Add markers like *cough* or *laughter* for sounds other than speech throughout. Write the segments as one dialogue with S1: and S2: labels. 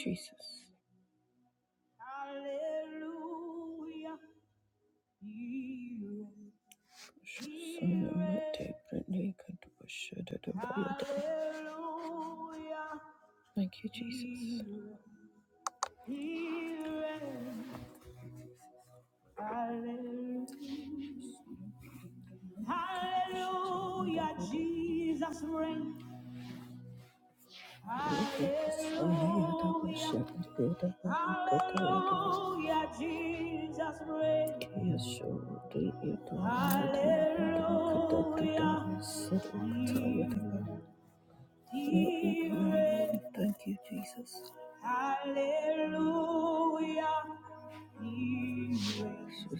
S1: Jesus. Brittany could wish it at Thank you, Jesus. Build up you do Thank you, Jesus. We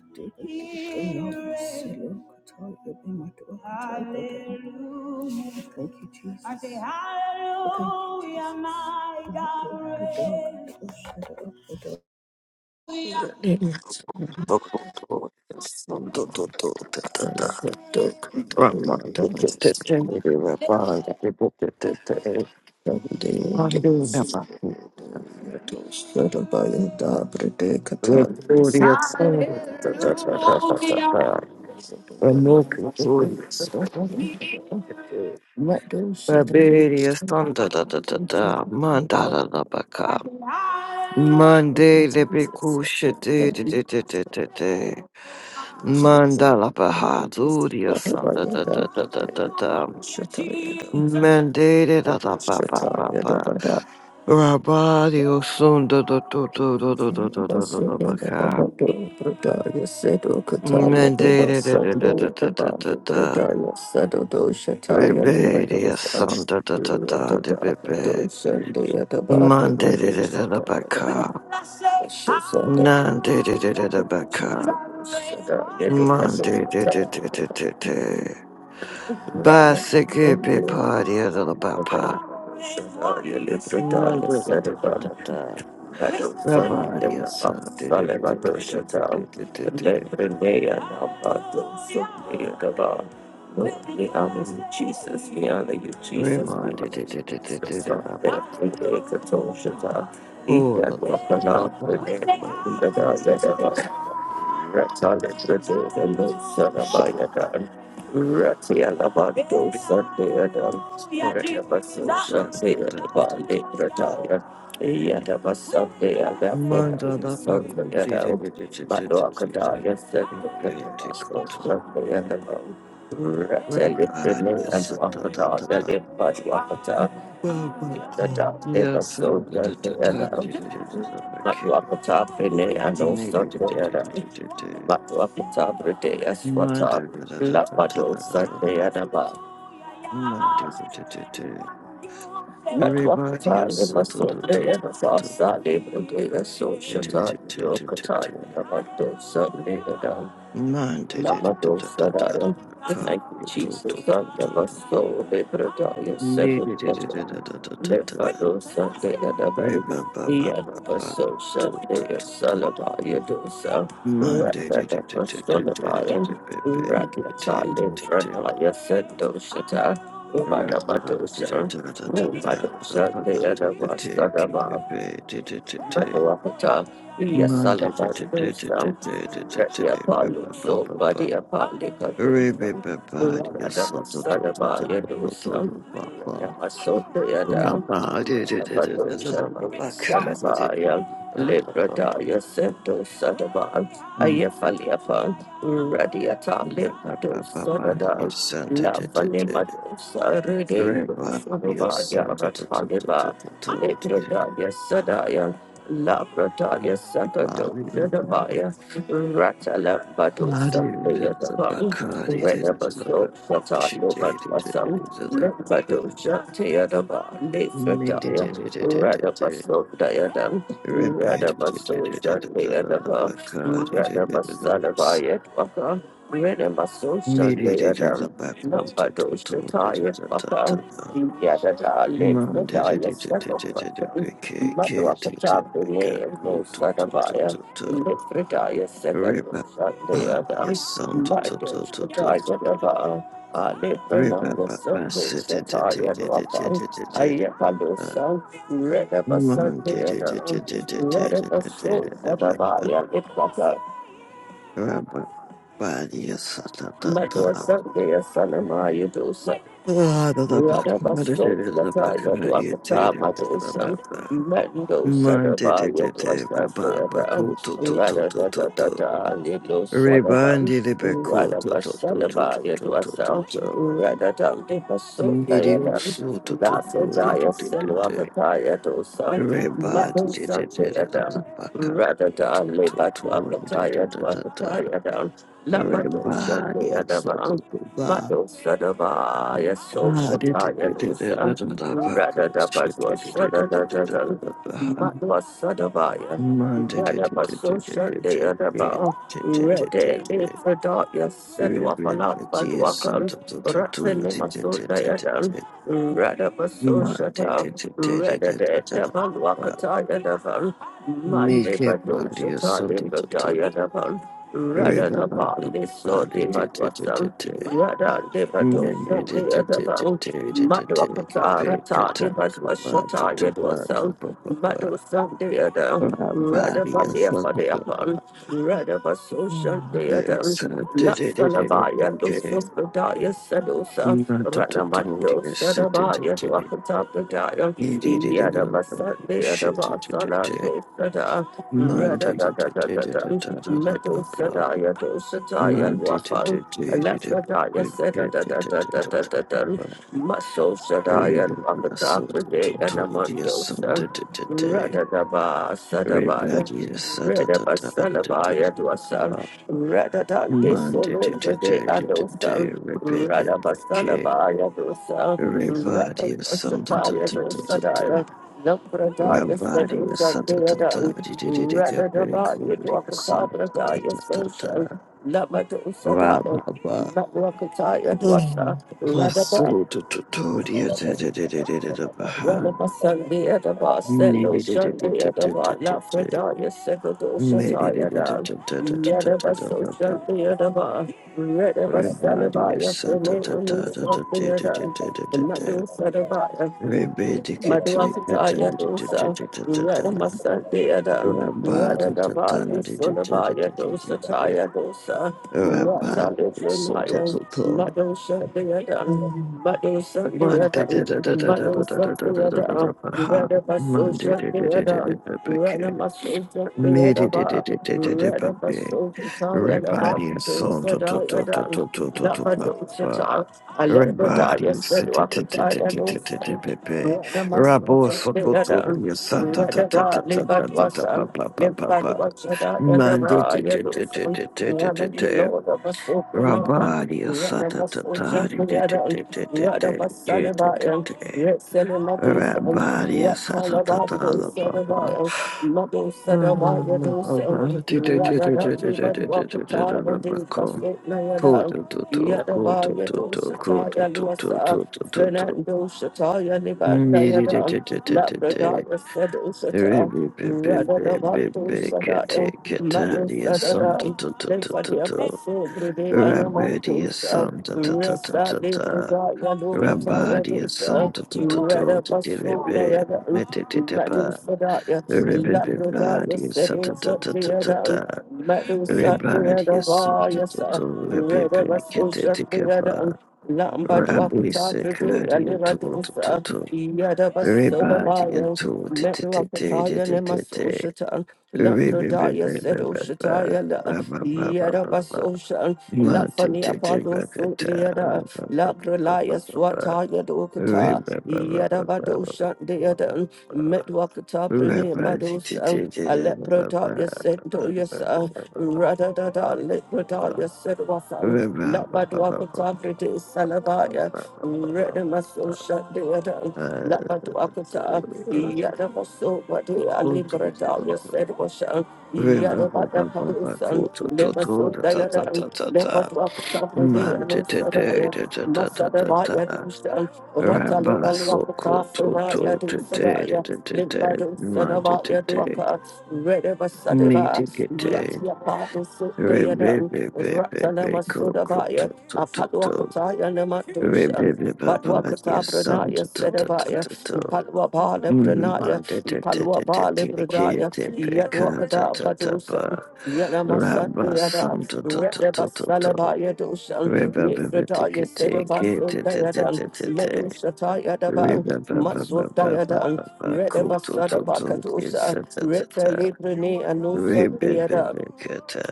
S1: you be Thank you, Jesus. Thank
S2: Monday, the big cool shit, Mandala Bahaduriya Santa da da da da da Mandate da da ba ba ba ba. Rabadi osun da da da da da da da da da da da ba ka. Mandate da da da da da da da da. Rebedi osunda da da da da da da. da. Mandate da da da ba ka. Nandate da da da da ba ka. Mandate da da da
S1: you.
S2: da da da. Ba se ke pe pa da da da ba pa. Mandate da da da da da. Yes,
S1: Jesus, we honor you, Jesus, we honor you, Jesus. We take a toll, Shata. Eat that walk along with Shata Yadaba. Rata Librate, the Lord Sarabaya Dan. Rati Alabado, Sunday Adam, the Sunday at the Bali Prataya, Yadaba Sunday at the Prataya, Sunday at the Maduakadaya, Sunday at the Mushroom, Sunday at the Bali. Rattle it me and Wakadaya, Limp Maduakata, Yadada, Liver Soldier, Yadam, Maduakata, Pine and also Yadam, Maduakata, Brideya, Swata,
S2: Manda da da da da da da
S1: Lapado,
S2: da da
S1: Sunday
S2: ba.
S1: at the
S2: Manda da da da da. Everybody
S1: Medwakata,
S2: is so to
S1: Limaso,
S2: to to to to
S1: Leyanavasa, Libra, Dea, So
S2: to to
S1: Shata,
S2: to to to to to
S1: Yokata,
S2: to.
S1: Yamando, Sunday, and
S2: Manda da da da da da da da
S1: Namadosadaya.
S2: da.
S1: We
S2: Ka
S1: Thank you,
S2: to
S1: Jesus.
S2: to to
S1: Santa
S2: to.
S1: Basso, Vibradaya,
S2: Me
S1: Second
S2: da da da da
S1: Bottom,
S2: da da da da da.
S1: Levado Sunday
S2: Re
S1: Adaban,
S2: ba ba ba ba ba.
S1: Yadabaso
S2: To to
S1: Sunday,
S2: to to.
S1: Salavaya Dosa,
S2: Manda da
S1: Rapada
S2: da da da da da da da
S1: Basolabaya,
S2: da da
S1: Radyatali,
S2: da da da.
S1: Franaya Sendo Shata,
S2: Monday,
S1: Radabadosa,
S2: you
S1: Rumado Sunday Adabasa Daba, Madhuapata, dosa? Ready Apollo, so body Apollo, Cadosan, Radabasada, Yadosan, Yamasota Yada, Radabadosan, Sadabaya, Libradaya, Sento Sadaba, Ayafaliapa, Radiata, Limbado Sadada,
S2: sent it.
S1: Lafanimado Sarade,
S2: Everybody is
S1: Sadabaya,
S2: so
S1: Rataliba, Libradaya Sadaya, Labradaya Sakato, Sadabaya, Ratalambado
S2: Yes,
S1: Sandayadabang, Redabaso Shata Lobadwasam, Lambado Shatayadaba, Lefrataya, Radabaso Dayadam, Radabaso Shandayadaba, Radabasalabaya Twaka, Redabaso Shandayadam, Lambado Shataya Twaka, Yadada Lefrataya Sattopacham, Madhuapachapune, Mosadabaya, Lipfridaya Sekadosha Deada Madosha
S2: sound.
S1: Tajadava
S2: Rebandi
S1: Alipranaya Sekadosha Tajadava Ayapadosa Redabasa Deada Redabaso Vadavaya Lipwaka Madosa Dea Sanamaya Rather than live at Wakataya, Wakataya
S2: Reba da da da da da da baka tu tu tu da da da da
S1: down,
S2: di da
S1: Labadosha,
S2: Reba di
S1: the other
S2: so tu
S1: one.
S2: tu ba
S1: Mado Sadaba, Yaso
S2: Ah da da
S1: Shata
S2: da da da da
S1: Yadusa,
S2: da da baka
S1: Rada
S2: shi
S1: Dabadwa
S2: da da da da da da da
S1: Sadadadadan,
S2: da da ha
S1: Madwa Sadabaya,
S2: Man da da
S1: Rada
S2: da da da
S1: Baso
S2: da da da da
S1: Shande
S2: da da
S1: Adaba,
S2: da da
S1: Rede
S2: da
S1: Lefrada Yasedwa
S2: Reba da
S1: Palat
S2: di sum
S1: Badwakan,
S2: tu tu tu tu da
S1: Ratani
S2: da da
S1: Masunda
S2: da da
S1: Yadan,
S2: da
S1: Rada Baso
S2: Man da da
S1: Shata,
S2: da da da
S1: Rada
S2: da da
S1: De
S2: da da ba
S1: Dabadwakata Yadavan, Mande
S2: Make it
S1: Badu
S2: body or
S1: Shata
S2: something
S1: Libra Yadavan, Rada Dabali Sodi Badwasan,
S2: Re-ba-ba-ba-ba-ba-de-de-de-de-de-de.
S1: Yada deva dosa dea deva madhva
S2: Men-de-de-de-de-de-de-de-de-de.
S1: patara ta deva shata yadva sam madhu
S2: Ka-pe-ka-tan-ka-ba-da-da-ba-ka-ba-ba-ba.
S1: sam dea da
S2: Our
S1: rada
S2: Body is
S1: pandya padya pan rada vaso shantia da
S2: Yes, I did it. It
S1: laksana
S2: it it
S1: vaya
S2: it did it.
S1: dususpadaya sadosa
S2: Not to to
S1: rana
S2: to.
S1: madhu
S2: Yes, it it
S1: sadavaya
S2: it it.
S1: dvakata pradaya
S2: It it it did it.
S1: yada
S2: oh,
S1: vasa dea da
S2: Shit, it it
S1: vasana
S2: it it.
S1: dosa da
S2: Man, it it
S1: da
S2: it
S1: da da
S2: it
S1: da da
S2: did it. da, da, da,
S1: madhu
S2: ba, ba.
S1: sadaya dosa daya
S2: Everybody,
S1: Alepradaya Seda da da da da da da da da Maso Sadaya Akata Prade and Amandosa Radadaba Sadabaya Redaba Salabaya Dwasa Radadan de Solo Prade Adosa Radaba Salabaya Dosa Radaba Sataya Dosadaya Lampradaya Sedo Sandeadan Radadaba Yadwakata Pradaya Social Labado Sadaya Matwakataya Dwasa,
S2: Mm.
S1: Radaba,
S2: Maso to to to dia da da da da da da da baha.
S1: Radaba Sunday at the bus,
S2: Ne
S1: Selo
S2: da da da
S1: Sunday
S2: da
S1: at the
S2: da da da
S1: bar,
S2: da da.
S1: Lafredaya Sekadosha
S2: Me da da da
S1: Tayada,
S2: da da da da da da da
S1: Yadaba
S2: da ba ba
S1: Social
S2: ba.
S1: Theodaba, Redaba
S2: Everybody is
S1: Salabaya,
S2: sa ta
S1: Fene,
S2: ta ta
S1: and
S2: ta ta da da
S1: Sunday at
S2: da da da da da.
S1: the Madu
S2: Rebe di ke te da da
S1: Maduakataya
S2: da da da
S1: dosa,
S2: da da da da
S1: Rada
S2: da.
S1: Masandeada,
S2: Rabba ta
S1: Rada
S2: ta
S1: Daba,
S2: ta ta da da da da
S1: Lisolabaya
S2: da
S1: dosa,
S2: da da
S1: Taya dosa,
S2: da. Rabba
S1: Rata
S2: so to
S1: Livrinaya,
S2: to to.
S1: Madu Sandeada, Madu
S2: Monday,
S1: Sandeada,
S2: da da da da da
S1: Madu
S2: da da da da da da da da
S1: Sandeada,
S2: ba ha.
S1: Rada Baso
S2: Monday, da da da da da
S1: Sandeada,
S2: da ba
S1: Rana
S2: ke.
S1: Maso
S2: Midi,
S1: Sandeada
S2: da da
S1: Ba,
S2: da da da da ba
S1: Rada
S2: be.
S1: Baso Taya
S2: Red
S1: Daba,
S2: body and soul, to to to to
S1: Sadayada,
S2: to to to to
S1: Lapa
S2: ba ba ba.
S1: dosa,
S2: Red body
S1: Alepradaya
S2: and se- te te te te
S1: Seduakataya
S2: te te te
S1: dosa.
S2: te be be. Rabo soko to
S1: Rather,
S2: with your son, ta ta ta ta ta ta ta ta ba ba ba ba ba. Monday, da da da da da da da da da. Rabadi, sata, tata, tata, tata, tata, tata, tata, tata. Rabari Satatala Papa.
S1: Yada ba yado sata yaluasa
S2: *laughs*
S1: Fernando Shataya Libandayada Labradaya Sedu Shata Radadavato Sadaya Madu Sadada Lefadia Paso Brude
S2: Rabadia
S1: Anamantos
S2: Santa
S1: Resa Libradaya Lopataya
S2: Rabadia
S1: Dosa
S2: Santa Tata
S1: Rada Paso Dayada
S2: Tata
S1: Madu
S2: Tata
S1: Sadaya
S2: Everybody
S1: Labradaya
S2: is ta ta
S1: Sedu
S2: ta ta ta ta
S1: Shatiada
S2: ta.
S1: Madu Satya
S2: Everybody is ta ta ta
S1: Vaya
S2: ta.
S1: Rada
S2: Everybody
S1: was
S2: get it
S1: Ushakriada,
S2: together.
S1: Lamba to
S2: Rabbi
S1: Akatavri,
S2: security
S1: Aliva to
S2: to to to
S1: Usa,
S2: to.
S1: Yada was
S2: Everybody is
S1: Solabaya,
S2: to to to to to to
S1: Metuakataya
S2: to to
S1: Nemas
S2: to.
S1: Ushata,
S2: Everybody ba
S1: Lambrodaya said
S2: ba ba ba
S1: Ushataya, La
S2: ba ba ba ba ba
S1: Yada
S2: ba
S1: was
S2: ba.
S1: Ushan,
S2: Ma to
S1: Lafani
S2: to to
S1: Apollo
S2: ba ba ta. Ba
S1: Sundiada,
S2: ba ba ba ba
S1: Lagralaya
S2: ba ba.
S1: Swataya Dokata,
S2: Everybody ba ba
S1: Yada
S2: ba ba
S1: Badosha
S2: ba ba.
S1: Deada,
S2: Rabba
S1: Metuakatavri Madosa, Aleprodaya said to Yasa. Rada da da librada ya sedwafang Labadwa Patavri de Salabaya Reda Maso Shandeada Labadwa Pata Yada Maso Badi Alibrada ya sedwashan Yada Bada Padusan Lemaso Dayadan Labadwa Patavri de Anusadaya Masada Baya Dushan Ratalo Alwapata Fredaya Dusadaya Limbadu Sanabaya Dwaka Reda Basadeva Yat Yapati
S2: Rabba
S1: Sudayadan, Ratanama Sudabaya, Apalwakataya Namadushan. Padwa kata pranaya sedabaya, impalwa bale pranaya, impalwa bale pranaya, yadwa kata badusan, yadamasandayada, redabasalabaya dusan, lefradaya sedabasundayadan, medusatayadaban, matsudayadan, redabasada bakadusan, Reta Librene Anusa Deada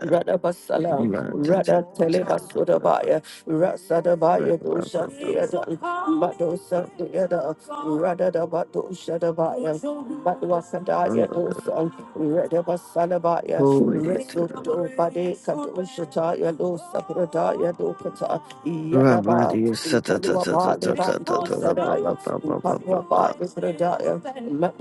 S1: Rada Basala Rada Telebasudabaya Rasadabaya Dosha Deada Madosa Deada Rada Dabato Shadabaya Batwasadaya Dosa Rada Basalabaya
S2: Holy
S1: Resuto Bade Kadoshataya Dosa Pradaya Dokata Yadaba
S2: Rabadio
S1: Kalwaba Leva Dosadaya Patwaba
S2: Satatatata
S1: Pradaya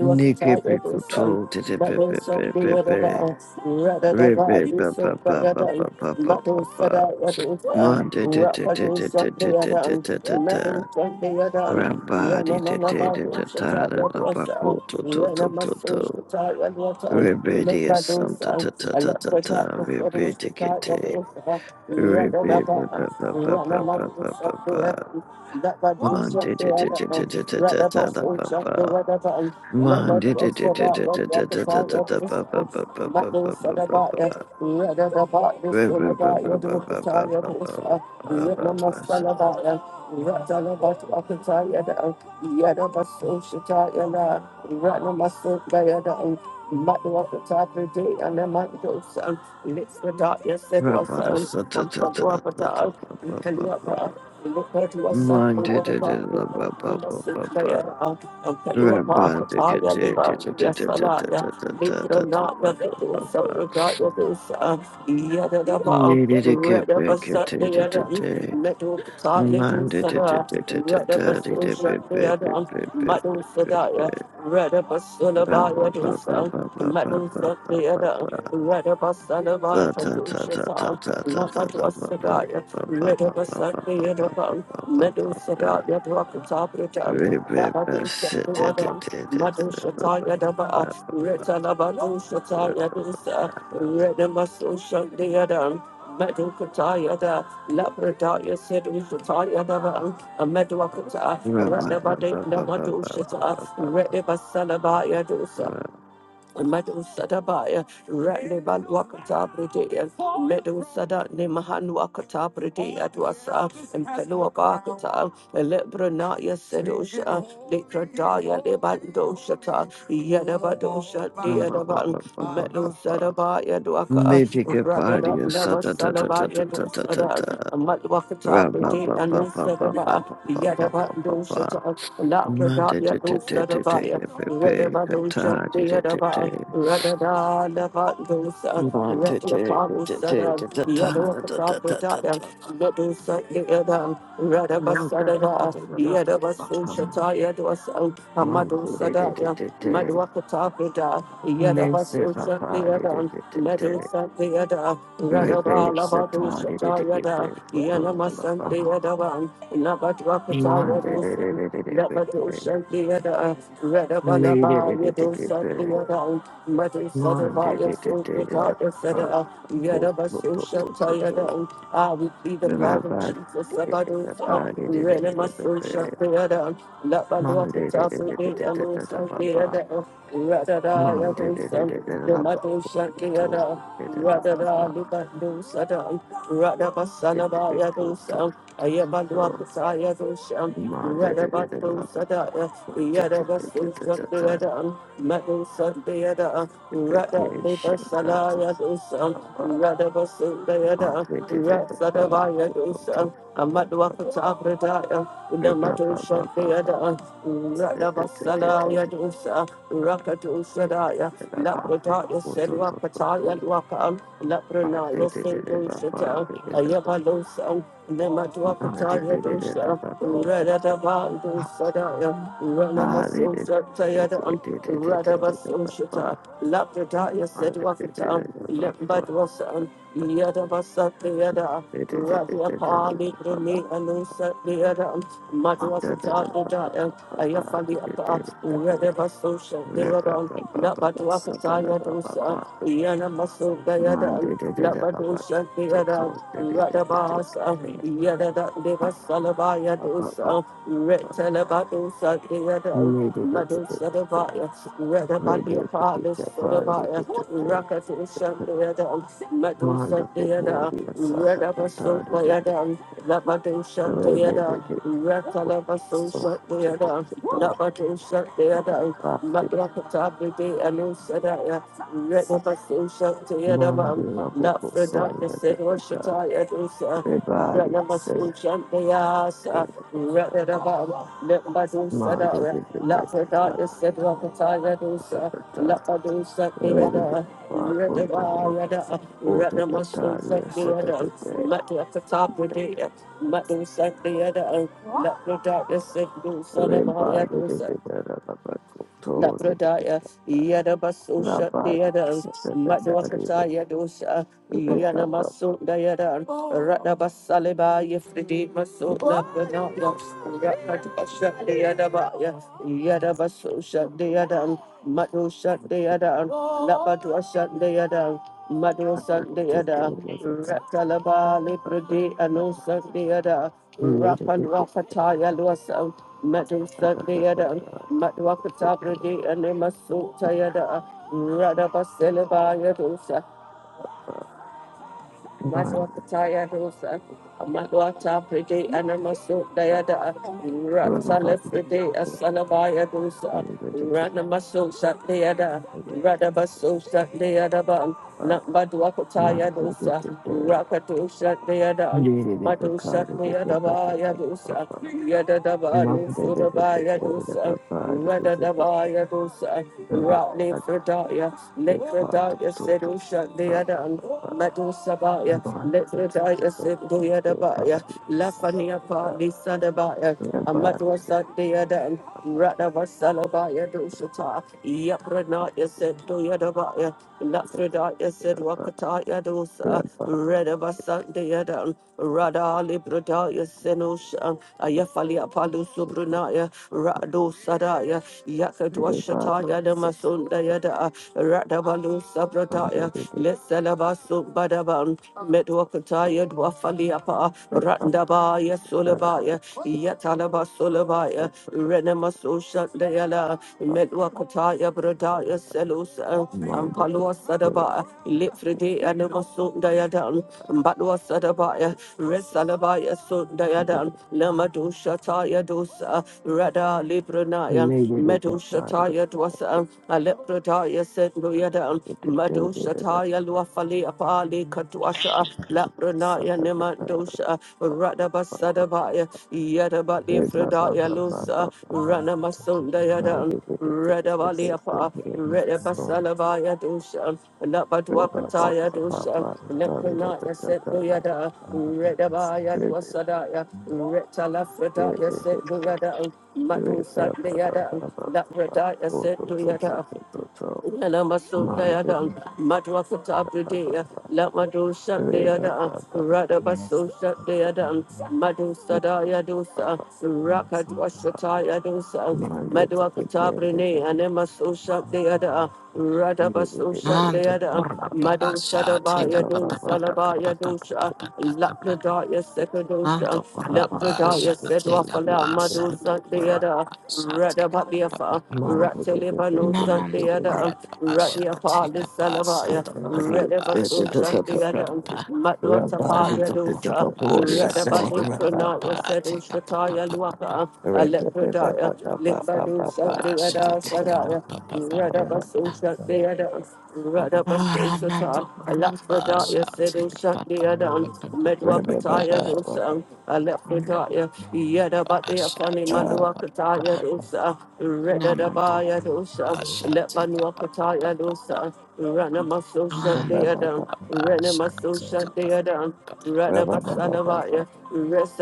S2: Nike
S1: Dosa
S2: Picuto
S1: Mado shop be whatever
S2: Pepe
S1: us, rather than that,
S2: Rebe
S1: you so
S2: Papa
S1: better
S2: Papa
S1: than
S2: Papa
S1: Mado said
S2: Papa
S1: I was a
S2: Monte
S1: rapado shop the other and Mado shop the other and
S2: Rabadi
S1: Yana Mama Bado shut out
S2: Tata
S1: your daughter,
S2: Papoto Toto
S1: Yana Maso
S2: Toto
S1: shut out your daughter and
S2: Rebedia
S1: Mado
S2: Santa
S1: son,
S2: Tata
S1: a lot of
S2: Tata
S1: that was for the shut out your
S2: Rebedia
S1: daughter, rather than
S2: Repeat,
S1: that,
S2: Rabba
S1: Yana Mado shop the other, that Bado shop the other, rather than so shop the other. Let the dogs of that one walk the town of Israel. Matthew said about it. Read it about this and about your doors the tell you this. Read the Messiah about it. Read the about walk the town of the Yet of us so she tell you now. Read the Messiah by the Matthew walk the top of the day and then might go some. Let's the dark, yes, it was um. I'm from the upper town. You can do a part. Look at what's up. Look at the part. Look at Ampelopakataya Livandia Salaya, Mitranaya Vedu Sapradaya Dusa, Yadadaba,
S2: Needed to get
S1: Redaba
S2: back at it
S1: Satyadan,
S2: today.
S1: Metu Katali
S2: Minded
S1: Dusada,
S2: it
S1: Redaba Sushatyadan, Madu Sadaya, Redaba Sulabaya Dusa, Madu Satyadan, Redaba Salabaya Dusa, Lamadwa Sadaya, Redaba Satyadan, Medu Sadaya Dwakatabridam, Ready Medusa Baya, Ratli Balwakata Bridea, Medusa Nimahan Wakata Bridea Dwasa, and Pelua Bakata, Elebranaya Sedosha, Likradaya Lebandoshata, Yadabadosha, Deadaban, Medusa Baya Dwaka,
S2: Magic
S1: Radada
S2: body, sa
S1: Neva
S2: ta ta ta ta ta
S1: Salabaya
S2: ta ta ta
S1: Dosada,
S2: ta.
S1: Matwakata
S2: Ra ba ba
S1: Bridea
S2: ba ba ba ba ba
S1: Nusadaba,
S2: ba ba ba ba ba.
S1: Yadabandoshata,
S2: Ma te
S1: Labradaya
S2: te te te
S1: Dosadabaya. Redabadosa, Yadaba, Radada, Lavadosa, Retiapagosada, Yadokatapodaya, Medosa, Yadam, Radabasadava, Yadabasosata, Yadosa, Amadosadaya, Madwakatapoda, Yadabasosha, Yadam, Medosa, Yada, Radada, Lavadosata, Yada, Yanamasan, Yadavan, Nabadwakata,
S2: Monday, day, day, day,
S1: Yadosa,
S2: day, day, day, day.
S1: Nabadosha, Yada, Ah, we see the
S2: May, day, day, day, day, day, day. Monday, day, day, day, day, day, day. Cool, cool, cool, cool, cool, cool. Bye,
S1: blood of
S2: bye, day,
S1: Jesus
S2: day, day,
S1: about
S2: day, day,
S1: us. uh,
S2: bye, day,
S1: We
S2: day, day, day,
S1: ran in my
S2: day, day,
S1: soul, shut
S2: day.
S1: the other. um, Let my Lord
S2: Monday,
S1: get
S2: day,
S1: up
S2: day,
S1: for
S2: day, day,
S1: me,
S2: day,
S1: and
S2: day, day,
S1: lose
S2: day,
S1: some
S2: ba
S1: the
S2: ba.
S1: other. um, Rather die, I
S2: Monday,
S1: will
S2: day, day,
S1: some.
S2: day, day, day, day,
S1: The
S2: bye,
S1: mother
S2: cool,
S1: shut
S2: cool,
S1: the other.
S2: cool,
S1: um,
S2: day, day, day, day,
S1: Rather
S2: bye, bye.
S1: die, look at those other. um,
S2: Bye, bye, bye, ba
S1: Rather my son
S2: Day, day, day, cool,
S1: others.
S2: cool,
S1: I
S2: cool,
S1: am my
S2: cool,
S1: Lord,
S2: cool.
S1: put I am
S2: Monday, day, day, day, day, day,
S1: Radabato
S2: bye, bye.
S1: sadaya,
S2: Cool, day, day, day, day,
S1: Yadabasu
S2: day, day,
S1: Shakdeada, Madu
S2: day.
S1: Sadbeada,
S2: Monday,
S1: Rada Deva Salaya Dusam, Radabasu Deada, Ratsadavaya Dusam, Amadwakata Pradaya, Namadu Shakdeada, Radabasalaya Dusa, Rakatu Sadaya, Lapradaya Sedwakataya dwakam, Ayabalosa, Nemadwakataya dosa, Radabando Sadaya, Ranamasosha Tayadan, Radabasoshita, Lapradaya Sedwakata, Lembadwasan, Yadabasa Tayada, Radiapali Brene Anusa Tayadan,
S2: Mind
S1: Madwasata Pradaya, Ayafali Apa, Radabasosha Tayadan, Labadwakataya Dosa, Yanamaso Labadosha Deada, Radabasa, Yada Deva Salabaya Dosa, Retalabadosa Deada, Madosa Devaya, Redabadia Palis Solabaya, Rakatosha Deada, Madosa Deada, Redabaso Deada, Labadosha Deada, Retalabasosha Deada, Labadosha Deada, Madrakata Bede Anusadaya, Redabasosha Deada.
S2: the rubble song
S1: Lafredaya said,
S2: that the
S1: Washataya dosa,
S2: Everybody
S1: Ranamasu
S2: sing
S1: Shantayasa,
S2: it.
S1: Radadababa, Limbadu
S2: Monday
S1: Sadara,
S2: we protest about
S1: Lafredaya said, Wakataya
S2: da da
S1: dosa,
S2: da. da.
S1: Lapadu
S2: Ready to
S1: Satayada,
S2: pop on to me.
S1: Radavayada,
S2: Oh da da da.
S1: Ranamasu
S2: Yes, da da
S1: Satayada,
S2: da. da
S1: Matakatapradaya, Matu Satayada, Lafredaya said, Dosa, Navaya
S2: Everybody da da
S1: dosa.
S2: da da da da. Cool to the, da
S1: Lapradaya,
S2: da da.
S1: Yadabasosha,
S2: Rabadi
S1: Deada,
S2: da da da da da
S1: Madwakataya dosa,
S2: Everybody, da. Rabba.
S1: Yanamaso, Diada, Radabasaleba, Yefridi, Maso, Lapradaya, Rakatosha, Deadabaya, Yadabasosha, Deada, Madosha, Deada, Lapatosha, Deada,
S2: I'm
S1: Madosa,
S2: da da da
S1: Deada,
S2: da da da.
S1: Ratalaba,
S2: Rabba.
S1: Lipradi, Anosa, Deada,
S2: Need to
S1: Rapan
S2: be da
S1: Rapataya, Losa,
S2: da
S1: Madosa,
S2: da da
S1: Deada,
S2: da da.
S1: Matwakata Brade and Maso Tayada Radaba Yadosa
S2: Mind.
S1: Matwakataya Dosa Matwata Brade and Maso Dayada
S2: Everybody,
S1: Ratsala Brade
S2: everybody,
S1: Asalaba Yadosa
S2: everybody,
S1: Ranamaso Satayada Radabaso Satayadaba Nambadwakataya Dosa Rakato Satayada Madosa Yadaba Yadosa Yadadaba Nusuraba Yadosa Radadabaya dosa, Ratli Fredaya, Lekredaya Sedusha, the other, Metusabaya, Lekredaya Seduyadabaya, Lafania Pali Sadabaya, Amatwasa, the other, Radavasalabaya dosata, Yapranaya Seduyadabaya, Lafredaya Sedwakataya dosa, Sandeyadan, Rada Libradaya Senoshan, Ayafali Apalu Subranaya, Rado Sadaya, Yakadwashataya Namasundayada, Radabalu Sabradaya, Lesalabasum Badaban, Medwakataya Dwafaliapa, Randabaya
S2: everybody,
S1: Sulabaya, Yatalaba Sulabaya, Renamasushandayala,
S2: everybody,
S1: Melwakataya Bradaya selus, and
S2: Thank
S1: Palua Sadaba Litfridi and Masundayadan Batwa Sadabaya Resalabaya Sundayadan Lamadu Shataya Dosa Rada Libranaya Medu Shataya Dwasa Alepradaya Sendoyadan Madu Shataya Luafali Apali Katwasha Lapranaya Neman Mandosha, Radabasadabaya, Yadabali
S3: Thank
S1: Fredaya Lusa, Ranamasunda Yadam. Redavaliapa, Redabasalavaya Dusha, Labadwakataya Dusha, Lepranaya Setbuyada, Redavaya Dwasadaya, Retalafredaya Setbuyada, Matu Satliada, Labradaya Setbuyada, Yana maso dayada madwa kata pride la madu shat dayada rada baso shat dayada madu sada
S2: Rabbi,
S1: yadosa rakat washata yadosa madwa kata prine ane maso shat dayada rada baso shat
S4: Ando
S1: dayada
S4: por la
S1: madu sada
S4: pasha,
S1: ba
S4: teka pa pa pa
S1: yadosa la
S4: pa
S1: ba
S4: pa pa pa pa pa
S1: yadosha
S4: pa pa pa pa.
S1: la Sekadosha,
S4: Ando por la pasha,
S1: Lambradaya said
S4: teka
S1: Wafala,
S4: pasha,
S1: Madu
S4: ando por la
S1: Sandeada,
S4: pasha, teka pa pa pa
S1: Radabadiafa,
S4: pa.
S1: Ratalibano
S4: Namando por
S1: Sandeada,
S4: la pasha,
S1: Radiapa, the
S4: teka pasha,
S1: Salavaya,
S4: ando por la
S1: Redabaso
S4: pasha, teka pa pa
S1: Sandeada,
S4: pa.
S1: Matwatapaya
S4: Ando por la
S1: dosa,
S4: pasha,
S1: Radabali
S4: teka pa pa
S1: Pranaya
S4: pa,
S1: said
S4: teka pa pa
S1: Ushataya
S4: pa pa pa
S1: Luaka,
S4: pa
S1: Alepradaya, Limbadu
S4: pasha,
S1: Sandeada
S4: teka pa
S1: Sadaya.
S4: pa pa pa pa pa
S1: Radabaso
S4: pa.
S1: shut Radabasosha Deadan, Radabasosha, Alaspradaya Sedo Shat Deadan,
S2: Rabba
S1: Medwakataya Dosan, Alapradaya, Yadabatia Fani
S4: Ashanti Kappa
S1: Manuakataya Dosa,
S4: Namanto
S1: Redadabaya Dosa,
S4: Ashanti Kappa
S1: Lepanuakataya Dosa, Ranamasosha
S4: Namanto
S1: Deadan,
S4: Ashanti
S1: Ranamasosha
S4: Kappa
S1: Deadan, Radabasalabaya,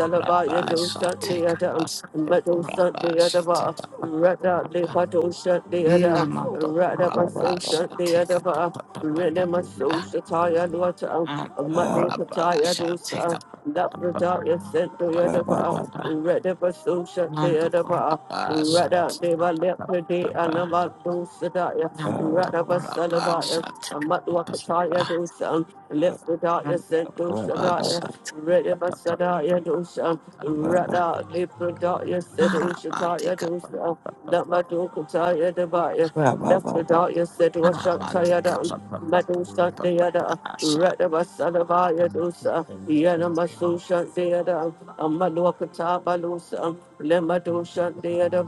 S4: Rabba
S1: dosa
S4: Ashanti
S1: deada,
S4: Kappa
S1: Madosa
S4: Rabba Ashanti
S1: deadaba,
S4: Kappa
S1: Rada lepadosha deada,
S4: Namanto Rabba
S1: Radabasosha
S4: Ashanti Kappa
S1: deadaba, Renemasosha taya luata,
S4: Anto Rabba
S1: Madokataya
S4: Ashanti
S1: dosa,
S4: Kappa
S1: Lapradaya sent deadaba, Radabasosha
S4: Nanto
S1: deadaba.
S4: Rabba
S3: you.
S1: Rada deva leprede
S4: Ashanti
S3: Thank
S1: anaba dosadaya,
S4: Ando corrapa
S1: Radabasalabaya,
S4: shante
S1: Matwakataya
S4: capa
S1: dosa, let the darkness
S4: ando
S1: send to
S4: corrapa
S1: Shadaya,
S4: shante
S1: ready by Shadaya Dosha, Rada, Libra Darkness, said Ushataya Dosha, not my Dokataya Debaya, left the darkness, said Washataya down. Madu Shantiada, Radaba Salavaya Dosa, Yana Masu Shantiada, Amaluakata Balusa, Lemadu Shantiada,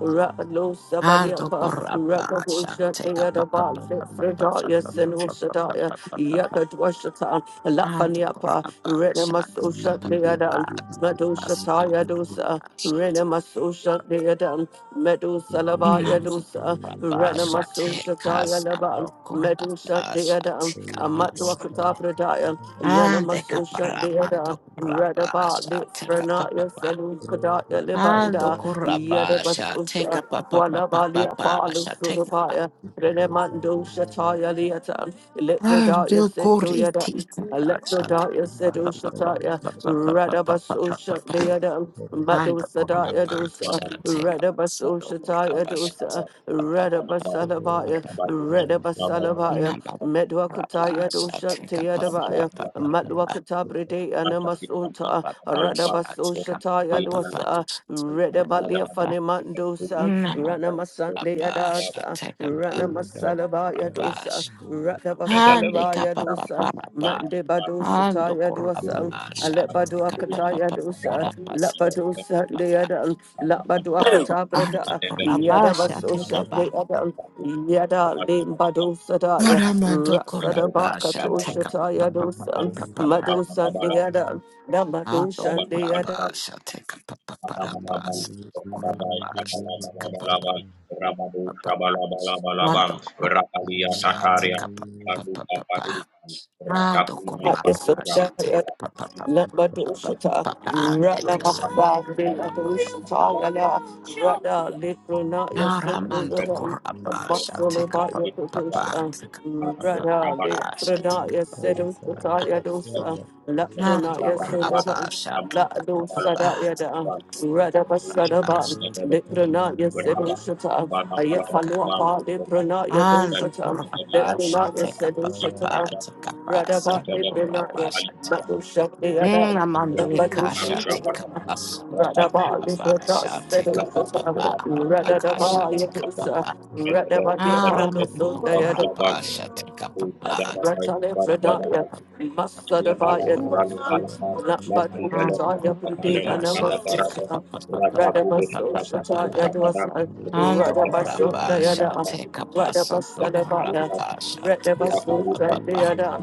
S1: Rakalu Sabaliapa, Rakabu Shantiada, Bal, Fredaya, Yakadwashata, Lafaniapa, Renamasosha
S4: capa
S1: Deadan, Madoshata
S4: pasto
S1: Yadosa, Renamasosha Deadan, Medosalaba
S4: Ande
S1: Yadosa, Renamasoshata Yanaban, Medosha Deadan, Amadwakata Pradayan, Yanamasosha
S4: caparabando
S1: Deadan. Radaba
S4: curabasha, take up
S1: Lifranaya
S4: papa.
S1: Selukadaya
S4: Ando
S1: Libanda
S4: curabasha, take
S1: Yadabasosha
S4: up papa papa
S1: Walabali
S4: papa,
S1: Apollo
S4: shall take up.
S1: Surabaya Renemando Shataya Liatan Lepradaya
S4: Ando
S1: said Doyada,
S4: curiti, shall take
S1: Lepradaya
S4: up
S1: said
S4: papa papa
S1: Ushataya,
S4: papa papa
S1: Radabasosha
S4: papa.
S1: Deada, Madu
S4: Ando
S1: Sadaya dosa,
S4: curabasha,
S3: you.
S4: take up. Ando
S1: Radabasoshataya dosa,
S4: curabasha,
S3: Thank you.
S1: Radabasalabaya, Radabasalabaya,
S4: Rabasha,
S1: Medwakataya
S4: take
S1: doshantiadabaya, Matwakatabri and Masunta, Radabasoshataya dosa, Redabalia Fanimandosa, Masande Adasa, Rana Masalabaya Dosa, Rata Basalabaya Dosa, Mande Badosa Taya Dosa, Alebaduakataya Dosa, Labadosa de Adam, Labaduakata Brada, Yada Basosa
S4: up
S1: de
S4: a
S1: Adam. Yada Limbadosa Daya,
S4: Ramando
S1: Rasada Baka
S4: Korabasha,
S1: Tosha
S4: take
S1: Taya Dosa,
S4: up.
S1: Madosa de Adam,
S4: Ando
S1: Namadosa de
S4: kurabas, I take a paparabas, kurabas, take a papapa. Ando kurabas, I take a papapa. Ando kurabas, I take
S1: Adam.
S4: a
S1: Labadushata,
S4: papapa. Take
S1: Rada
S4: a shot,
S1: Mafabi,
S4: papa.
S1: Labadushata, Lala, Rada Librona,
S4: Aramando
S1: Yosedoda,
S4: kurabas, I
S1: Muscle
S4: take
S1: about
S4: a
S1: your
S4: papapa.
S1: producer,
S4: Take a papapa.
S1: Rada
S4: I
S1: Librona,
S4: take a
S1: Yosedota,
S4: papapa.
S1: Yadosa, Labrona,
S4: Ando kurabas,
S1: Yosendaba,
S4: I take
S1: Lado
S4: a
S1: Sada
S4: papapa.
S1: Yada, Rada Basadaba,
S4: Kurabas,
S1: Librona,
S4: take
S1: Yosedoshata,
S4: a
S1: Ayafalu apart, Librona,
S4: Ando
S1: Yadoshata,
S4: kurapa pasha
S1: Librona,
S4: teka papa
S1: Yosedoshata,
S4: pa teka pasa
S1: Radaba
S4: ando kurapa
S1: Librinaya,
S4: sha te.
S1: Matu
S3: Mama,
S1: Shaktiada,
S4: Mm, amande
S1: Lambadu
S4: kasha teka
S1: Shaktiada,
S4: pasa ando
S1: Radaba
S4: kurapa
S1: Librata
S4: sha
S1: Sedu
S4: teka papa
S1: Suka,
S4: pa rapa kasha
S1: Radadaba
S4: teka
S1: Yadusa,
S4: papa.
S1: Radaba
S4: Aramando
S1: Diapando
S4: kurapa sha teka papa teka
S1: Ratale
S4: papa papa
S1: Fredaya,
S4: papa
S1: Masadavaya,
S4: papa papa.
S1: Lapad
S4: Ando
S1: Upataya, Brudi,
S4: kurapa sha teka
S1: Anamasusha,
S4: papa papa papa papa papa.
S1: Radabasoshataya, Dwasa,
S4: Ando kurapa
S1: Radabasotayada,
S4: shate kapa sando
S1: Radabasadavaya,
S4: kurapa shate kapa papa pa
S1: Radabasotayada,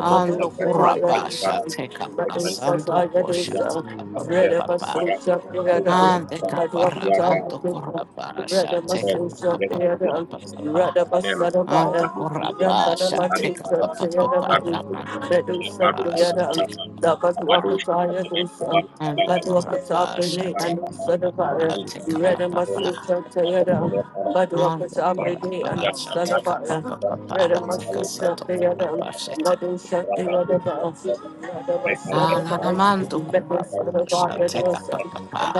S4: Ando kurapa
S1: Dwasa,
S4: shate kapa sando
S1: Radusataya,
S4: kushate
S1: Dwasa,
S4: kapa papa pa
S1: Radabasotayada,
S4: Ande kapa ramando
S1: Maduapataya,
S4: kurapa shate kapa papa papa
S1: Radabasotayada,
S4: papa. pa. Ando
S1: Radabasadavaya, Thank
S4: kurapa shate kapa papa pa ramando kurapa shate kapa papa. Ando kurapa shate kapa papa shate kapa papa. And the Parapa shall take up a papa, take us a tokurapa shit. Alamando kurapa shall take up a papa.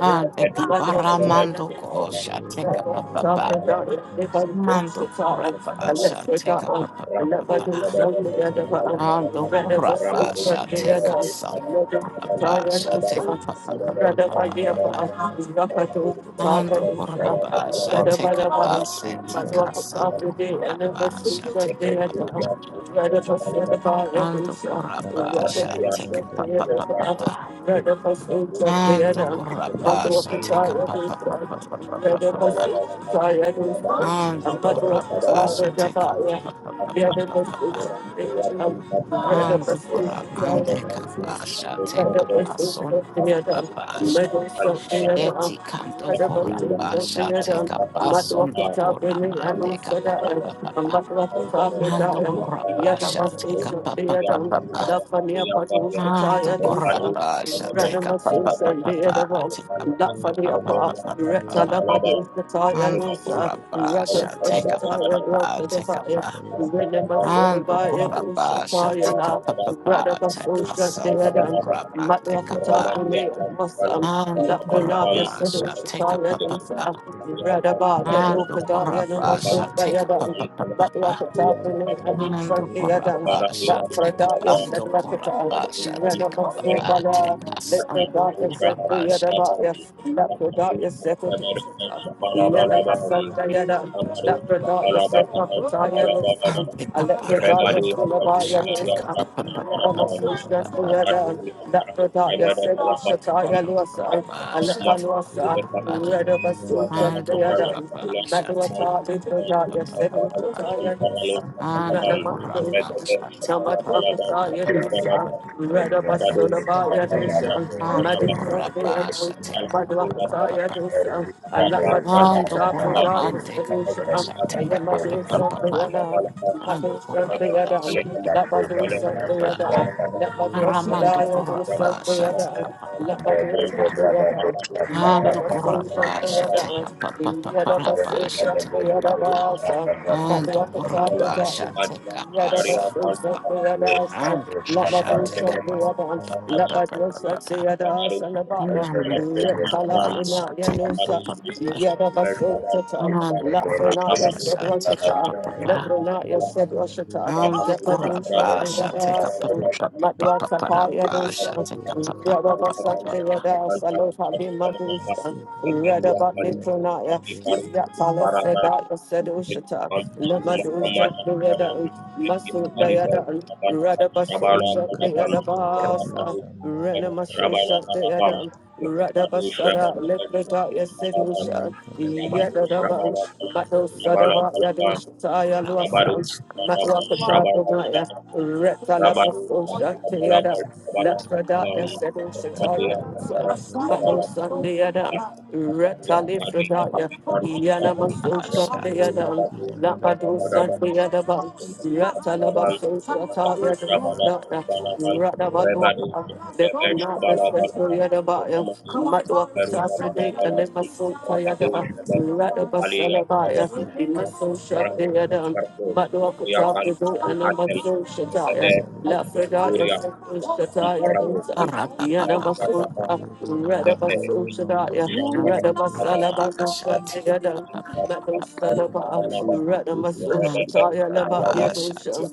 S4: And the Caparamando go shall
S3: Loki
S4: take up a
S3: and
S4: papa.
S3: Daniel's
S4: Mando
S1: you.
S4: kurapa
S1: I
S4: shall
S1: left the
S4: take
S1: dark,
S4: up a
S1: I left my good
S4: papa.
S1: son, the other
S3: Lucario and
S4: And the
S1: one,
S3: River
S1: rather
S3: right
S1: for soul,
S4: kurapa shall
S1: the
S3: and
S1: other
S4: take
S1: one,
S4: us on the
S1: rather for
S4: kurapa
S1: tired
S4: shall
S1: and
S4: take
S1: son,
S4: up a
S3: Masih
S1: rather by
S3: Yudam
S1: the
S4: papa.
S1: upper,
S3: Darila
S1: rather
S3: River
S1: to the tired
S4: And the
S1: and son,
S4: kurapa shall
S1: rather by
S4: take
S1: the
S4: up
S1: one,
S4: us and
S1: my
S3: Yuda
S4: take
S1: door for
S4: us on
S1: top
S4: the
S1: of
S3: Basayaka
S1: the end of my
S4: kurapa
S1: soul,
S3: and
S4: shall take
S1: the other
S4: up
S1: one. Rather for set about every
S4: Ando
S1: son, rather for
S4: corrapasa,
S3: Kanduri
S4: take a
S3: and
S1: soul,
S4: pa
S1: the
S4: pa
S1: other
S4: pa pa pa.
S1: one, rather for soul, the other
S4: Ando
S1: one,
S3: Loki
S1: my
S3: and
S1: door
S4: corrapasa,
S1: for
S4: take a
S1: tired
S4: pa
S3: Daniel
S1: and
S4: pa pa pa pa
S3: Sakataya
S4: pa
S1: son,
S4: pa
S1: rather
S4: pa
S1: for
S4: pa.
S1: soul, the other one.
S4: Ando
S3: Masih Kandesando
S4: corrapasa, take a pa
S3: Baita
S4: pa pa pa pa pa pa pa.
S3: Masih
S4: Ando
S3: Yudam
S4: corramande
S3: Darila River
S4: capasa, take a paso no corrapasa. Eti canto corrapasa, take a
S3: Mama Mama
S4: paso
S3: Mama
S4: no corramande capa pa pa pa pa. pa. Mando corrapasa,
S3: Yuda
S4: take a pa pa pa pa
S3: Basayaka
S4: pa. Ah, do corapa, shateka pa pa
S1: Renamassus
S4: pa
S1: and the
S4: pa pa,
S1: Edavam,
S4: tika
S1: and that
S4: pa
S1: for
S3: Loki
S1: the
S4: pa pa
S1: upper,
S4: pa
S3: and
S4: pa pa pa
S1: Retta
S4: pa.
S3: Daniel
S1: Labadus, the Taya
S4: Ando
S1: Lusa,
S4: corapa,
S1: let the darkness
S4: shateka pa
S1: settle,
S4: pa pa,
S3: Thank
S4: tika
S1: yeah,
S4: pa. Ando corapa, shatika pa pa pa, tika santo corapa, tika pa. Ando corapa, shateka pa pa pa. Ando corapa, shateka pa pa pa pa pa. Ando corapa, shateka pa. Ando corapa, shateka pa pa, tika santo corapa,
S1: the darkness settle, Madhu Masaya Dosa,
S4: Ando Ramando
S5: Thank
S1: Madhu Masaya Dosa, I love my walk the top of the solution. I am my do something and I'm my do something and I'm let my do something and I'm let my do something
S3: you.
S1: and I'm do
S4: Kurapa,
S1: something and I'm
S4: Shatapa,
S1: let my do
S4: pa.
S1: something and I'm let
S4: Ando
S1: my do something and
S4: kurabasha
S1: I'm let my
S4: teka papa papa rabasha teka papa. Ando
S1: do something and I'm
S4: kurabasha teka
S1: let not your
S4: pasa
S1: said
S4: teka.
S1: washata,
S4: Ande
S1: let not
S4: kasha teka papa papa papa papa papa. Namando kurabasha teka papa papa. Ando kurabasha teka papa papa.
S1: your said washata,
S4: Ando
S1: Lepadusha
S4: kurabasha teka
S5: you.
S1: Yadasa,
S4: papa papa papa
S1: Matwata
S4: papa rabasha
S1: Payadosa,
S4: teka papa papa papa
S1: Yadabasa
S4: papa.
S1: Yadasa, Lotabi Madusha, Redabat Litronaya, Yatala Sedaya Sedushata, Lamaduja Yada, Masu Dayada, Radabasuja
S3: Meyuka basi
S1: Yadabasa,
S3: yakageza ndari bukaita
S1: Renamasusha Yada. Radabasada, Lepreda, Yasedusha,
S3: meyuka basi
S1: Yadadaba, Mato
S3: ndari
S1: Sadaba, Yadusha, Yaluasa,
S4: Kurabasha
S1: Matwakatabunaya, Retalabasoshantiada,
S3: bukaita
S1: Lepradaya
S3: yakageza ndari
S1: Sedoshataya,
S3: yaraita
S1: Madosantiada, Retalifradaya,
S4: teka
S1: Yanamasoshantiada,
S3: Yanda lemu
S1: Lapadosantiada,
S3: shakata masu
S1: Retalabasoshataya,
S3: kare sandura
S1: Radabaluaka,
S3: baba
S1: Leponaya Sentoriada,
S3: kare
S1: Matwakatabunaya, and Lemasotayada, Radabasalabaya,
S3: masu kare sandura bai
S1: Imasoshantiada,
S3: ta
S1: Maduakata, the do Anamaso
S3: masu
S1: Shataya,
S3: kare sandura
S1: Lafredaya,
S3: bai
S1: Sukun
S3: ta
S1: Shataya, Dusan,
S4: Shall
S1: Yanamaso,
S3: le mama
S4: take
S3: le
S1: Radabaso
S3: mama
S1: Shataya,
S3: le mama le
S1: Radabasalabasa,
S4: up
S1: Sandiadan,
S4: a
S1: Madu
S3: le
S1: Sadaba,
S3: le le le
S1: Radamaso Shataya,
S3: le le
S1: Labaya Dusan,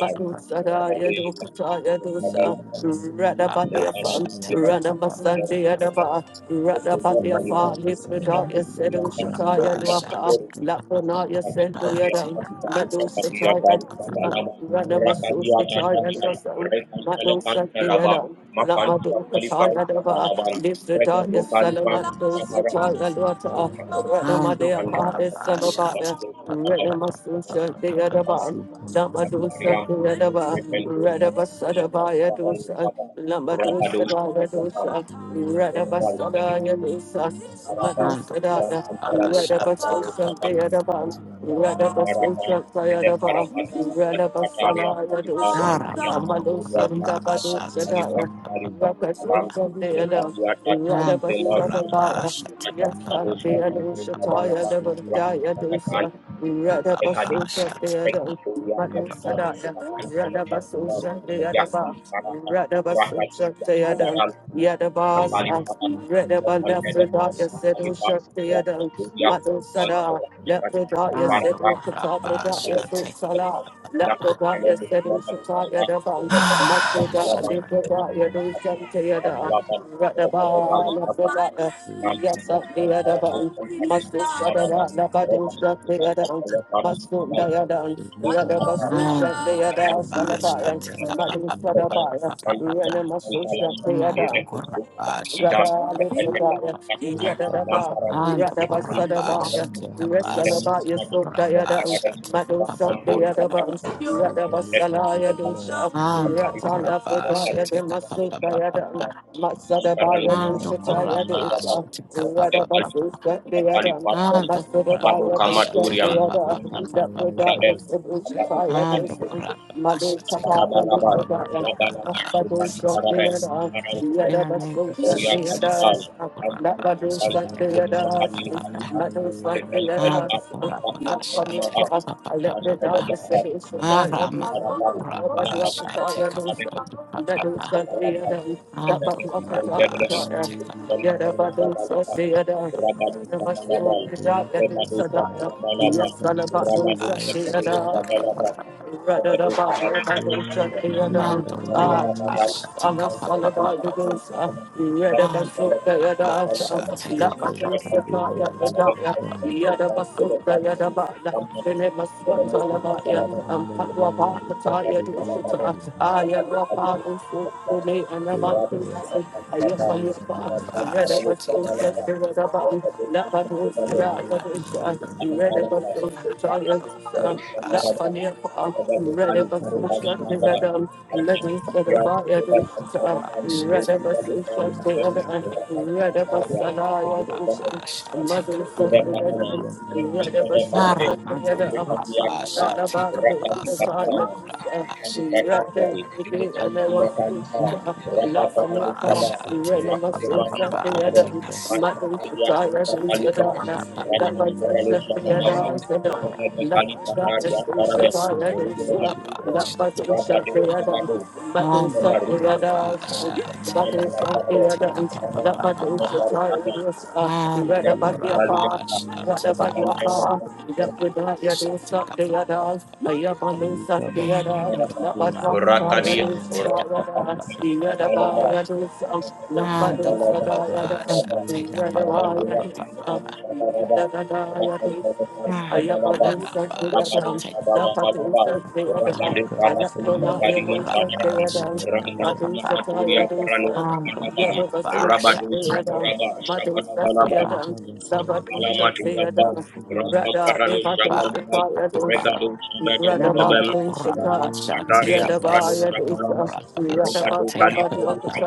S1: Madu Sadaya, Dukataya Dusa,
S3: ila ila
S1: Radabadia Fans,
S3: ila
S1: Ranamasandiadaba, Radabatia
S3: le
S1: Fa,
S3: kabasa ya
S1: Libradaya
S3: le
S1: Sedu Shataya
S3: zandari ya
S1: Dwaka,
S3: saburi ya
S1: Lapanaya Sendu Yadam, Medu Shataya Dusa, Radamasu sataya
S3: Roki
S1: rasam Madu Shatayadam, Lamadu Kataya Dava, Libradaya Salamadu
S3: Sukali
S1: Shataya
S3: Sandura
S1: Lwata,
S3: writes about
S1: Radamadea Fa, Salabaya, Renamasusha de Adaba,
S3: Sukali
S1: Lamadusa
S3: Brahma
S1: de
S3: writes
S1: Adaba,
S3: about Kiran
S1: Radabasada Yadusa, Lamadusa Yadusa,
S3: Hallelujah Mama
S1: Radabasada
S3: Mama
S1: Yadusa,
S3: Mama mama,
S4: Rapa
S1: Madusada,
S4: shall
S1: Radabasusa de Adaba,
S3: Hallelujah Mama Mama Mama Mama
S1: Radabasusa de
S3: Mama
S1: Adaba, Radabasala
S3: lele
S1: Yadusa,
S3: mama
S1: Amadusa Dabadusa,
S3: lele
S1: Daya,
S3: mama
S4: take
S3: lele
S1: Yes,
S4: Mando corra pasha, tika
S3: lele
S4: pa pa pa
S3: lele lele lele lele
S4: pa pa, pa
S3: hey
S1: Mado
S3: sabas
S1: Sadaya, Radaba
S3: aliza
S1: Susha,
S3: ya ya
S1: Deadaba, Radaba Susha, Deadam,
S3: so
S1: Yadabas,
S3: kinda
S1: Radaba
S3: le
S1: Lefredaya,
S3: mosa tata
S1: Sedusha, Deadam, Mado Sada, Lepredaya, Sedu
S3: raita
S1: Katabradaya, Susala, Lepredaya, Sedusha, Yadabam, Masuda,
S3: Caliban and
S1: Lepredaya,
S3: Yellow
S1: Dusha,
S3: Landa,
S1: Deada. Yes,
S3: Elizabeth
S1: up the other
S3: Akani,
S1: button. Must do shut about the
S3: Yolanta,
S1: bottom, shut the other one. Must do the other one. Rather
S3: Rukaba
S1: must do shut
S3: Sayaka,
S1: the other,
S3: Landa,
S1: Salabaya.
S3: Yolanta,
S1: Madu Sadabaya. Renna must do shut the other. Mother,
S3: Rukaba
S4: Ando por la
S3: Sayaka,
S4: paz, chica,
S3: Yanda,
S4: pa, pa, pa,
S3: Nemos,
S4: pa, pa. pa.
S3: Masika, Lisan, Yolanta,
S4: Ando corra pasha, tika pa pa pa pa pa.
S3: Masika,
S4: Ando
S3: Lisan,
S4: corrapa,
S3: Yolanta,
S4: take a papa papa. Ando corrapa, take a
S3: Lisan,
S4: papa papa papa.
S3: Yolanta,
S4: Ando corrapa, take a papa
S3: Jibu,
S4: papa papa.
S3: na
S4: Jesus
S3: na
S4: Christ.
S3: na na
S4: In
S1: Yada
S4: the name
S1: badu
S4: of Jesus. Corrapa,
S3: Thank
S4: take a papa
S3: you.
S4: papa. Ando corrapa, take a papa papa. Aramando corrapa, take a papa papa papa. Ando corrapa, take a papa
S1: sa de
S4: papa.
S1: yada,
S4: papa.
S1: Namashu Prajayati Sadaya, Yasalabatu
S4: Ash, tika
S1: Shakirada,
S4: pa pa pa pa.
S1: Radadabaya Batu Shakirada,
S4: Mando kura
S1: Ah,
S4: pa sha
S1: Jesus,
S4: tika
S1: Allah
S4: pa pa pa
S1: Salabaya
S4: pa pa.
S1: Dosa,
S4: Mando
S1: Yadabasu
S4: kura pa
S1: Dayada,
S4: sha tika pa pa
S1: Labatu Sakaya
S4: pa
S1: Prajaya, Yadabasu Dayadabala. Benemaswatalabaya, Ampatwapakataya Doshita, Ayamrapalusu, Rene Anabatu, Ayafaliapa,
S4: pa sha tika
S1: Redabasu Shakirada, Thank
S4: pa pa pa sha
S3: Masika lesa dura la itaba.
S4: pa sha
S3: Mama,
S4: tika mando kura pa sha tika pa pa pa.
S3: mama mama
S4: Ara mando kura pa sha tika pa sa mando kura pa
S6: African
S4: sha
S6: yadda
S4: tika
S6: ya
S4: pa pa
S6: ga
S4: pa
S6: tuta
S4: pa.
S6: chau abranti
S4: Na mando
S6: yadda ya
S4: pa sha
S6: ai
S4: tika pa
S6: wadi
S4: pa
S6: ka ta
S4: pa pa
S1: you.
S6: da
S4: tika
S6: rege
S4: sa
S1: Mother,
S4: mando
S6: bi
S1: the tire,
S4: sha
S6: ko
S1: the
S4: tika
S6: wa
S4: pa
S6: afi
S4: pa
S1: Sadaya,
S4: pa.
S1: the
S6: kuri
S1: Mother,
S6: ke
S1: Shafiada,
S4: None
S6: wadi ka
S1: Sadaya, the Mother,
S4: take a bus on
S1: Satire,
S4: the
S1: the Sun, the
S4: Kurabasha, take
S1: Mother,
S4: a papa.
S1: Shafiada, Mother,
S4: On the
S1: Sakiada,
S4: Kurabasha, take
S1: Mother,
S4: a bus, take
S1: Sakiada,
S4: a papa,
S1: the Mother,
S4: papa.
S1: Satire, the Sun,
S4: On
S1: Red
S4: the
S1: about the Apart.
S4: Kurabasha,
S1: What
S4: take a
S1: about you
S4: bus on
S1: are
S4: the
S1: just the Daya
S4: Kurabasha,
S1: do
S4: take
S1: something at us, lay up on
S7: Rakadia,
S4: a
S7: Rakapalaba,
S4: papa. On the Kurabasha, take a papa, papa, papa, papa. On the Kurabasha, take a papa, papa,
S3: mama
S1: Yadavaya,
S4: papa,
S6: au
S4: papa.
S1: Yadavaya,
S4: On the Kurabasha,
S1: Ayabalusadeyadam,
S4: take a papa.
S1: Napatusadeyadam,
S3: Luka Basaya
S4: Amando
S3: Kade
S4: por la paz,
S3: Zandari
S1: Anapronayadusakeyadam,
S4: chacha, pa,
S3: Raita
S4: pa, pa.
S1: Madhusakayadusam,
S4: Amando por la paz, chacha,
S1: Yadavasusakeyadam,
S4: pa, pa, pa, pa.
S3: Luka
S1: Madhusakeyadam,
S3: Basaya Kade
S6: da da da
S1: Dabadusakeyadam,
S3: Zandari Raita
S1: Radha
S4: Chacha, pa, pa, pa,
S6: da da
S4: pa.
S1: Levatusakayadusam,
S4: Namando por la
S1: Radhabadusaka,
S4: paz,
S3: Leo
S4: chacha, pa, pa,
S3: Kinandari
S4: santo
S3: Mo
S4: por
S1: Yadabayadusam,
S4: la
S3: Shakatina
S4: paz, chacha, pa, pa, pa.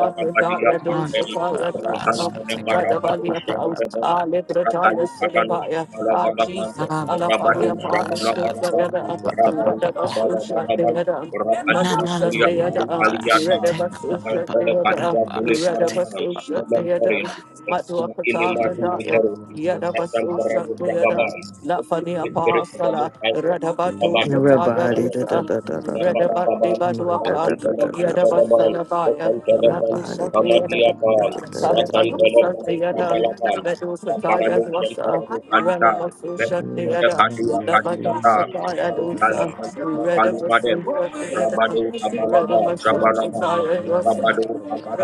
S4: Amando por la paz,
S3: Sandari
S4: chacha, pa, pa, pa, pa,
S3: Raita
S1: Radhabaliapaus,
S4: pa, pa, pa.
S1: Alebrataya Siddhavaya, Ah, Jesus,
S3: Luka
S4: Amando
S1: Allah
S4: por la
S1: Fabia
S3: Sandari
S4: paz,
S1: Father, the
S4: chacha,
S3: Raita
S1: other,
S3: Puri
S1: Red of us, the other, Madusa,
S4: Namando
S1: the
S4: por
S1: other,
S4: la
S3: Deya
S4: paz,
S1: Red
S3: Mama
S1: of
S4: chacha,
S1: us,
S4: pa, pa,
S3: Mama
S4: pa,
S1: the other, Red of us, the other, Madua Pataka,
S3: Deya Mama Mama Mama
S1: Yadabasusa,
S3: Mama
S1: the
S3: Deya Mama
S1: other,
S3: Mama Mama.
S1: La Fania Pahasala, Radabatu Sakaya Dusa, Redabat de Baduaka, Yadabasalabaya,
S3: Luka
S4: Woman
S1: Madusa, the
S4: is
S3: Basaya
S4: called
S1: other,
S3: Kade
S4: up, up,
S3: Zandari
S1: Talibadusa, the other,
S3: Raita
S1: Medusa, Tayadwasa. Ranamasusha
S3: You
S1: Deada,
S3: can be
S1: Lamadusa Diadosa, Redamasusha Deada, Redamasusha
S3: found the right of all.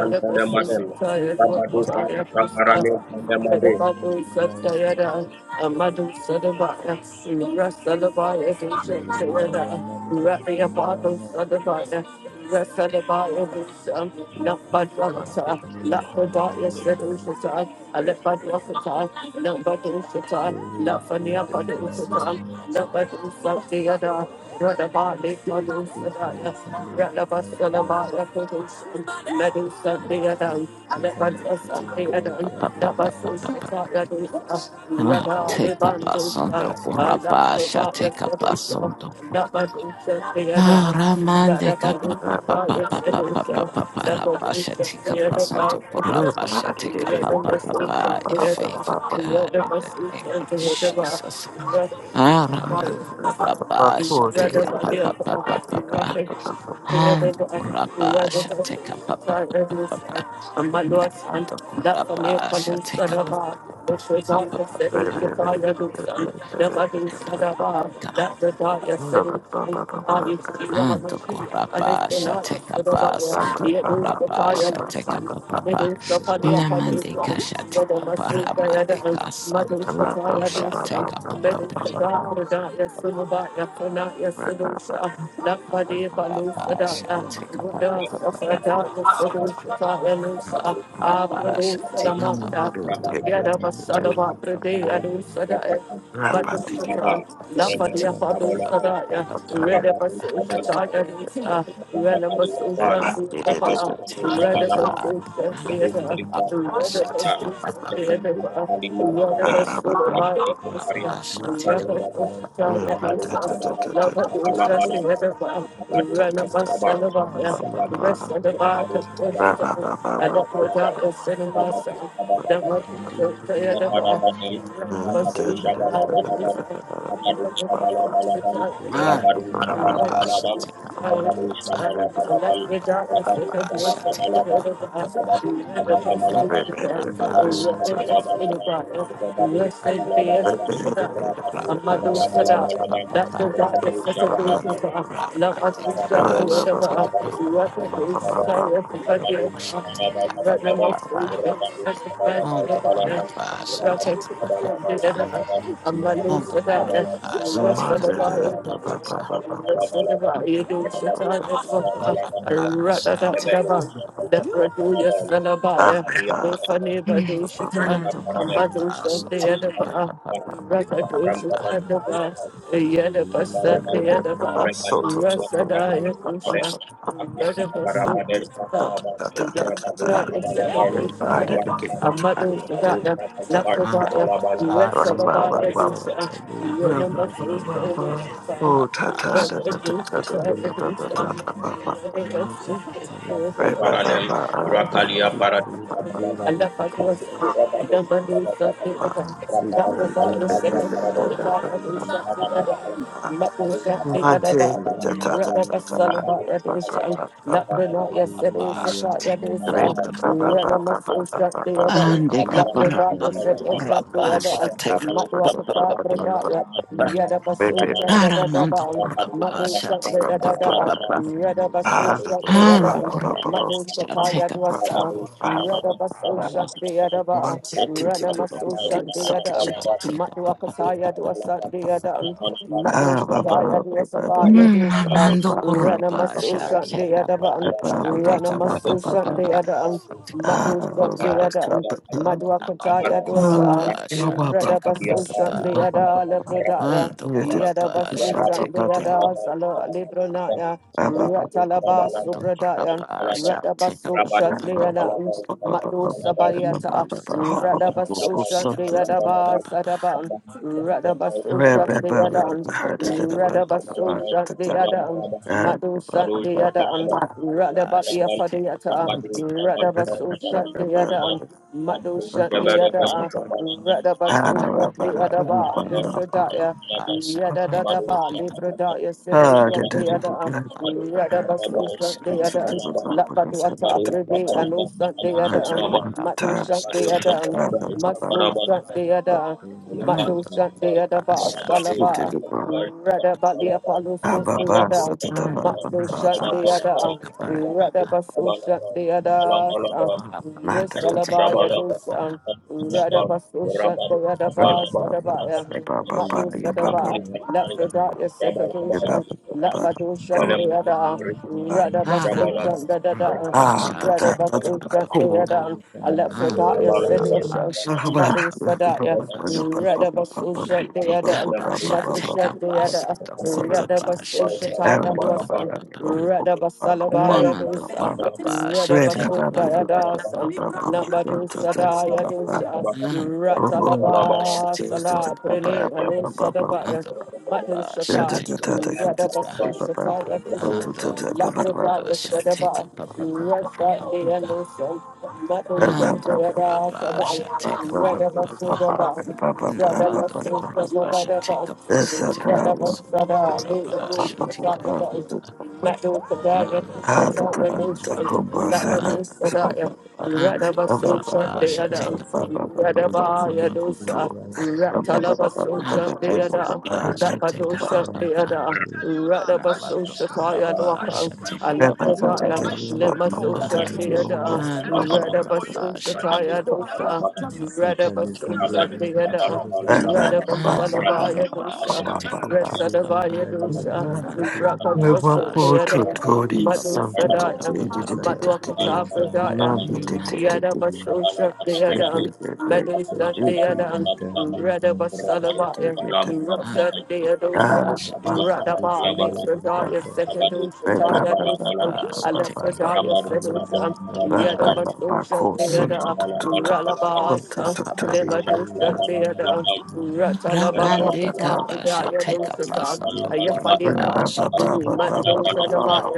S1: Diadosa, Redamasusha Diadosa,
S3: You be
S1: Redababu
S3: the right of
S1: Sadayada, Amadu Sadabaya, Rasalabaya, Dushayada,
S3: mama, mama,
S1: Rabiabadu
S3: mama.
S1: Sadabaya, Rasalabaya, Dusham,
S3: You can be
S1: Nabadwakata,
S3: found the
S1: Lapodaya
S3: right of
S1: Sedushata,
S2: Right.
S1: Alepadwakata, Nabadushata,
S3: Lord. You
S1: Lafania
S3: can be found
S1: Padushata, Nabadu Sadayada, Radabali Madu Sadaya,
S3: the right of all.
S1: Radabasalabaya, Medusa, the other, I let my
S3: Zambia
S1: dress up the
S3: right
S1: other,
S3: of all. You can be the right of
S1: Thank
S4: up, Ah, Take a bus
S3: all.
S4: on
S3: Mama,
S4: the
S3: mama, mama.
S4: Kurapasha, take a bus on the Ramande Kappa Papa Papa Papa Papa Parapasha, take a bus on the Kurapasha, take a Papa Papa, your favor, God, in the name of Jesus.
S1: you
S4: Aramande
S1: of
S4: Kurapasha, take a
S1: the
S4: Papa Papa Papa
S1: nothing, rather
S4: Ando
S1: by
S4: kurapa
S1: rather
S4: shateka
S1: by
S4: pa pa pa pa pa pa.
S1: and my Lord, and
S4: Namando
S1: that for me,
S4: kurapa shateka pa
S1: Palusadaba,
S4: pa pa pa
S1: which was
S4: pa
S1: out
S4: pa pa
S1: of
S4: pa
S1: setting
S4: pa pa
S1: the fire,
S4: pa pa pa.
S1: and the Badu Sadaba,
S4: Loka
S1: that the fire setting from Ayushi
S4: ando
S1: Ramashi,
S4: kurapa shateka pa santo kurapa
S1: and
S3: They
S4: shateka
S1: Thank you.
S4: pa pa
S3: found
S4: pa.
S3: a
S1: Medusa
S3: way
S1: Pania
S3: of
S4: Namande
S3: following
S1: Padusa, Rada
S3: the
S4: kashateka
S1: Masu
S4: paramate
S1: Diana, Madusa
S4: kasando
S1: Taya Dusa,
S4: koshateka pa pa pa pa pa pa
S1: Medusa
S4: pa pa pa.
S1: Dapra
S3: most and
S1: Daya Sunubaya Fanaya Sedusa, Lapadi
S4: Kurapa
S1: Palusa
S3: the
S1: Daya,
S3: right
S4: shateka
S3: of
S4: pa
S3: the
S4: pa
S1: Ruda
S3: world.
S4: pa pa
S1: Safra
S4: pa.
S1: Daya
S2: Rabba,
S1: Sedusa Taya
S4: Ando
S1: Nusa,
S4: kurapa
S1: Apradusa
S4: shateka pa pa
S1: Namata,
S4: pa pa
S1: Yada
S3: Matukalizana ya
S1: Vasalava
S3: right
S4: pa
S1: Pradea
S4: pa
S3: buri
S1: Dusa Daya.
S4: pa.
S1: Madusa
S3: the
S4: Take
S1: Lapadia
S4: a
S3: examsa
S1: Padusa Daya, Rada
S3: examda
S1: Vasusha Taya Thank
S3: the book and masu listen the of of Masuka
S1: you. That's the
S3: Thank you.
S2: Thank
S1: God is such a good thing for us. Love
S4: papa,
S1: us, we shall do whatever us. We work with the desire of the
S4: take
S1: dear us.
S4: a
S1: Right now, most of
S4: papa,
S1: us are the plans
S4: On
S1: of
S4: the
S1: the body.
S4: Kurabasha,
S1: We work
S4: take
S1: with
S4: a
S1: the
S4: pa pa papa
S1: desire of the dear us.
S4: papa.
S1: I'm not
S4: On the
S1: losing that. We
S4: Kurabasha,
S1: work
S4: take
S1: for
S4: a
S1: the
S4: pa pa pa
S1: body.
S4: pa pa.
S1: Amado
S4: papa papa. Kurabasha, take a pa papa papa. On the Kurabasha, take a pa pa pa pa pa pa. papa papa papa. On the Kurabasha,
S2: Ba ba ba ba ba. Oh, ta
S1: Thank
S2: ta ta ta
S4: take a
S2: ta
S4: pa pa pa pa papa. Kurabasha, take a pa
S2: ta ta ta ta
S4: papa
S2: ta ta ta ta ba ba ba. ba. ba ba
S7: Paradem,
S2: ba uh, ba ba ba ba.
S7: Rakalia
S3: Nafiu
S7: Paradem,
S3: palestra do
S2: ba. Ba
S3: Thank
S2: ba ba ba ba ba ba ba
S1: you.
S2: ba. Monte
S1: Rather,
S2: ta ta ta ta ta
S6: because in the
S2: ba ba
S6: world, I
S2: ba
S6: would
S2: ba ba ba.
S3: you.
S4: papa.
S6: call it a
S4: Take a pa
S2: ba ba
S4: papa
S2: ba ba
S4: papa.
S2: ba ba ba ba ba ba ba ba ba. ba ba ba ba ba
S4: And the
S2: ba
S6: customer
S4: Kurabasha, take a pa pa pa
S2: ba
S4: pa pa pa papa papa
S2: ba ba
S4: papa.
S2: ba. Re re re ba ba
S4: Aramondo
S2: ba ba
S4: Kurabasha, take a pa
S2: ba
S4: pa
S2: ba
S4: pa
S2: ba.
S4: pa.
S2: Something.
S6: house,
S4: Handokoraba
S6: and
S4: shall take up the
S6: I'm the what
S4: papa.
S1: Rana Maso Shant the
S4: Amandokoraba
S6: the
S1: other.
S4: shall take up
S6: what
S4: the
S6: the
S1: Matuakataya do a Sunday
S4: papa.
S1: Adam, Matuakataya do a Sabaya do a
S4: Amandokoraba
S1: Ranamaso
S4: shall take
S1: Sunday
S4: up
S1: Adaban,
S4: shall take up
S1: Ranamaso Sunday
S4: papa.
S1: Adam, Matu Sunday
S4: Papa,
S1: Adam, Matuakataya do a
S4: Amandokoraba shall take up
S1: Redabaso Sunday
S4: papa.
S1: Ada Lepredaya,
S4: Andokoraba
S1: Yadabaso
S4: shall take
S1: Sunday
S4: up
S1: Ada Sala Libronaya, Ratalaba Sobradaya,
S4: Andokoraba shall take up
S1: Radabaso
S4: papa.
S1: Sunday
S4: Amandokoraba
S1: Adam. Mato Sabariata,
S4: shall
S1: Radabaso
S4: take up
S1: Shandeadaba
S4: papa.
S1: Sadaban, Radabaso
S2: Sometimes
S1: Shandeadan,
S4: Take up papa.
S1: Radabaso Shandeadan, Mato Shandeadan,
S4: I
S1: Radabatia
S4: shall take up up
S1: Fadiata,
S4: up up up up up.
S1: Radabaso Shandeadan, Mato
S4: shall take
S1: Shandeada,
S4: up up up
S1: Radabaso Shandeadaba,
S4: up up
S1: Lusadaya.
S4: I shall
S1: Yada da
S4: take
S1: da
S4: up up
S1: ba,
S4: up
S1: libra da ya sedu shak de yada, yada basu shak de yada, lapa
S4: up
S1: du ata abrede anu shak de
S4: up. I
S1: yada, matu shak
S4: shall
S1: de
S4: take
S1: yada,
S4: up
S1: matu
S4: up up up
S1: shak de yada,
S4: I
S1: ba
S4: shall take up
S1: salaba,
S4: up up
S1: rada ba liya palu shak de
S4: up
S1: Matso
S4: up.
S1: shut
S4: I
S1: the
S4: shall
S1: other,
S4: take up up up up up. I shall take up up up up up.
S1: Radabaso shut the other,
S4: I shall take up
S1: Risalabaya
S4: up up up
S1: dosan,
S4: up.
S1: Radabaso shut the other
S2: Ah,
S1: bus, Sadabaya, Matu Sadaba, Lapradaya Sekadosha, Lapado shut the other, Radabaso
S4: Aramas
S1: shut the other,
S4: rata shall
S2: that
S4: take up
S2: that's
S4: up
S1: Radabaso
S4: up
S1: shut the
S4: up
S2: cool.
S4: up.
S1: other,
S3: Masaya,
S4: I
S1: Alapradaya Sedosha,
S4: shall take up
S1: Matu
S4: up up up
S1: Sadaya,
S4: up.
S1: Radabaso shut the
S4: Take up
S1: other.
S4: Basha, take
S1: Madusha
S4: up Basha,
S1: Deada,
S4: Dokora Basha, take up
S1: Radabasushata
S4: Papa Papa
S1: Alusa,
S4: Papa.
S1: Radabasalabaya
S4: Naman
S1: Dusa,
S4: Dokora Basha, take
S1: Radabasu
S4: up Papa Papa
S1: Diadas,
S4: Papa Papa
S1: Namadusa
S4: Papa.
S1: Diadusa,
S4: And Basha,
S1: Ratalaba
S4: take up a
S1: Sala
S4: Papa.
S1: Brene and
S4: And
S1: Usadabaya,
S2: *laughs*
S4: Dokora
S2: Remember
S4: Basha,
S1: Madushata,
S4: take up Papa Papa.
S1: Radabasushata
S4: And
S1: Adusa,
S4: Dokora
S1: Lapota
S4: Basha, take
S1: Usadaba.
S4: up Papa Papa
S1: Rasa
S4: Papa
S1: de
S4: Papa.
S1: Alusa, Madusha
S4: And Dokora
S1: Deada Sada,
S4: Basha, take up Papa Papa.
S1: Radabasuba. Let my
S4: Nabando
S1: soul shut
S4: Kurapa Shatika Pasa Tika Pasunto Kurapa Shatika Papa Ah Tika Papa
S3: please, and the
S4: Papa
S3: right
S4: Ando Kurapa
S1: the other,
S4: Shatika Papa
S1: red
S4: Papa
S1: of
S4: Papa Papa
S1: a
S6: If it's
S1: soul shut
S6: comfort,
S4: Ando
S6: who
S1: the
S6: is
S1: other,
S6: Bismarck,
S4: Kurapa
S6: my brother?
S1: red
S4: Shatika
S6: The Lord stepped to
S4: Papa
S6: me to tell you that I should
S4: Nabando
S6: justice,
S4: Kurapa
S6: I
S1: of
S6: should pray
S4: Shatika
S6: for
S4: Papa
S2: Something
S6: Bismarck,
S2: to
S4: Papa
S6: I should
S4: Papa
S6: pray for
S4: Papa
S6: comfort, yes, sir. and I
S4: Ando
S6: should pray
S1: a
S6: for you,
S4: Kurapa shall
S6: bright.
S4: take a
S6: The
S4: Papa
S1: soul
S6: Lord
S4: Papa
S6: said
S1: shut
S6: in the
S4: Papa
S6: vision.
S4: Papa
S6: Now, let me
S1: the
S4: Papa
S6: take it
S1: other.
S4: Papa
S6: from justice. Yeah.
S4: Ando
S6: Ah,
S1: Radabasalabaya
S6: you are
S4: Kurapa
S6: holding
S1: dosa,
S6: a
S3: of
S6: pen
S4: Shatika
S6: and a paper.
S4: Papa Papa
S1: Resadabaya dosa, Rakadosabaya, Madu Sadaya, Madwakata Pradaya, Yadabasosha Deadan, Madu Sandeadan,
S3: Thank you.
S1: Radabasalabaya, Rasa Deadosa, Radaba,
S3: Alexander the right
S1: Lefradaya,
S3: of
S1: Sekadosha Tayadosa, Alefradaya
S3: Masuk
S1: Sedosha,
S3: Alexander the right of
S1: Yadabasosha Deada, Ralabasa,
S3: Devi
S1: Lemadosha Deada,
S3: Yamamama
S4: Ramande
S1: Ratalabalwakata,
S4: kapa
S2: do.
S4: shall
S1: Udaya
S4: take up us
S1: Dosata,
S4: and the
S3: Devi
S1: Ayafalia,
S2: Ah,
S4: Kurapa shall
S3: Yamamama
S4: take
S8: Thank
S4: up Papa Papa
S1: Mando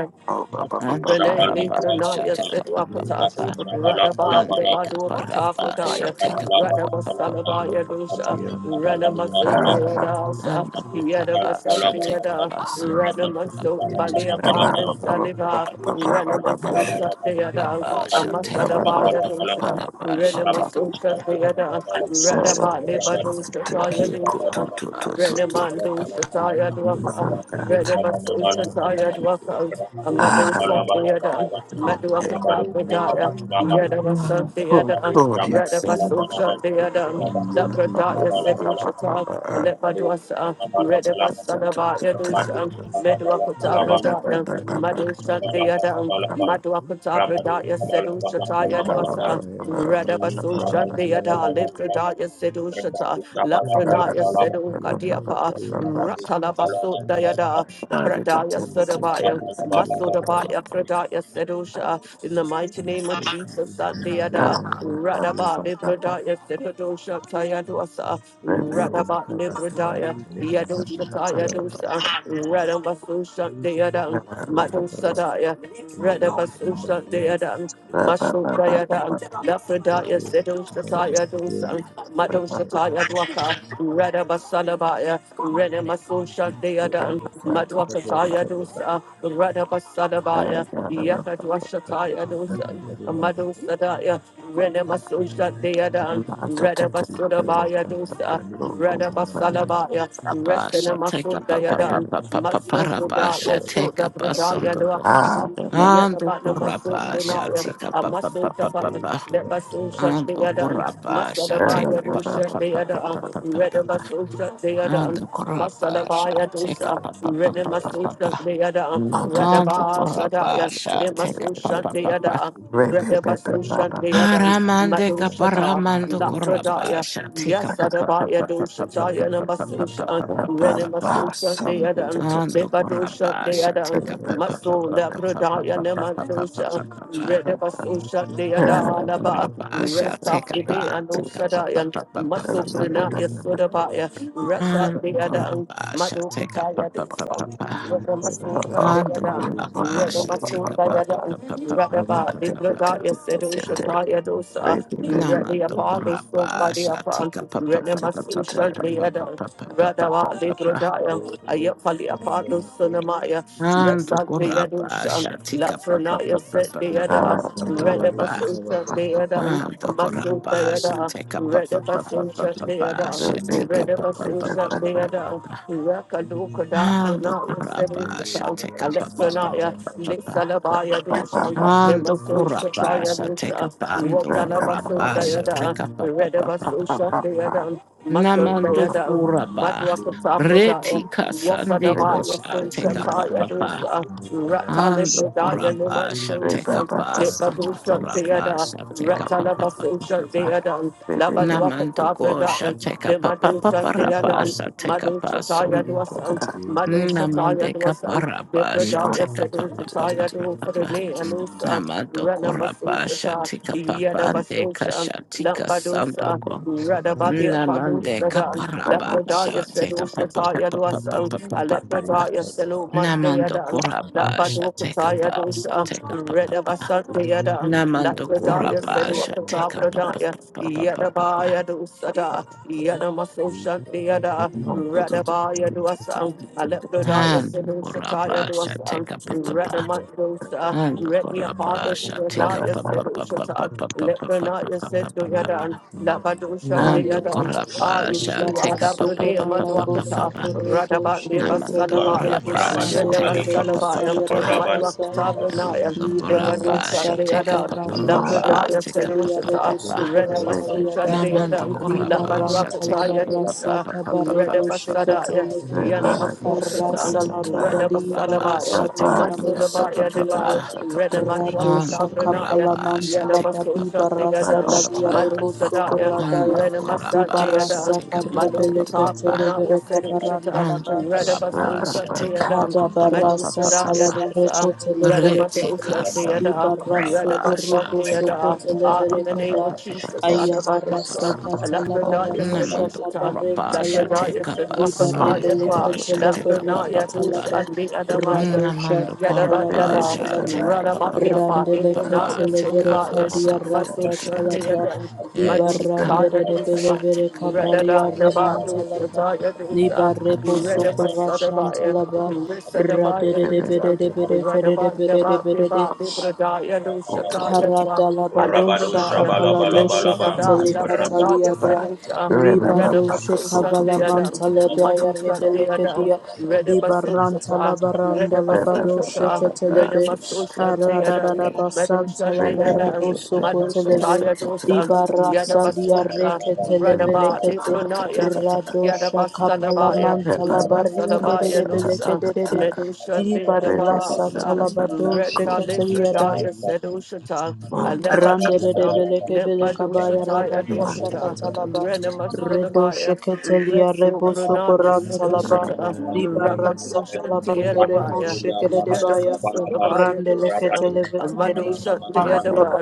S4: and the
S1: Rene
S3: Devi
S4: Kurapa shall
S1: Nitranaya
S4: take
S3: Kavakaya
S4: up
S1: Sidwakata,
S4: Papa
S3: Alexander
S1: Radaba
S4: Ande
S1: Devaduakata
S4: kaparapa
S1: Frataya,
S4: shate
S1: Radaba Salabaya Dusha,
S4: kapapapapapapapapapa.
S3: Yanda the
S1: Renamasu
S3: Moshkataya
S1: Dayadasa,
S4: Ando kurapa
S1: Yedabasa
S4: shate
S1: Diada,
S4: kapasando
S3: Masuk
S1: Renamasu
S4: kurapa
S3: Alexander the
S4: shate
S1: Baliapa
S3: right of Abba
S1: Saliba, Renamasu
S4: kapamando
S1: Shadiada,
S4: kurapa
S3: Masuk
S4: shate
S3: Alexander
S1: Amasadabaya
S3: the right
S1: Dusha,
S3: of
S4: kapapapapaparapa
S3: Abba
S4: shate
S1: Renamasu Shadiada,
S4: kapapapapaparapa
S8: Jesus.
S1: Radaba
S3: Masuk
S1: Devadusha
S3: Alexander the
S1: Taya
S3: right of Abba
S1: Dusha,
S4: shate
S1: Renamandu
S4: kapapapa
S1: Shataya Dwaka,
S3: Masuk Alexander
S1: Renabasu
S3: the
S1: Shataya
S3: right
S1: Dwaka, Amado Santiada,
S3: Le
S1: Madua
S3: mama le
S1: Satabradaya,
S8: Ilikuwa
S3: mama
S8: inafaa
S3: le
S1: Yadava
S8: sote
S3: mama
S8: kutoka
S1: Santiada,
S8: mtaani
S1: Radava
S8: kutafuta
S1: Sosa Deada,
S8: hiyo mtaani
S1: Labradaya
S8: tuliokuwa kutoka
S1: Sedushata,
S8: kama kabisa
S1: Alepaduasa, Redava Sanavaya
S8: hapo
S1: Dusa,
S8: chanja
S1: Medua
S8: hapo chanja
S1: Patabradaya,
S8: ili
S1: Madu
S8: kabisa ni kile
S1: Santiada,
S8: kile
S1: Madua Dwakata
S8: na
S1: Pradaya
S8: vile
S1: Sedu
S8: kutoka nje
S1: Shataya
S2: Ah,
S1: Dwasa
S8: mimi
S1: Radabasu
S8: nilipeleka
S1: Shandiata
S8: katika
S1: Lipradaya Sedu
S8: kutumia
S1: Shata
S8: ikaa
S1: Lafranaya
S8: katika
S1: Sedu
S8: katika
S1: Kadiapa
S8: kamani
S1: Ratalabasu
S8: ikaa ndana
S1: Dayada
S8: hapa
S1: Pradaya Sadabaya
S8: hapa
S1: Masudabaya Pradaya Sedusha in
S8: nilipeleka
S1: the mighty
S8: sana
S1: name of Jesus
S8: kwa
S1: Sandiada
S8: hiyo
S1: Radaba Libradaya Sedusha Tayadwasa
S8: ndio
S1: Radaba Libradaya
S8: Katina
S3: *laughs*
S1: Yadusha
S8: papachata
S1: Tayadusa
S8: rakapata
S1: Radabasu
S8: inga
S1: Shandiada Madu Sadaya
S8: rakaganda
S1: Radabasusha
S3: Thank you.
S1: Deadan,
S8: rakakutsanda
S1: Mashul Dayadan,
S8: inga
S1: Lafredaya
S3: Thank
S1: Sedus Tataya
S8: rakakutsanda
S1: Dusan, Madon
S8: inga
S1: Shataya Dwaka,
S8: yakena kunokatsanda
S1: Radabasalabaya,
S8: iya kwenda
S1: Renemasusha
S8: kate
S1: Deadan,
S8: kutsanda
S1: Madwakataya Dusa,
S8: kakuya rakutana
S1: Radabasalabaya,
S8: kukurinda
S1: Yakadwashataya Dusan.
S8: ikekekekeke
S1: Amado
S8: inga
S1: Sadaya,
S8: yapara
S1: Renemasosha
S8: yakena
S1: Deadan,
S8: kunokatsanda inga kutsanda
S1: Redabasodabaya Dosa,
S8: inga
S1: Redabasalabaya,
S4: shate
S1: Resenamaso
S8: yakena
S1: Dayadan, Maso
S8: kunokatsanda
S4: kapapapapapaparapa
S1: Buddha,
S4: shate
S1: Yaso the Buddhaya
S4: kapasando kurapa.
S1: Lakata,
S4: Ando
S8: Thank
S1: Yetabanamasot
S4: kurapa
S8: you.
S1: Runaya,
S4: shate
S1: Amaso Daba,
S4: kapapapapapa.
S1: Nebasosha
S4: Ando
S1: Deadan,
S4: corapa, shate, pa
S1: Masadabaya
S4: pa pa
S1: Dosa
S4: pa pa pa
S1: Deadan,
S4: pa pa pa pa pa.
S1: Redabasosha Deadan,
S4: Ando corapa,
S1: Masalabaya
S4: shate, pa
S1: Dosa,
S4: pa pa pa pa pa pa
S1: Renemasosha
S4: pa.
S1: Deadan,
S4: Ando
S1: Redaba
S4: corapa,
S1: Sadaya. They
S4: shate,
S1: must
S4: pa
S1: Nemaso
S4: pa pa pa.
S1: Shandayada, Redabaso Shandayada,
S4: Aramande
S1: Mado Shata,
S4: caparamando corapa,
S1: Lafradaya,
S4: shate, pa pa pa pa
S1: Yasadabaya
S4: pa pa pa pa
S1: Doshataya
S4: pa pa pa pa
S1: Namasosha,
S4: pa pa pa pa pa pa.
S1: Renemaso Shandayada,
S4: Ando
S1: Nebado
S4: corapa, shate,
S1: Shandayada,
S4: pa pa pa pa pa
S1: Maso
S4: pa pa pa pa pa
S1: Labradaya
S4: pa pa pa pa
S1: Nemasosha,
S4: pa pa.
S1: Redabaso Shandayada
S4: Ando
S1: Alaba,
S4: corapa, shate, pa,
S1: Restafridaya
S4: take pa pa
S1: Noshadaya,
S4: pa pa pa pa
S1: Maso
S4: pa pa pa.
S1: Brinaya Sodabaya,
S3: you.
S4: And
S1: Rasa
S4: Goraba shall take up pa
S1: Madokataya
S4: pa pa
S1: Desa,
S4: pa pa.
S1: Radamasosa
S4: And the
S1: Dayadan,
S4: Goraba shall take up
S1: Radamasosa
S4: pa pa
S1: Yadan,
S4: pa pa pa pa pa
S1: Radaba,
S4: pa pa pa pa.
S1: Libradaya Sedo Shataya Dosa,
S4: Nama the
S8: Thank
S1: Radiapalo
S4: Goraba shall
S1: Sobadiapa,
S4: take up pa pa pa pa pa pa
S1: Renamasosa
S4: pa pa pa
S1: Dayadan,
S4: pa pa pa pa pa
S1: Radava
S4: pa pa.
S1: Libradaya, Ayapali Apalo Sunamaya,
S4: And the
S1: Rasa
S4: Goraba
S1: Dayadosha,
S4: shall take up pa pa
S1: Lafranaya
S4: pa pa
S1: Set
S4: pa pa pa pa
S1: Deyada,
S2: Some
S4: pa pa pa pa.
S1: Redabasu Shantayadan,
S4: And the
S1: Masu
S4: Goraba shall
S1: Dayada,
S4: take
S1: Radabasosa Dayadan, Masosa Yada,
S4: up pa pa pa pa pa
S1: Radabasosa
S4: pa pa.
S1: Dayadan,
S4: Shall take up
S1: Reptile
S4: pa
S1: of
S4: pa pa pa pa pa pa pa. And the Goraba shall take up pa pa pa pa pa pa pa.
S3: Masuk
S4: Ando kurabasa teka pando kurabasa teka pa pa pa pa pa.
S8: you.
S4: Namando kuraba. Reti
S8: Thank
S4: kasande
S8: you.
S4: kosa teka pa pa pa. Ando kurabasa teka pasa ando kurabasa teka pa pa
S1: a
S4: pa pa
S1: social
S4: pa pa.
S1: day, Labadwaka
S4: Namando kosha
S1: Tabra
S4: teka
S1: De
S4: pa pa pa
S1: Madusa
S4: pa
S1: Deadan,
S2: None.
S4: rabasa teka pa
S1: Madusa Taya
S4: sonko.
S1: Dwasan, Madusa Taya
S4: Namande
S1: Dwasan, De
S4: kaparabasa
S1: Pradaya
S4: teka pa pa
S1: Sedusa
S4: pa pa
S1: Taya
S4: pa pa.
S1: Dufrene Anusa,
S4: Namadoko
S1: Rana
S4: raba
S1: Masusa,
S4: shatika
S1: Yada
S4: papande
S1: Basusha,
S4: kashatika
S1: Lampadusa,
S4: sandoko.
S1: Radabadi
S4: Namande
S1: Padusa Dan,
S4: kaparaba
S1: Lepradaya
S4: shatika
S1: Sedusa
S4: papa
S1: Taya
S4: papa papa
S1: Dwasan,
S4: papa papa.
S1: Alepradaya Selu
S4: Namando
S1: Mandayadan,
S4: koraba
S1: Lapaduka
S4: shatika
S1: Taya
S4: pa
S1: Dusha,
S4: shatika papa papa.
S1: Redabasan Deadan,
S4: Namando
S1: Lepradaya
S4: koraba
S1: Seduka
S4: shatika papa
S1: Pradaya,
S4: papa papa
S1: Yada
S4: papa.
S1: Baya Dusa Yanamaso Shantiada, Radabaya Duasan, Aleprodaya
S4: Ando
S1: Sinu Shataya
S4: koraba
S1: Duasan,
S4: shatika papa papa.
S8: Jesus.
S1: Radamandosa,
S4: Ando
S1: Redia
S4: koraba
S1: Pada
S4: shatika
S1: Radaya
S4: papa
S1: Sinu
S4: papa papa
S1: Shatan,
S4: papa
S1: Lepranaya
S4: papa
S1: Sedu
S4: papa papa.
S1: Yadan, Labadusha
S4: Nando
S9: Liara
S1: Deadan, Ah,
S4: korapa
S3: Thank
S4: sha
S1: Yeshua,
S9: libara
S4: take a pa pa
S1: Hadabrade,
S4: pa pa
S9: socorrara
S4: pa pa pa
S9: boso
S1: Manduakata,
S4: pa.
S9: corredo
S1: Radabande
S2: Monday,
S9: shekete
S4: Namando
S9: liara
S1: Basalabaya,
S4: korapa sha
S9: bosandere
S4: take a pa pa pa
S1: Redabasalabaya,
S4: pa
S9: rebosayara
S4: pa.
S9: rabasaya
S1: Matuakata, Renaya,
S4: Namando
S9: libara
S4: korapa
S1: Debaduka,
S4: sha take a
S1: Deadan,
S4: pa pa
S9: sakabarando
S4: pa pa
S1: Labradaya,
S9: shekete
S4: take a pa pa
S9: liara
S4: pa
S1: Sedushata,
S4: pa.
S9: boso corrata
S1: Renamasusha,
S9: liara
S4: Namando
S1: Deadan,
S4: korapa sha
S9: libaranta
S1: Labaduakata,
S4: take a pa
S9: labara
S4: pa pa
S1: Yadusha,
S4: pa pa pa pa
S9: sakabaredo
S4: pa pa pa pa.
S9: shekete
S1: Redabasadaya,
S9: lebe arasa
S1: Yanamasushata,
S9: labada
S4: Rapa
S9: libara
S1: Redabasalabaya,
S4: sha take a
S9: sabrara
S4: pa pa pa pa
S1: Masulabaya
S9: shekete
S4: pa pa.
S9: lebe
S1: Deba,
S9: Rado
S4: Ando
S9: shaka
S1: Renamadwakadabranaya,
S4: korapa
S9: palamanta
S4: sha take a pa
S9: labari
S4: pa
S1: Yadabasosha
S4: pa pa
S9: barasa
S4: pa
S1: Deadan,
S4: pa
S8: Shut
S9: dalia
S4: pa.
S1: Madu
S9: reboso
S1: Sadaya,
S9: corradaya
S4: Ando
S9: Di
S1: Renamasa
S4: korapa sha
S9: barasa
S1: Deadan,
S4: take a pa pa
S9: karebele
S4: pa pa
S1: Malokata
S4: pa.
S9: ketelebele
S1: Pranaya
S9: kaparanda
S1: Sedushata,
S4: And
S9: laba
S4: Rabba
S1: Redabasosha
S3: you.
S4: Shateka
S1: Deadan,
S9: kada
S4: Papa Papa
S9: barasa
S1: Medusa
S4: Papa
S1: da
S4: Papa
S9: talabare
S1: Yadusa,
S9: kotelebele kebele
S1: Radabasosa
S4: Retika
S9: di
S4: Sand
S1: Deada,
S9: baraso
S4: Rabba
S1: Radabasa
S9: korobo
S4: Shateka
S8: up.
S9: soko
S1: Deada,
S4: Papa
S1: Ah,
S8: Thank
S9: telebele
S4: Papa
S1: in the
S4: Papa
S1: name
S9: kada
S8: you.
S1: of
S4: Papa
S1: Jesus,
S9: kaya
S4: Papa
S9: barasa
S1: Adabadosa,
S9: katalabara
S1: Lapradaya
S3: Thank
S9: dosha
S4: Namad
S1: Sedosatan,
S9: kabaren
S4: Rabba
S9: talaba
S1: Lapradaya
S4: Shateka
S9: di
S4: Pasand
S1: Sedwakataya
S9: barebele
S1: Dwa,
S4: Gosha Teka
S9: ketelebele
S4: Papa
S1: Lapranaya Dusha
S4: Papa
S9: katalaba
S1: and the Adamaya.
S9: radosha
S4: Namand
S1: Yada da da
S9: kabalaman
S4: Korabba
S1: da,
S9: talaba
S4: Shateka Papa
S1: Radabaya
S4: Papa
S1: Fadi,
S9: Randele
S4: Papa
S1: Brunaya
S9: ketele vere
S4: Teka
S2: Remember,
S1: Sudabaya,
S9: kadia
S4: Pasand
S9: rasta
S1: Masusha
S4: Goshete
S9: talaba.
S1: Deada,
S9: Diba
S1: Madusa
S4: Etika
S9: randele
S1: Taya
S9: de bele
S1: Dusa,
S4: Gosha
S9: vere
S4: Teka Papa Papa
S9: kadalia
S1: Radada
S9: reman
S1: Dabadusha
S9: talaba.
S1: Taya
S9: Niba
S4: Papa
S1: Dusa,
S4: Papa
S9: rebo soko rashan
S1: Radabasa
S9: talaba.
S1: Sadaba
S9: Radede de bede
S1: Everton,
S9: de bede fede de
S1: Radaba
S9: bede de
S1: Daba
S9: bede de.
S1: Deva, Libradaya, Lushataya,
S7: Rabado
S9: Haradalabadosha
S1: Alepradaya, Metal
S9: kapaladosha
S1: Sada,
S9: ketele
S7: Shabalabalaba,
S1: Labradaya,
S9: kataliada
S1: Sedita,
S9: ribadosha
S1: Renamaso
S9: kavala
S1: Shatiadam,
S9: mantaledaya
S1: Madu Shatiadam,
S9: rebelekedia
S1: Redabaso
S9: dibaranta
S1: Shata,
S9: labaranda
S1: Redabaso
S9: labadosha
S1: Shata,
S9: keteleve
S1: Renamaso Shatiadam, Metal
S9: haradadadabasanta labaraboso
S1: Shatiadam, Madu
S9: koteleve
S1: Shataya Dosa,
S9: dibarasalia
S1: Yadabaso, Radaba,
S9: reketelevelekete
S1: Libranaya,
S9: radosha
S1: Yadabasa
S9: kapalamanta
S1: Rasalabayalusa,
S9: labarimberebelekedede
S1: Medusha de
S9: dibarasa
S1: Adabasa,
S9: talabadosha
S1: Retta
S9: keteliada
S1: Lefredaya Sedushata, Alepadusa,
S9: Randerebelekebelekabaya
S1: Lepadushata
S9: rabado
S1: Adwakata,
S9: shakatalaba
S1: Renamas
S9: redo
S1: Adabaya,
S9: sheketelia
S1: Reso
S9: rebo
S1: Brunaya
S9: sokorantalaba
S2: Uh,
S1: Sedushata,
S9: dibarasa talaba rebo
S1: Rakatusha
S9: shekedebaya
S1: Labradaya
S8: Thank
S9: randeleketelevelekedi talaba.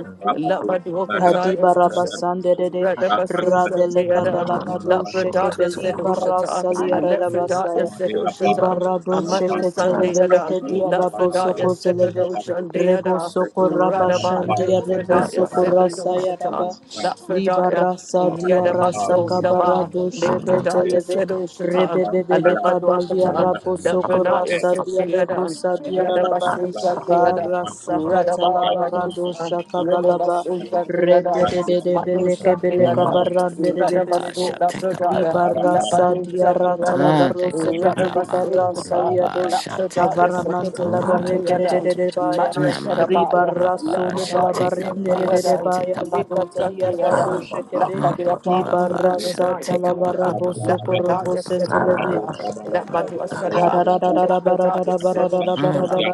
S9: Adibaraba Sandede Radeleka Dalabado Sheke
S1: said
S9: Beliba
S1: Ushata,
S9: Rasalia
S1: Alephradaya
S9: Radabasaya
S1: said Ushata,
S9: Dibarado
S1: Amadu
S9: Sheke
S1: Sandayada,
S9: Televeleke Diadabo
S1: Lapradaya
S9: Soko
S1: said
S9: Televe Rebo
S1: Ushandayada,
S9: Soko
S1: Radaba,
S9: Rabashandia Rebo
S1: Lepradaya
S9: Soko
S1: said
S9: Rasaya
S1: Ushata,
S9: Raba Diba
S1: Lafredaya,
S9: rasa Dibarasa Diarasa
S1: Yadabaso Daba,
S9: Kabarado Sheke
S1: Litradaya
S9: Televe
S1: Sedoshata,
S9: Rebebebele Kadalia
S1: Alemaduakata,
S9: Rabo Soko
S1: Lafrenaya
S9: Rasa Dia Rebo
S1: Sityadan,
S9: Sadia raba.
S1: Yadabasuza Theodan.
S9: Arasakatala
S1: Radabaya
S9: barado
S1: dosa,
S9: shakabalaba
S1: Radabasuza theodan, Madosha
S9: redededebeleke beleka
S1: theodan,
S4: Shete Papa
S1: Radabasu
S9: barandedebelebe
S4: shall
S1: la
S4: take up
S1: pradaya,
S4: papa
S9: libarasa
S4: papa.
S1: Labadosha
S9: diara
S1: theodan,
S4: Ah,
S9: talabaro
S4: take up
S9: seketelika
S4: Ramando
S1: Radabasuza
S9: de de
S4: Corapa
S1: let
S4: shall
S1: the
S4: take up
S1: darkness set
S4: papa
S1: the doors
S9: avaramantala
S4: papa
S1: up for
S9: bareke
S1: your
S4: papa.
S1: down.
S9: dededebaya
S1: Mother said
S4: Namando
S1: about you. Let
S9: ribarasun
S4: Corapa
S1: the
S4: shall
S1: darkness
S4: take up
S1: set for your
S4: us, shall
S1: down.
S4: take
S9: talabarendedebaya
S4: up papa
S1: Mother shut
S9: rekatalia
S4: papa.
S1: the other
S9: rado
S1: down.
S9: shekebe
S1: Let the be
S4: Mando
S1: apart from
S4: Corapa
S1: the
S9: libarasa
S4: shall take up papa
S1: darkness.
S9: talabarabo
S4: papa
S1: Let
S4: papa
S1: the
S9: sokorobo
S4: papa
S1: darkness set it
S4: papa
S9: senteleve
S1: for
S4: papa
S1: Let my
S4: papa
S1: door
S9: Ribara
S1: shut
S4: papa.
S1: up. Let the darkness set it for
S4: Mando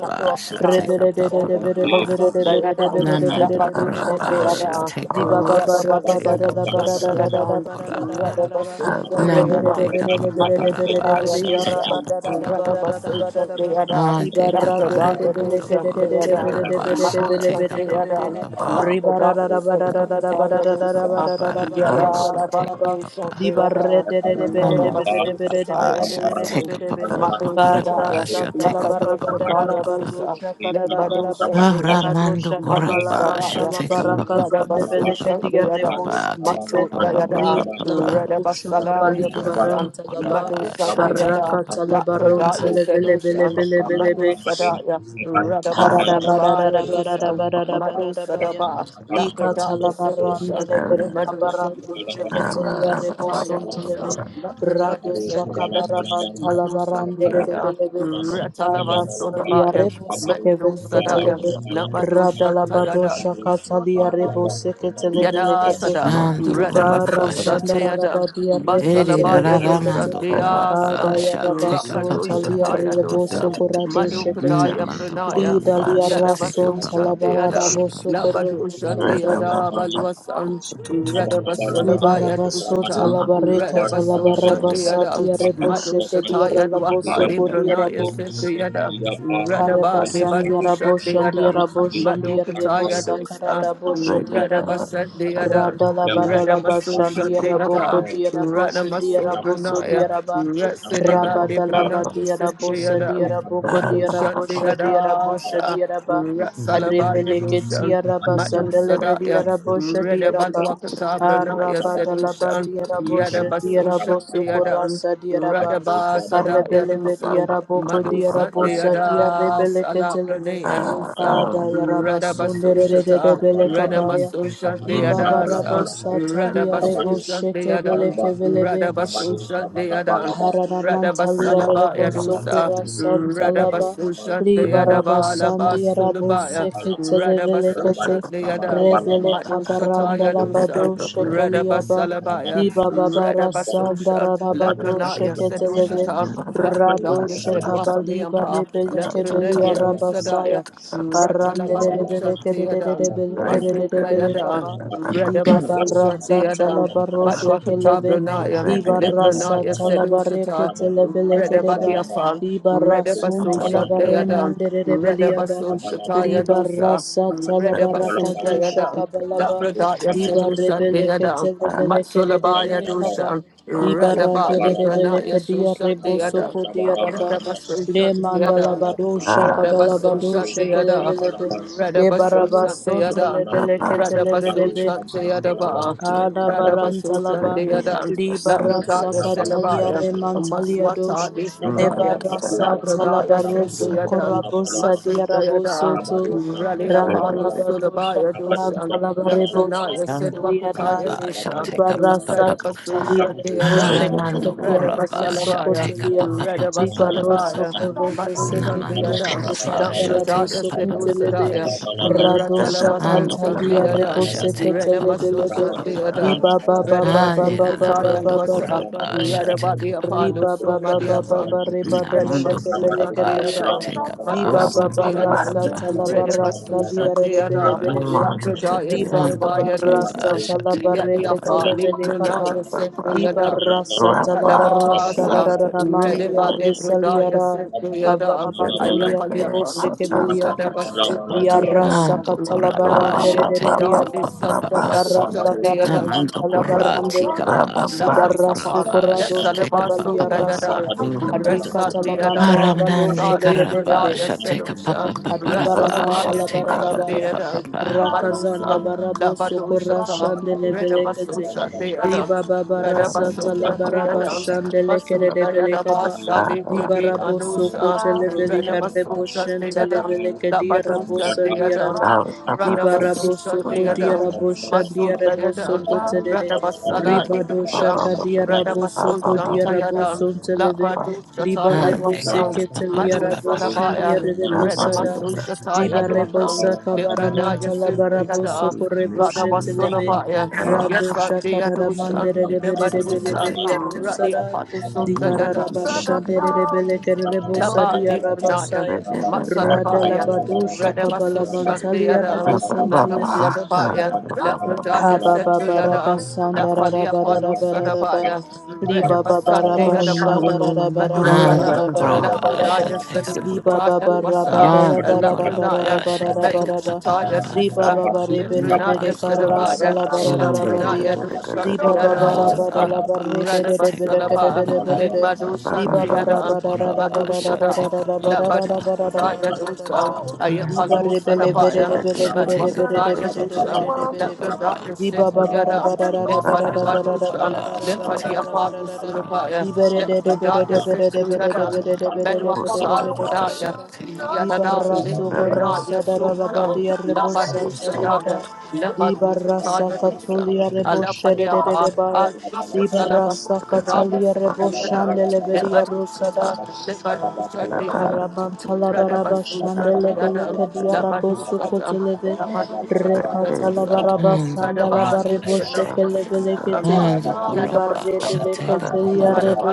S1: Mother of
S4: shall take up papa
S1: the
S4: papa
S1: time,
S4: papa.
S1: Maso Dayada,
S4: Namando
S1: Lapadush of the
S4: Corapa shall
S1: other,
S4: take up us,
S1: Rather
S4: shall
S1: Body
S4: take up
S1: Padush of
S4: us,
S1: the
S4: Mando
S1: other,
S4: Corapa.
S1: Rather Basu of the other,
S4: Namandeka papa
S1: Matu
S4: palapa
S1: Sataya Nisa,
S4: shateka papa papa
S1: Rather
S4: papa.
S1: Basu of the other,
S4: Ah, teka
S1: Lapa
S4: para
S1: Dada Dush of
S4: mandoko
S1: the other,
S4: teka pasha
S1: Matu of
S4: teka
S1: the
S4: papa
S1: other,
S4: papa.
S2: Remember,
S1: Lapa Dada
S4: Ah, teka
S1: Sataya
S4: papa
S1: Dusa,
S4: papa papa
S1: Yada
S4: shateka
S9: salaba
S1: Labandus of
S4: papa.
S9: di
S1: the
S9: barre
S1: other,
S9: de de de bere
S1: Rather
S9: de bere
S4: Namandeka
S9: de bere de bere de
S4: pasha
S9: bere de
S4: teka
S9: bere de
S4: papa papa
S1: Matu
S9: barra
S4: papa
S1: Sadaya,
S9: sa
S4: shateka
S1: Lapa
S9: salaba
S1: Dush
S4: papa
S9: raba da da
S4: papa
S9: raba
S4: papa.
S1: Sataya
S9: dosha kara raba
S1: Limbado
S9: raba
S4: Ah,
S1: Shadayada,
S4: ramando
S9: radosha
S1: Mado
S9: kabala
S4: korapa
S9: ban
S1: Sadaya,
S9: salaba
S4: shateka
S9: raka
S4: papa
S8: you.
S9: zande
S4: papa
S1: Radabaso
S9: bele
S4: papa
S9: ke diga
S4: papa
S9: rebo
S1: Shadayada,
S4: papa teka
S9: sokote
S1: Matso
S4: papa
S1: Dayada,
S4: papa
S9: rina laba
S4: papa.
S8: Thank
S9: dosha kabali
S1: Radabasalaya Binsan,
S4: Namando
S9: baranta laba
S1: Mado
S4: korapa shateka
S9: baraka
S1: Sadayada,
S4: papa
S9: salaba ron
S4: papa.
S1: Lapradaya
S9: sele bele bele
S1: Sedoshan,
S9: bele bele
S1: Mado
S9: be
S1: Sadaya, Radabasalabaya Dosan, Mado
S9: Hararabararabarabararabararabaya.
S1: Sadaba, Lapradaya Sedoshan,
S9: Ikatalabarandelever
S1: Limado
S9: abarando
S1: Shadayada,
S9: sheketelia
S1: Mado Shataya
S9: reboson
S1: Dosa,
S9: televe.
S1: Lapradaya
S9: Rado
S1: Sedoshan,
S9: shakabaramantala
S1: Mado Sadayada,
S9: barandelebelebe. Arasalia
S1: Ratalabasodabaya, Mendozadaya,
S9: rebosekeveleketeleve.
S1: Labadosha
S9: Radalabado
S1: Tagada.
S9: shakatalia
S1: Yada
S9: reboseketelevelekete.
S1: Sada,
S4: Ando
S9: Ibara
S1: Radabaso
S4: korabashate.
S1: Satyada,
S9: sandararabadia
S4: Eri
S1: Basalaba Yadosa
S9: rekotelevelekete.
S4: rararamando
S3: you.
S1: Diasa,
S9: Adaya
S4: korabashate ka pa
S9: rabason
S4: pa pa
S9: talia
S4: pa
S1: Rakadoshataya
S4: pa pa pa.
S1: Dosa,
S3: Thank
S9: rebosokorado shekete.
S1: Madokataya
S4: Namando
S9: Li
S1: Pranaya,
S9: dalia
S4: korabashate ka
S9: rason
S1: Yadabaso
S4: pa pa pa pa
S9: talabarada
S1: Satyada,
S8: you.
S4: pa pa
S9: boso
S4: pa.
S8: Thank
S9: korobo
S1: Labadosha
S8: you.
S9: sonso.
S1: Diada Baluasan, Radabasalaba
S9: Nebarabaso
S1: Yadosata,
S9: talabareka
S1: Radabaso
S9: talabarabasa
S1: Satyada,
S9: diarebo sheke
S1: Madoshataya
S9: diarabo
S1: Dwapa
S9: soko
S2: Maybe
S1: Libranaya
S9: diarabo.
S1: Satyada,
S9: Haraba
S1: Radaba Devadosha
S9: Sandiarabo
S1: Diada.
S9: Shandiarabo Shandiarabo
S1: Madokataya dosa,
S9: Sakarabo Shadiaraba
S1: Radabasat de Adan,
S9: Radala Badalaba
S1: Radamaso Shat de
S9: Shandiarabo
S1: Ada,
S9: Kodiarabo
S1: Radamaso
S9: Shadiarabo
S1: Brunaya,
S9: Sodiaraba
S1: Ratsidibat de
S9: Rabadala
S1: Brunaya Sit
S9: Badiarabo
S1: de Adan,
S9: Sadiarabo
S1: Mado Shat
S9: Kodiarabo
S1: de
S9: Shadiarabo
S1: Adasa,
S9: Shadiaraba
S1: Ratsalabaya dosa,
S9: Rebeleketiaraba
S1: Mado Sadaya,
S9: Sandelevediarabo Shadiaraba
S1: Redabalwakata Brunaya
S9: Harabadala
S1: Sedoshan,
S9: Badiarabo
S1: Yadabaso
S9: Shadiarabo
S1: Shat de
S9: Sukura
S1: Adan,
S9: Sadiaraba
S1: Radabasadaya
S9: Arrebeleve
S1: dosa,
S9: diaraboko
S1: Mado Sat de
S9: diarabosa
S1: Adas,
S9: diarrebele
S1: Ala
S9: keteleve.
S1: Brunaya
S9: Ada yarabasunde
S1: Radabasoshata,
S9: rebele kabaya.
S1: Renamasosha
S9: Di baba
S1: deadasa,
S9: rabosa talia rebo
S1: Radabasosha
S9: sheke bele
S1: deadan,
S9: kevelebe.
S1: Radabasosha deadan,
S9: Hararamantalia
S1: Radabasalaba yadusa,
S9: Rebosokura Santalaba
S1: Radabasosha
S8: Thank
S9: Libaraba
S1: deadabala
S9: Sandia Rabo
S1: basulabaya,
S9: Sekitele Velekate
S1: Radabasosha deadan,
S9: Rebele
S1: Madoshata
S9: Kabaranda Labado
S1: yadusa,
S9: Shekeliaba
S1: Radabasalabaya,
S9: Diba Babara Sandara
S1: Radabasosha,
S9: Rabado
S1: Labranaya said
S9: Sheketeleve
S1: Oshata,
S9: Rado
S1: Lakradaya said
S9: Shekabaliba
S1: Wafaleampa,
S9: Rebele
S1: Labrana
S9: Kebelia Rabasaya
S1: yadusadaya,
S9: Arande
S1: Ratalabadu
S9: Rebele
S1: Shantiada,
S9: Kerebele
S1: Masu
S9: Kerebele
S1: Dayada,
S9: Kaba Diba
S1: Redabasu
S9: barasa
S1: Shantiada,
S9: talabaro
S1: Madwakata
S9: shekeleve.
S1: Brunaya,
S9: Diba rasa
S1: Lebranaya
S9: talabare
S1: Sedusita,
S9: ketelevele kedeba.
S1: Redabadiafa,
S9: Diba rasun
S1: Redabasu
S9: talabare
S1: Shantiada,
S9: mandere
S2: Thank
S9: rebeliaba.
S1: Redabasu
S9: Diba
S1: Shatayadusa,
S9: rasa talabara
S1: Redabasu
S9: kadosha
S1: Dayada,
S9: kabalaba.
S1: Labradaya
S9: Diba
S1: Sedusa
S9: rebele
S1: Deada,
S9: ketelevele
S1: Matsulabaya
S9: kedebele kaba.
S1: Dusa,
S9: Diba
S1: Radaba
S9: randere rebele
S1: Libranaya
S9: kedia
S1: Susa
S9: reboso
S1: Deada,
S9: kodia raba.
S1: Redabasu
S9: Le mandala
S1: Shantiada.
S9: badosha kabala badosha
S1: Radabasoshadeada,
S9: kelebelebe. Le barabasonte
S1: Radabasoshadeada,
S9: lebele ketelebelebe.
S1: Radabasoshadeadaba,
S9: Kada barantalaba,
S1: Radabasoshadeada,
S9: libarasa
S1: Labradaya
S9: katalia
S1: Selabaya,
S9: remantalia dos,
S1: Maswata Nisradaya,
S9: lebarasa
S1: Labradaya
S9: talabaroso
S1: Sedayada,
S9: korabosa
S1: Masudayada,
S9: diarabosoto,
S1: Rally Apollo
S9: randalaba dosha
S1: Sulabaya Dusha,
S9: karantalaba rebo
S1: Labranaya
S4: Ando
S9: sheketelia dai,
S1: Sedwakataya Dusha,
S4: korabashate ka pa pa
S9: libarasa
S4: pa.
S9: katalia rebo
S1: Radabasoshadeada,
S8: you.
S4: Aramando
S9: sheketelia rebo
S1: Radabasalabaya,
S4: korabashate ka pa
S9: sokotelia,
S4: pa pa pa pa pa
S8: Kuchanga,
S4: pa pa
S9: libaroso
S1: Radabasalabaya,
S4: pa.
S9: korobo
S1: Matu
S8: Ipayata
S4: Namando
S8: la
S9: seketelebe
S1: Shandiadan,
S9: rekadia
S8: Pankuchanga,
S4: korabashate
S9: rabo
S4: ka
S1: Nabrajaya
S4: pa pa
S1: Sedu
S4: pa pa pa
S9: sokotelebe,
S4: pa
S1: Sadaya,
S8: Ipayata
S4: pa pa pa.
S8: Pankuchanga,
S9: radosha
S1: Ratalabasun
S4: Ando
S9: katalia rebo
S1: Shandiadan,
S8: Ipayata
S4: korabashate ka pa pa
S1: Renamasun
S4: pa pa
S8: Pankuchanga,
S9: seketelebelebe,
S4: pa pa pa.
S9: Di
S1: Shandiadan,
S9: ba ba ba
S8: Changa
S9: ba ba
S1: Radabasun
S9: ba
S4: Alera
S9: ba ba
S4: la
S9: ba
S1: Sataya
S8: Pankuchanga,
S4: mando
S9: ba ba
S1: Nosa,
S9: ba
S4: coraba
S9: ba ba.
S8: Ipayata
S4: shateka
S8: la
S1: Radabadi
S8: Pankuchanga, Ipayata la
S4: papa
S9: Ri
S8: Pankuchanga,
S1: Apollo
S9: ba ba ba ba
S4: papa.
S9: ba
S1: Somadiapan,
S9: ba re ba
S4: La
S9: do
S4: mando
S9: sheke
S1: Radabasun
S9: bele ke
S4: coraba
S9: bele ba.
S1: Shandiadan,
S4: shateka
S9: Di
S1: Matu
S9: ba
S4: pasa
S9: ba ba
S4: teka
S9: ra
S8: Ipayata
S1: Shandiadan,
S9: sa ta
S4: papa.
S9: la ba ra sa
S1: Radabasun
S9: li ya re re bele
S1: Shandiadan,
S9: bele be.
S1: Nabrajaya
S8: la
S9: Ri
S8: Pankuchanga,
S9: ba ba
S4: Ando
S9: ba
S1: Sedabaya
S9: ra
S4: coraba
S9: sa
S1: Dusan,
S8: Ipayata
S9: ta
S8: la
S9: la ba
S4: shateka
S9: re ke
S4: papa
S9: te
S1: Yadiafa,
S9: le
S4: papa.
S9: bele ka pa.
S1: Librunaya
S2: you.
S1: Sedu
S9: Di ba
S1: Yadan,
S9: ra sa ta la ba ro
S2: Rabata,
S9: sha da
S1: Radabasa,
S9: da da da
S2: Rabba
S9: man
S1: ready
S9: li ya re
S1: body
S9: sa li
S1: Buddha,
S9: ya
S1: yes,
S9: da.
S1: the other,
S9: Kavala mantulia
S1: Ayakalia
S9: rebo
S1: Pana,
S9: seke belia dos.
S1: Radabasu,
S3: you.
S1: the
S9: Diarra
S1: other,
S4: Ando
S9: katala la
S4: coraba
S9: barande de
S1: Radabali
S9: de
S4: shateka
S1: Buddha, the
S9: beliada.
S4: papa papa
S1: son
S3: Dora
S9: Di
S1: of
S4: papa.
S9: barra
S1: Badusa, the
S9: sadara la
S1: other,
S4: Amando
S9: manta
S1: the
S9: la barande
S4: corati
S3: masuka
S9: de de.
S1: Badusa,
S4: capaz,
S9: Di
S3: Dora
S1: Lafat
S4: ando
S9: barra
S1: apart,
S4: coraba
S9: sukura
S1: the
S9: dos seka
S4: shateka papa
S9: balia
S1: Salabasu, the
S4: papa
S1: other,
S9: rasaya.
S4: papa.
S3: ya mama
S9: Arika
S3: mama
S1: Resa, the
S3: mama
S9: talamanda la
S1: other, the
S9: bado
S4: Aramnande
S1: Sali
S9: shebele
S1: Buddha,
S4: caraba
S9: belebe.
S1: yes,
S3: Dora
S4: shateka
S3: mama
S4: papa
S1: Sedusha,
S4: papa
S3: mama
S9: Adibara
S4: raba
S3: mama
S1: Rasalaba,
S9: mantala
S3: mama
S4: shateka papa
S1: the
S9: barabaya.
S4: papa
S1: other,
S4: papa.
S3: Dora
S9: Rakazanda
S3: mama
S1: Badusa,
S3: mama
S9: barabo sokora
S3: mama
S1: Labadusha,
S9: shandele belekete.
S1: Redabasusha,
S3: you
S1: the
S3: cover
S1: other.
S9: Diba babara
S3: me
S9: satala
S1: Radabasosha
S3: and
S9: baraba
S3: me
S1: Deadam,
S3: alive
S9: shandele kerede
S1: Masuda
S9: belekaba.
S1: Yadabasa
S9: Diba
S1: Librudi
S3: Oh
S9: rabo soko
S1: Anusa,
S3: Linda
S9: televele
S3: Linda
S9: karebo
S1: Renamasosha
S9: shentele
S1: Deadam,
S9: beleke dia rabo
S1: Labadusa
S3: masuka and
S9: sandia
S1: Deadam,
S9: Ribarabo
S1: Radabasosha
S9: soko
S1: Deadam,
S9: diarabo
S3: masuka
S1: Masuda
S9: shandiarabo
S1: Yadam,
S9: soko
S3: ndari ya
S9: telele.
S3: lanta
S1: Radabasala
S9: Ribado
S1: Idusha,
S9: shaka
S3: you cover
S9: diarabo soko
S1: Radabasosha
S9: diarabo
S1: Tayadam,
S3: and
S9: son
S3: realize
S9: televe.
S1: Labadusha
S9: Ribarebo
S4: Ande
S1: Tayadwasa,
S4: capa
S9: seke
S4: papa
S1: Madu
S3: the
S4: papa
S8: Pankuchanga,
S9: teliarabo
S4: papa.
S1: Salabaya,
S3: masuka
S8: Thank
S2: Take
S9: shandiarabo
S3: ndari
S2: take
S3: ya Linda
S2: take
S3: Linda
S9: sada.
S1: Renamasosha Tayadwakam,
S9: Dibarebosa kabaramanta
S1: Libranaya
S9: labaraboso
S1: Sindhuyada,
S3: masuka lesa
S9: koreboshe
S3: ndora
S9: telebe
S1: Radabasalabaya,
S9: rado
S1: Yes, I do.
S3: masuka
S9: shakararamandere
S3: lesa
S9: rebere
S1: Never do,
S9: rebele
S2: take
S1: sir.
S2: take
S9: beria
S2: it, to
S3: ndora
S2: me.
S1: Ready
S9: rosara
S1: upon the soul,
S3: Masu
S2: You
S1: da da
S2: want to
S3: Masuk
S2: take it, to it,
S9: dibararabashandere
S2: take
S1: da.
S2: it,
S9: rebele
S2: to it, take it, to
S9: kerebosa
S2: it,
S1: Daba
S9: dia
S1: Libranaya,
S2: Remember that it's a
S1: Matsadabaya,
S2: good to take it,
S1: Redabasu Shadayada,
S9: reboson
S1: Nadu
S9: tulebe
S1: Sadabaya,
S9: Ha
S1: Labradaya
S9: ba ba ba ra
S1: Setuyada,
S9: ba san da ra ra
S1: Lafalia
S9: ba ra
S1: Palu
S9: ra ba ra ra ba
S1: Sadabaya,
S9: li ba ba ba ra ba sha da
S1: Redabasatayadaba.
S9: ra ra ba ra
S1: Medu
S9: ra ba
S1: Sada,
S4: Alukorapa
S1: Lapradaya Sedu
S4: shatekapa.
S9: li ba ba
S1: Shataya
S9: ba ra ba
S1: Vasa,
S9: da la ra ra ba ra
S1: Lapranaya,
S4: Alukorapa
S1: Medu
S9: ra
S4: shatekapa
S9: ba
S1: Shataya
S4: papa.
S9: Riba
S1: Dusa,
S9: baba rebe lebe
S1: Lindranaya
S9: de karara
S8: you.
S1: Sedabaya,
S9: sala
S4: Namadokorapa
S9: bara
S8: And
S9: dara
S8: Father
S4: shatekapa.
S1: Lapranaya
S9: badia.
S8: God, we love
S9: Riba baba
S8: you.
S9: raba
S1: Dushatayada,
S9: dala
S4: Alukorapa
S9: barre de de de bele
S4: shatekapa
S8: We
S9: kede de
S1: Redabasalaba,
S8: thank
S9: de
S8: you
S4: papa.
S9: bele
S8: for
S9: de.
S8: the
S1: Litmadu
S8: hope
S9: Riba
S8: that we
S9: bara
S1: Shatayada,
S9: bara dara
S4: Namadokorapa
S9: bara dara bara
S1: Madusada,
S9: dara
S4: shatekapa
S9: bara
S8: can.
S9: dara
S4: papa.
S9: bara dara
S1: Labadusataya
S9: bara dara
S8: We
S9: ba.
S1: Dusa,
S8: thank
S2: Baba,
S8: you for
S9: Riba
S1: Ayapalu
S9: rebe lebe de
S1: Sadabaya,
S9: de
S2: Thank
S4: Namadokorapa
S9: bele bele de bele
S4: shatekapa
S9: de
S1: Madwakataya
S9: bele
S4: papa
S9: de
S1: Dusa,
S9: bele
S8: the
S9: de bele
S4: papa
S9: de.
S4: papa.
S1: Labradaya
S8: protection.
S9: Riba baba
S1: Sindhiyada,
S9: raba
S8: We
S9: dara dara
S8: thank you
S9: bara
S1: Lefade
S9: dara bara
S8: for the protection. We
S1: Badusa,
S8: thank you for the
S9: dara bara dara bara
S1: Lefadi
S9: dara
S8: protection.
S4: Shatekapa
S9: bara
S1: Apalu
S9: dara.
S4: papa
S8: We
S1: Surabaya,
S4: papa.
S8: thank
S9: Riba de de de bele
S8: you
S9: de
S1: Lefradaya
S9: bele de bele de
S1: Sindhiyada,
S9: bele de bele de bele de bele
S8: for
S1: Madwakata
S9: de bele
S8: the
S9: de. bele
S1: Fudaya,
S8: protection.
S9: ba. Di
S4: Shatekapa.
S1: Yadada
S9: barrasso
S8: When the Lord
S9: corrassa
S1: Lefradaya
S9: da
S8: protects,
S1: Susa,
S9: rabadia rebo
S8: step up on
S9: santaliada.
S1: Labadusada,
S9: Di barrassa
S1: Labadusataya
S8: our
S1: Dusa.
S9: catolia
S8: daily
S9: rebo
S8: life
S9: shede
S8: and
S1: Alapania
S9: de de de
S1: Pa,
S8: protection.
S9: baia. Di
S1: Alphisha Salama,
S8: We
S9: barrassa
S8: thank you
S1: Ibrahim,
S9: catalia
S1: Sister
S9: rebo
S1: Yadam,
S9: shandeleveria
S1: Lebanon,
S9: rusada.
S8: for
S1: Sita,
S8: the protection.
S1: Lebanon, Sunday,
S9: Karabantalabaraba Shandelebele Kadiarabo Sukoteleve Rekatalabaraba
S4: Alukorapa
S9: Sandalabarebo
S4: shate.
S9: Shekelebelekete
S4: Alukorapa
S9: Dibare
S4: shatekapa
S9: Deleketelia
S4: papa.
S9: Rebo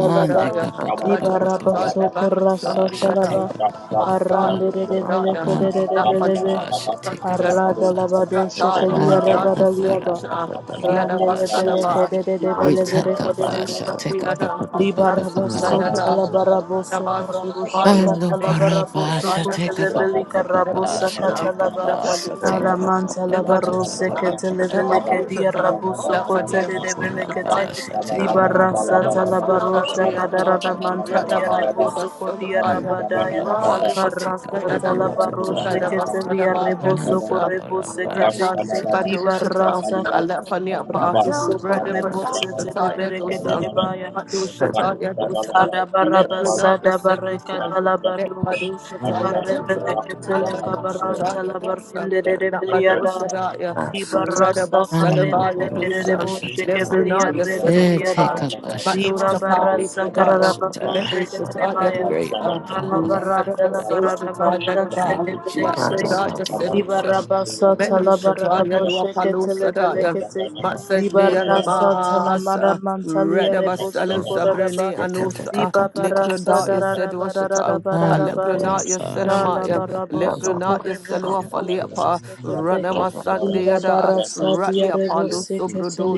S8: We thank you for the
S4: ka pa pa pa pa pa
S9: Dibaraba
S8: protection.
S4: pa pa pa pa
S9: Sokorasa
S8: We
S4: shete
S9: Talaba
S8: thank
S4: ka pa
S8: you for
S4: pa pa
S8: the
S4: pa pa
S9: Arande
S8: protection.
S4: ando kora
S8: Thank
S4: pa
S9: Rebelekelebelebe
S4: shete ka pa pa pa
S9: Aradalabado Shekelia
S4: ande ka pa ra
S9: Rabadaliaba
S4: ando kora pa shete
S9: Randelebelekede
S4: ita ka pa
S9: Belebelekede
S4: shete
S2: you.
S4: ka pa pa pa pa pa pa pa pa
S9: Libarabason
S4: pa
S2: Get
S1: Rather,
S9: talabaraboso korabosha
S4: ando kora pa
S9: katalabaraboso
S4: shete ka pa pa
S9: kotelebeli
S4: pa pa pa
S9: karabosa
S4: shete ka
S9: katalaba
S4: pa shete ka
S9: alaman
S4: pa pa pa pa
S9: talabarose
S4: pa pa pa pa
S9: ketelebele
S4: pa pa pa
S9: kedia
S4: pa
S9: raboso kotelebele
S4: kora pa
S9: kete
S4: shete ka pa pa pa
S9: libarasa
S4: pa pa pa pa pa pa
S9: talabarosha
S4: pa
S9: kadarana
S4: pa pa pa
S9: mantalia reboso kodia
S4: Ando
S9: rabadaya
S4: kora basha teka
S9: karasa
S4: pa pa pa pa pa.
S9: talabaroshe ketelia reboso
S4: Ando kora
S9: korebose kete
S4: basha
S1: Ratan de
S4: teka pa pa.
S1: Badoshata,
S9: libarasa
S1: Alafania Pa,
S9: reboso
S1: Reda
S9: korebose
S8: you.
S1: Badoshata
S9: telebele
S1: Yadosa,
S8: Thank
S9: kederebaya
S1: Madoshata Yadosa, Leprina
S9: Kadabarabasada bareka
S1: Yasedosa, Let
S9: dalabadush.
S1: Badoshata Yadosa, Let
S9: Karebeleketele kabaranta
S1: Badoshata Yadosa,
S9: labarinde de
S1: Not
S9: debeliada.
S1: Badosadaya, Reda
S9: Dibarasa
S4: Ando
S1: Basalaba
S9: karedele
S4: kora
S1: Yadosa,
S4: basha te.
S9: kereboshe
S1: Leprina
S9: kevelia
S4: Eh,
S9: renteliada.
S1: Yasedokata,
S4: teka basha te.
S8: you.
S1: Madotapa
S9: Dibabarasa
S4: El
S1: Lipradaya,
S4: Shaddai,
S9: karabadoshe
S1: Badoshata
S4: the
S9: kerebaya.
S4: great one,
S1: Yadosa,
S4: the holy one,
S1: Reda
S4: the
S9: Alabaranda
S4: mighty
S1: Basoshata
S9: labarabasha
S4: one.
S9: de
S4: Thank you,
S1: Yadosa,
S9: debelekete.
S4: Jesus.
S1: Leprina Yasedosa.
S9: Dibarabasa
S1: Metal Shataya do
S9: talabaraboshe
S1: Apollo Sadaya,
S9: ketelebelekete.
S1: Matsendia
S9: Dibarasa
S1: Namasa,
S9: talamara mantalia rebosu
S1: Redabasalu
S9: koraba.
S1: Sabrine Anusa,
S9: Ibabarasa
S1: Likradaya
S9: darara barara
S1: Sedwashata,
S8: Kutsanda,
S9: barara
S4: Ando
S9: baya.
S4: kora
S1: Alepranaya
S8: Asiya
S4: basha
S9: Kala
S1: Senamaya,
S8: Dala
S4: teka pa
S9: barabo
S4: pa pa.
S8: Kutsanda,
S1: Lepranaya
S9: sokorebo
S1: Selua
S9: sokorebo
S8: Yapata
S1: Faliapa,
S8: Laman
S9: sekete.
S2: Thank
S8: Kutsanda,
S1: Ranamasandia da,
S9: Ibabarasa
S1: Radia
S9: diarebo
S1: Palo
S9: sekete
S1: Sobrodo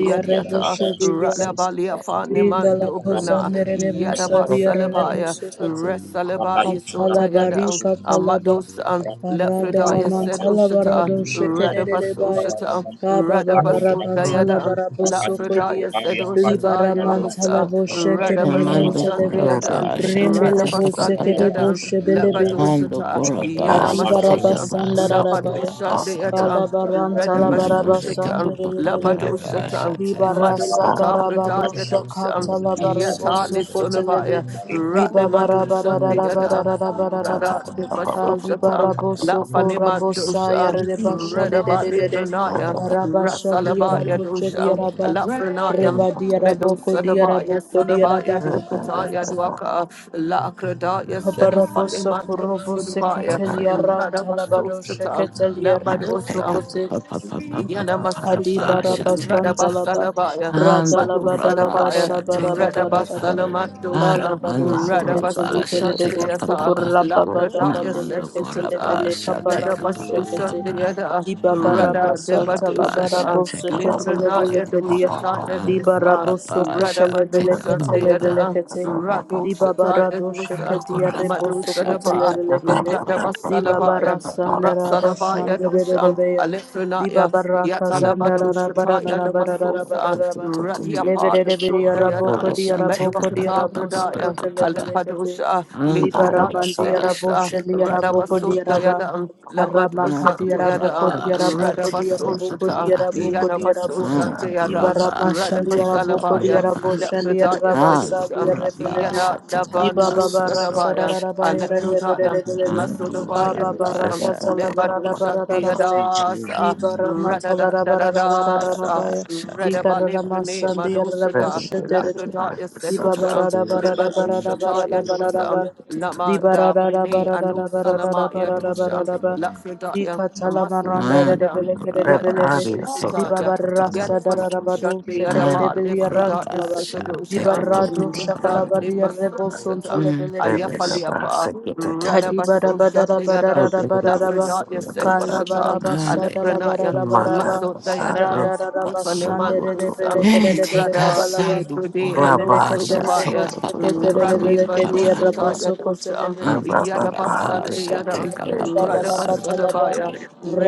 S8: name
S1: Yadiata,
S8: of Jesus,
S1: Ratlabalia
S9: Rinda
S8: Ikatela
S9: la
S1: Fanemando Bruna,
S9: kosandere
S8: Pakatan,
S9: rebusa diare
S1: Yadabasalabaya,
S8: Kutala
S9: rebusu kote.
S1: Resalabaya
S9: Katala bari
S1: Sundayada,
S8: Shweta
S9: katala ba.
S1: Amados,
S8: Pakile
S9: Arada la
S1: Lepradaya
S8: Pakutan,
S9: mantala
S1: Sedoshata,
S9: barado
S8: Indala
S9: shekedere rebaya.
S8: Pakut,
S1: Radabasoshata,
S9: Raba baba
S8: Indala
S9: rabantala
S1: Radabasundayada,
S9: baraboso
S8: Pakutanda,
S1: Lafredaya
S9: kodia.
S8: Andala
S1: Sedoshata
S9: Libara mantala
S1: Yadosa,
S8: Pakatandi,
S9: boshenkere le
S4: Amando
S9: monteleve.
S4: kora
S1: Radabasoshatayada,
S8: Kantala
S4: basha
S9: Rinde le
S4: teka pa pa
S8: Pakutanda,
S4: pa pa
S9: bosekere
S4: pa.
S1: Radabasandayada,
S9: boshe belebe.
S8: Tangandala
S4: Ando
S1: Labadoshata,
S4: kora
S8: Pakutanda,
S4: basha teka
S1: Yanamasosha,
S4: pa se
S8: Indala
S9: Adibarabasandarabaya.
S4: teka pa
S1: Labadoshatayada,
S8: Pakutanda,
S4: Namande kapa
S1: Radabasoshata,
S4: pa pa pa ra
S9: Kalabaransalabarabasandorerebe.
S4: pa sha
S1: Labadoshata,
S4: teka.
S8: Yagambamakuza
S1: Madhukatabrata
S8: yazala
S1: Yadosa,
S8: pakatandu
S1: Yata
S9: Libarasadarabadoshakatalabarebosokotelebe.
S1: Lisunavaya,
S8: imbayakafuzo
S1: Radamadoshatayada,
S8: apa
S9: Libabarabarabarabarabaraba.
S3: Alessandro
S1: Radabasoshata, La
S8: apale
S1: Fanima
S3: Right,
S1: Dosha,
S8: pakutanda
S1: Redabati
S9: Alibarabosokorabosayarebashadededede.
S1: Pranaya,
S8: ilapakutirafa
S1: Rasalabaya
S8: patirafu
S1: Dosha,
S9: Rabashadiyarabochediyaraba.
S1: La Pranaya,
S9: Reba
S1: Medo
S9: diaraboko
S1: Sadabaya,
S9: diaraboko diaraba
S1: Sudabaya
S8: impandale
S1: Dukataya
S8: pakutanda
S1: Duaka, La Akradaya
S9: Kabarabosa
S1: Sedafanima
S8: ipalilepakutanda
S9: korobo
S1: Dosudabaya,
S9: seketeli aran
S1: Radabaso
S9: talabado
S1: Shata,
S9: sheketeli
S1: La
S9: arebo
S4: Teka
S1: Badosa,
S4: pa
S9: sokote
S4: pa pa pa pa pa pa ra
S9: Adi
S4: pa
S1: Yanamasushan,
S8: ilamakatela
S4: sha
S9: baraba
S4: teka
S9: santa
S4: pa.
S9: laba
S8: pakutanda
S1: Radabasalabaya,
S9: rada
S4: Ando
S1: Madu
S8: usake
S9: laba
S4: kura
S9: da
S4: ma
S9: laba da
S1: Sadabaya,
S4: sha
S9: laba da
S4: teka pa
S9: laba
S4: pa
S9: da
S4: pa.
S9: laba kala
S4: Ara
S1: Radabasalamandosha,
S9: bado
S4: mando
S9: sheke
S4: kura
S9: teli
S4: pa sha
S9: kere
S1: Radabasushan
S9: de
S4: teka pa
S9: bosu
S4: pa
S1: Teata,
S4: pa.
S1: La
S9: kuraba bada
S1: Pradaya
S9: badele
S4: Namando kura
S9: ketele
S1: Sedushata,
S4: pa
S9: bele
S4: sha
S9: kapala
S1: Yada
S4: teka
S9: do
S4: pa pa
S9: sheke
S4: pa
S9: te
S1: Basoshan de
S4: pa.
S1: Yada
S9: di baba raba
S4: Ando
S1: Rada Deba
S4: kura
S9: santa
S4: pa
S9: laba
S4: sha
S1: Doshata
S9: rabo
S4: teka
S9: sheke
S4: pa pa
S9: tele
S1: Librana
S4: pa.
S9: bele kedia
S1: Yadoshata
S9: di
S4: Ando
S1: Yadosa
S4: kura
S9: barabo
S4: pa
S9: soko
S8: ipayakapakutanda
S1: Rada
S4: sha
S9: tele bele
S4: teka
S1: Badoshan
S4: pa
S8: Iya,
S1: de
S4: pa
S9: ketele
S8: Pak.
S4: pa.
S9: bele
S1: Yada
S9: kete di baba
S1: Radoshata
S9: rado
S4: Ando
S1: Yadosa
S9: sheke dia
S4: kura pa
S9: rebo soko
S4: sha
S9: tele
S4: teka
S1: Madosadaba
S8: Iya,
S4: pa
S9: bele
S4: pa pa
S9: kede
S4: pa
S1: Rada
S4: pa pa
S9: di
S8: iya,
S9: baba
S1: Basalabaya
S4: pa pa
S2: you.
S9: rasanda
S4: pa pa
S9: raba
S1: Ratsadabaya
S9: shandere de
S1: Doshan
S9: beya Diba
S1: Alexanaya
S9: baraka
S2: Everybody
S9: zanda rara bara
S1: Yatalabadoshata
S9: rara
S1: Yada
S9: bara rara bara
S1: Basosa
S9: rara ba.
S4: pa.
S9: Lebere
S1: Radiapala
S9: de beri
S8: iya,
S1: Sota
S8: iya.
S9: arabo
S1: Yada
S9: kodi
S4: Korabasha,
S9: arabo
S4: take up
S8: Pekerjaan
S9: kodi
S4: the pa
S8: dan
S1: Medwakata
S4: pa
S9: arabo
S4: pa pa
S9: suko
S1: Bradaya
S4: pa
S9: te
S4: pa pa.
S9: lebele kete.
S1: Alepadosha
S4: And the
S9: Diba
S1: Libradaya
S9: rabandi
S4: Korabasha,
S9: arabo
S1: Sedosa
S4: take up
S9: sheli
S4: pa pa
S8: dunia
S9: arabo
S4: pa
S1: Radabaso
S4: pa
S9: kodi
S4: pa.
S9: araba.
S1: Dayada, Lamad
S9: Arama
S1: Osha
S4: Ando the
S9: kadi arabo
S4: Korabasha,
S1: Dayada,
S9: kodi arabo
S4: take
S9: kodi
S4: up
S1: Radabaso
S9: arabo
S4: the pa pa
S9: kodi
S1: Shata,
S4: pa.
S9: arabo kodi
S1: Yadabaso
S9: arabo.
S4: Ando the
S9: Diba
S1: Shadayada,
S9: rama
S4: Korabasha,
S9: sheli
S4: take up
S9: arabo
S4: the pa
S9: kodi
S1: Radabasalabaya,
S4: pa
S9: arabo
S4: pa.
S9: sheli
S1: Lepradaya
S9: araba
S4: Ando the
S9: sali
S1: Sedishan,
S9: arrebelebe.
S4: Korabasha,
S1: Yada
S4: take up pa
S9: Diba
S1: Dabano
S9: baba
S4: and the
S9: rasa
S1: Sadabaya,
S9: rara raba
S4: Boshate.
S9: ya rebe de de de
S1: Alepradaya,
S9: de de.
S4: And the
S1: Masodabaya
S9: Baba
S1: Dushan,
S9: baraka
S4: Korabasha,
S9: tala
S4: take
S9: bara
S4: up
S9: rara
S4: the
S1: Lepradosha
S9: bara rara ba ya.
S1: Dayadas,
S9: Di di
S4: Korabasha,
S1: Radadadadas,
S9: di
S4: take up the
S9: karama
S1: Radabalipune
S4: pa.
S9: sandia
S1: Madoshada,
S9: raboshe dere.
S1: Lapradaya
S2: is
S9: di
S1: Sedoshan,
S2: so
S9: barara barara barara
S1: Lebadoshata
S9: barara barara
S1: Yadosan,
S9: ba. di barara
S1: Lamanda
S9: barara
S1: Brine
S9: barara
S1: Anusalama
S9: barara
S1: Yadushan
S9: barara ba. di
S1: Lafredaya
S9: salara
S4: And
S1: Masudayada
S9: belebe
S4: Korabasha, take up the
S1: Radabasushataya
S4: pa
S9: Libarama
S4: pa pa.
S9: talarabarabarabaya. Likarama sandiaraboshetere. Libabarabarabarabarabarabarabaraba. Libarabarabarabarabarabarabaraba. Likatalamarandedebelekedebelebe. Libabarrasadarabado
S1: Yadabasushat
S4: Ando
S1: Yadaba
S4: the
S1: Lifredaya
S9: shekedebeliarantalaba.
S4: Korabasha, take
S1: Sikadusha
S4: up the pa
S9: Libarado
S4: pa pa pa.
S1: Radat
S3: Alexandria,
S1: Nimasushatam
S4: Mm.
S2: Rabbi,
S9: shakalabadiarebosontolebelebe.
S1: Ayafaliapa Radabasushat Yadam
S9: Kadibarabarabarabaraba.
S1: Lafredaya Sedwashatam
S4: Ah, de-
S1: Alepranaya
S4: capa.
S9: Kalabarabasadabarabarabaraba.
S1: Masudayada Lifanematusam
S4: Eh, Tika
S1: Rada De
S4: sandu
S9: Radarabashanderebelekebelekabalaba.
S4: korabasha,
S1: Pride
S4: teka pa pa pa pa pa
S1: Radhi
S4: pa pa pa.
S1: Badusha Taya Dusha,
S4: Andu
S9: Rebeleketerebosheketerebelekediarabosokotelebelekete.
S1: Yadabasa
S4: korabasha,
S1: Deyadan,
S4: teka pa pa pa.
S9: Ibarabadoshabalakatalaba.
S1: Radabasalabaya,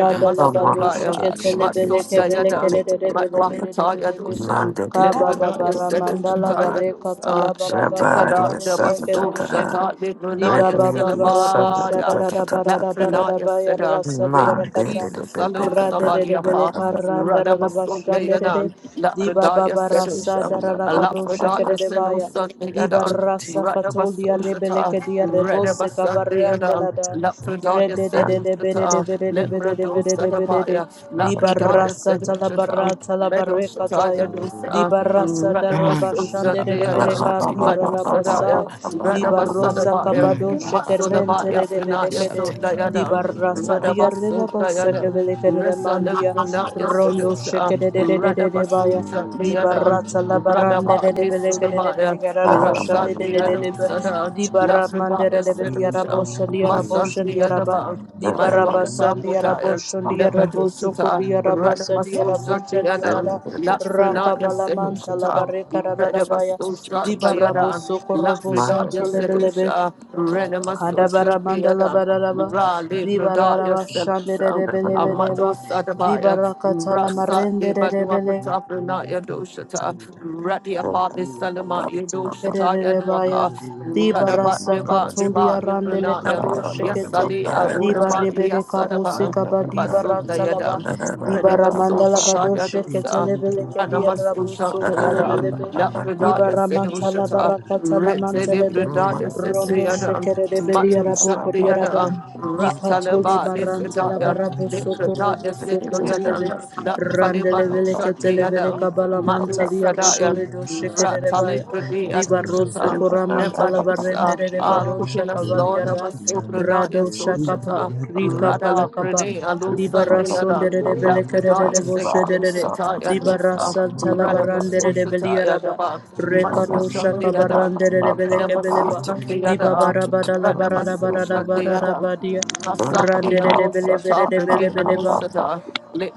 S4: Andu korabasha, teka pa
S1: Matsundayadan,
S4: pa pa.
S1: Matwakataya Dusha, Lipuna Yasedusha Taya Dusha,
S4: Sha teka pa
S1: Rada Dabaso
S9: Kabababaramandalabarekatalabarabadaliarebelekebelekebe.
S1: Shata
S3: Mama,
S1: Lipuna
S9: Iba ba ba ba ra bo sha da
S1: Yasalabaya,
S9: ra da ba ra da ba ra
S1: Latrina
S9: da ba ya ra
S1: Yasedan.
S2: Thank
S9: sa di ya
S1: Thank
S9: ra
S1: you,
S9: ka ta.
S1: Jesus.
S2: you.
S1: Salo
S4: pa pa.
S9: Radedebele
S1: Sabariapa,
S9: karanda
S1: Radamasundayadan,
S9: rabashandere di baba
S1: Lakradaya
S4: Sha
S9: barasa
S1: Sedusha a lot
S9: darabado
S1: for darkness and on
S9: shekerebaya
S1: Sunday
S9: di
S1: at all.
S8: pertanianku.
S9: barasa
S4: teka.
S1: Right up a
S9: katolia
S1: social
S9: rebele
S1: tower,
S8: Ikan
S9: kedia
S8: dalam
S1: right up
S9: rebose
S8: perakakan
S1: Sunday
S8: dalam
S1: at
S9: kavarandela
S1: all.
S8: pakai
S9: da
S1: Lot
S8: candi,
S1: for darkness
S8: yang
S1: said
S8: dalam
S1: on the
S8: pakai
S1: tower,
S8: candi,
S1: let
S8: dalam
S1: me
S8: pakai
S1: do set
S8: candi,
S1: apart
S9: redededebedebedebedebedebede
S1: ya.
S9: di
S8: yang
S1: Lot for
S8: dalam
S1: darkness
S9: barasa
S8: pakai
S1: said on
S8: candi,
S1: the
S8: dalam
S9: talabara
S1: tower, meadow
S9: talabare
S8: pakai
S1: shatar ya
S9: kadaya
S1: do
S9: di
S1: sa,
S9: barasa
S1: right
S8: candi,
S1: up a
S4: Andu
S1: social
S9: darabashandere
S1: day
S8: yang dalam
S1: at
S9: rebele
S4: korabasha,
S1: all.
S4: teka
S9: kadia
S1: Madu
S4: pa
S8: pakai
S4: pa
S8: candi.
S4: pa
S1: Sadaya,
S9: radabasai
S4: pa.
S9: di
S1: Radaba
S8: Thank
S9: barosa
S1: Sadabaya,
S9: kabado
S4: Andu
S9: shekerente
S1: Matsulabaya
S9: rebele
S1: Frenaya
S9: kede
S4: korabasha,
S9: Di
S1: Sundayadam,
S9: barrasa di
S1: Radaba
S9: arrera bossa che
S1: Sundayadam,
S9: vele terre
S1: Resa
S9: mandia,
S1: Lepunaya
S9: rondo
S1: Sedusa,
S9: sheke de de de de de de baia,
S1: Radabasuta
S9: di
S1: Beadan,
S9: barrazza
S3: Mama,
S9: la
S3: Mama,
S9: barrande
S3: Mama,
S9: de de
S1: Radabali
S9: vele che de
S3: Mama,
S9: de
S1: Sunabaya,
S9: vele gara
S1: Rasat
S9: basciande de de de de
S1: Beadu
S9: be,
S1: Sada,
S9: di barra mandere
S1: Lasabaya
S9: de vele gara
S1: Sedusha,
S9: boscia di ara
S1: Masan
S9: boscia di ara ba,
S1: Beadaban,
S9: di barra bassa
S1: Matuakata
S9: di ara
S1: Putaya,
S9: boscia di ara bosso
S1: Nepatusuta,
S9: corri ara bassa di ara
S1: Radabasuta
S9: boscia di ara
S1: Beadan,
S9: da, raka
S1: Lafrenaya
S9: bala manta la
S1: Sedusha,
S9: barre cara da da baia, di
S1: Radabasuta
S9: barra
S1: Tayadan,
S9: bosso corro
S8: you.
S9: bosso
S1: Lafredaya
S9: entro le bele be.
S1: Sedusha,
S8: Thank
S1: Renamasusha
S9: Adabara mandala
S1: Beadan,
S9: bararaba,
S1: Rali Rodaya
S9: dibararaba shandere
S1: Sedusha,
S9: rebele vereba,
S1: Amatu
S9: dibarakatala
S1: Rasa
S9: marende
S1: de Badua
S9: rebele
S1: Patapra Naya Doshata, Radia Pati Salama Yadoshata
S9: rebaya,
S1: Yanwaka, Radabat
S9: dibarasa
S1: Deba
S9: katulia
S1: Deba
S9: randele
S1: Nipranaya,
S9: kado shekete,
S1: Yasali Arudabat
S8: you.
S9: dibarebele kabuse
S1: Liasadaba,
S9: kaba
S3: Thank
S8: Imayada
S9: dibarantalaba,
S1: Basundayadam,
S2: Thank
S8: lapakutanda,
S9: dibara mandala bado
S1: Redibasushita
S8: ashaba
S9: shekete
S1: Yadosa,
S8: kutanda
S9: lebele kedia
S8: lapakutanda,
S9: rabuso
S1: Ranamasusha Tayadam,
S9: lebelebe,
S8: imayada
S1: Lapradaya
S9: dibara mantala
S1: Sedoshata,
S8: lapakutanda,
S9: barakatala
S1: Rete
S9: mantelebe,
S8: amayada
S1: Libradaya
S9: rondo
S1: Sitliadam,
S8: lapakutanda,
S9: shekere rebele
S1: Matu
S9: yarabo
S8: nasa
S9: kodiaraba.
S8: kutanda
S1: Shaktiadam,
S9: Ikatoli
S1: Ratalaba
S8: lapakutanda,
S9: baranta la
S1: Lifredaya,
S9: barabo
S8: iyapayada
S9: soko robo
S1: Likradaya
S9: soko
S8: lapakutanda,
S9: televe
S1: Sedoyadam, that Falibado
S9: randelevele
S8: iyapayada
S9: ketelevele
S1: Shakayada,
S9: kabala
S8: lapakutanda,
S1: Madu
S9: mantalia
S1: Sadayan,
S9: rebole
S8: shaba
S9: do
S8: kutanda
S9: shekerebaya
S1: Ratalipudi
S9: diva
S8: lapakutanda,
S9: rosso
S1: Adushatan,
S9: koramanta la
S1: Nebadusha,
S9: barrendere bado
S1: Ah,
S8: imayada
S1: Kukilas
S9: shakavalia
S1: Lord of
S9: da
S1: us,
S8: lapakutanda,
S1: Obranaya
S9: rado shakapa
S1: Sushata,
S8: imayada
S9: rika
S1: Rada
S9: palakaba
S1: Brene
S8: lapakutanda.
S1: Alusa
S9: Libara
S8: Shata
S1: Deadan,
S9: sondere rebele kerere
S1: Lapidaya
S9: rebo shedere.
S1: Sekidushataya
S9: Libara
S1: Dosa,
S9: santa la
S1: Rada
S9: barandere rebeli
S1: Masushataya
S9: araba.
S1: Daba,
S9: Rekado
S1: Masusha
S9: shaka
S1: Deadan,
S9: barandere rebele
S1: Rada
S9: kebeleba.
S1: Masusha
S9: Diba
S1: Deadan,
S9: barabada la
S1: Rada
S9: barada barada
S1: Masusha
S9: barada
S1: Deadan,
S9: badia.
S1: Rasa
S9: Randere rebele
S1: Deadosa
S9: vere rebele
S1: Tabri
S9: beleba.
S1: Alusata,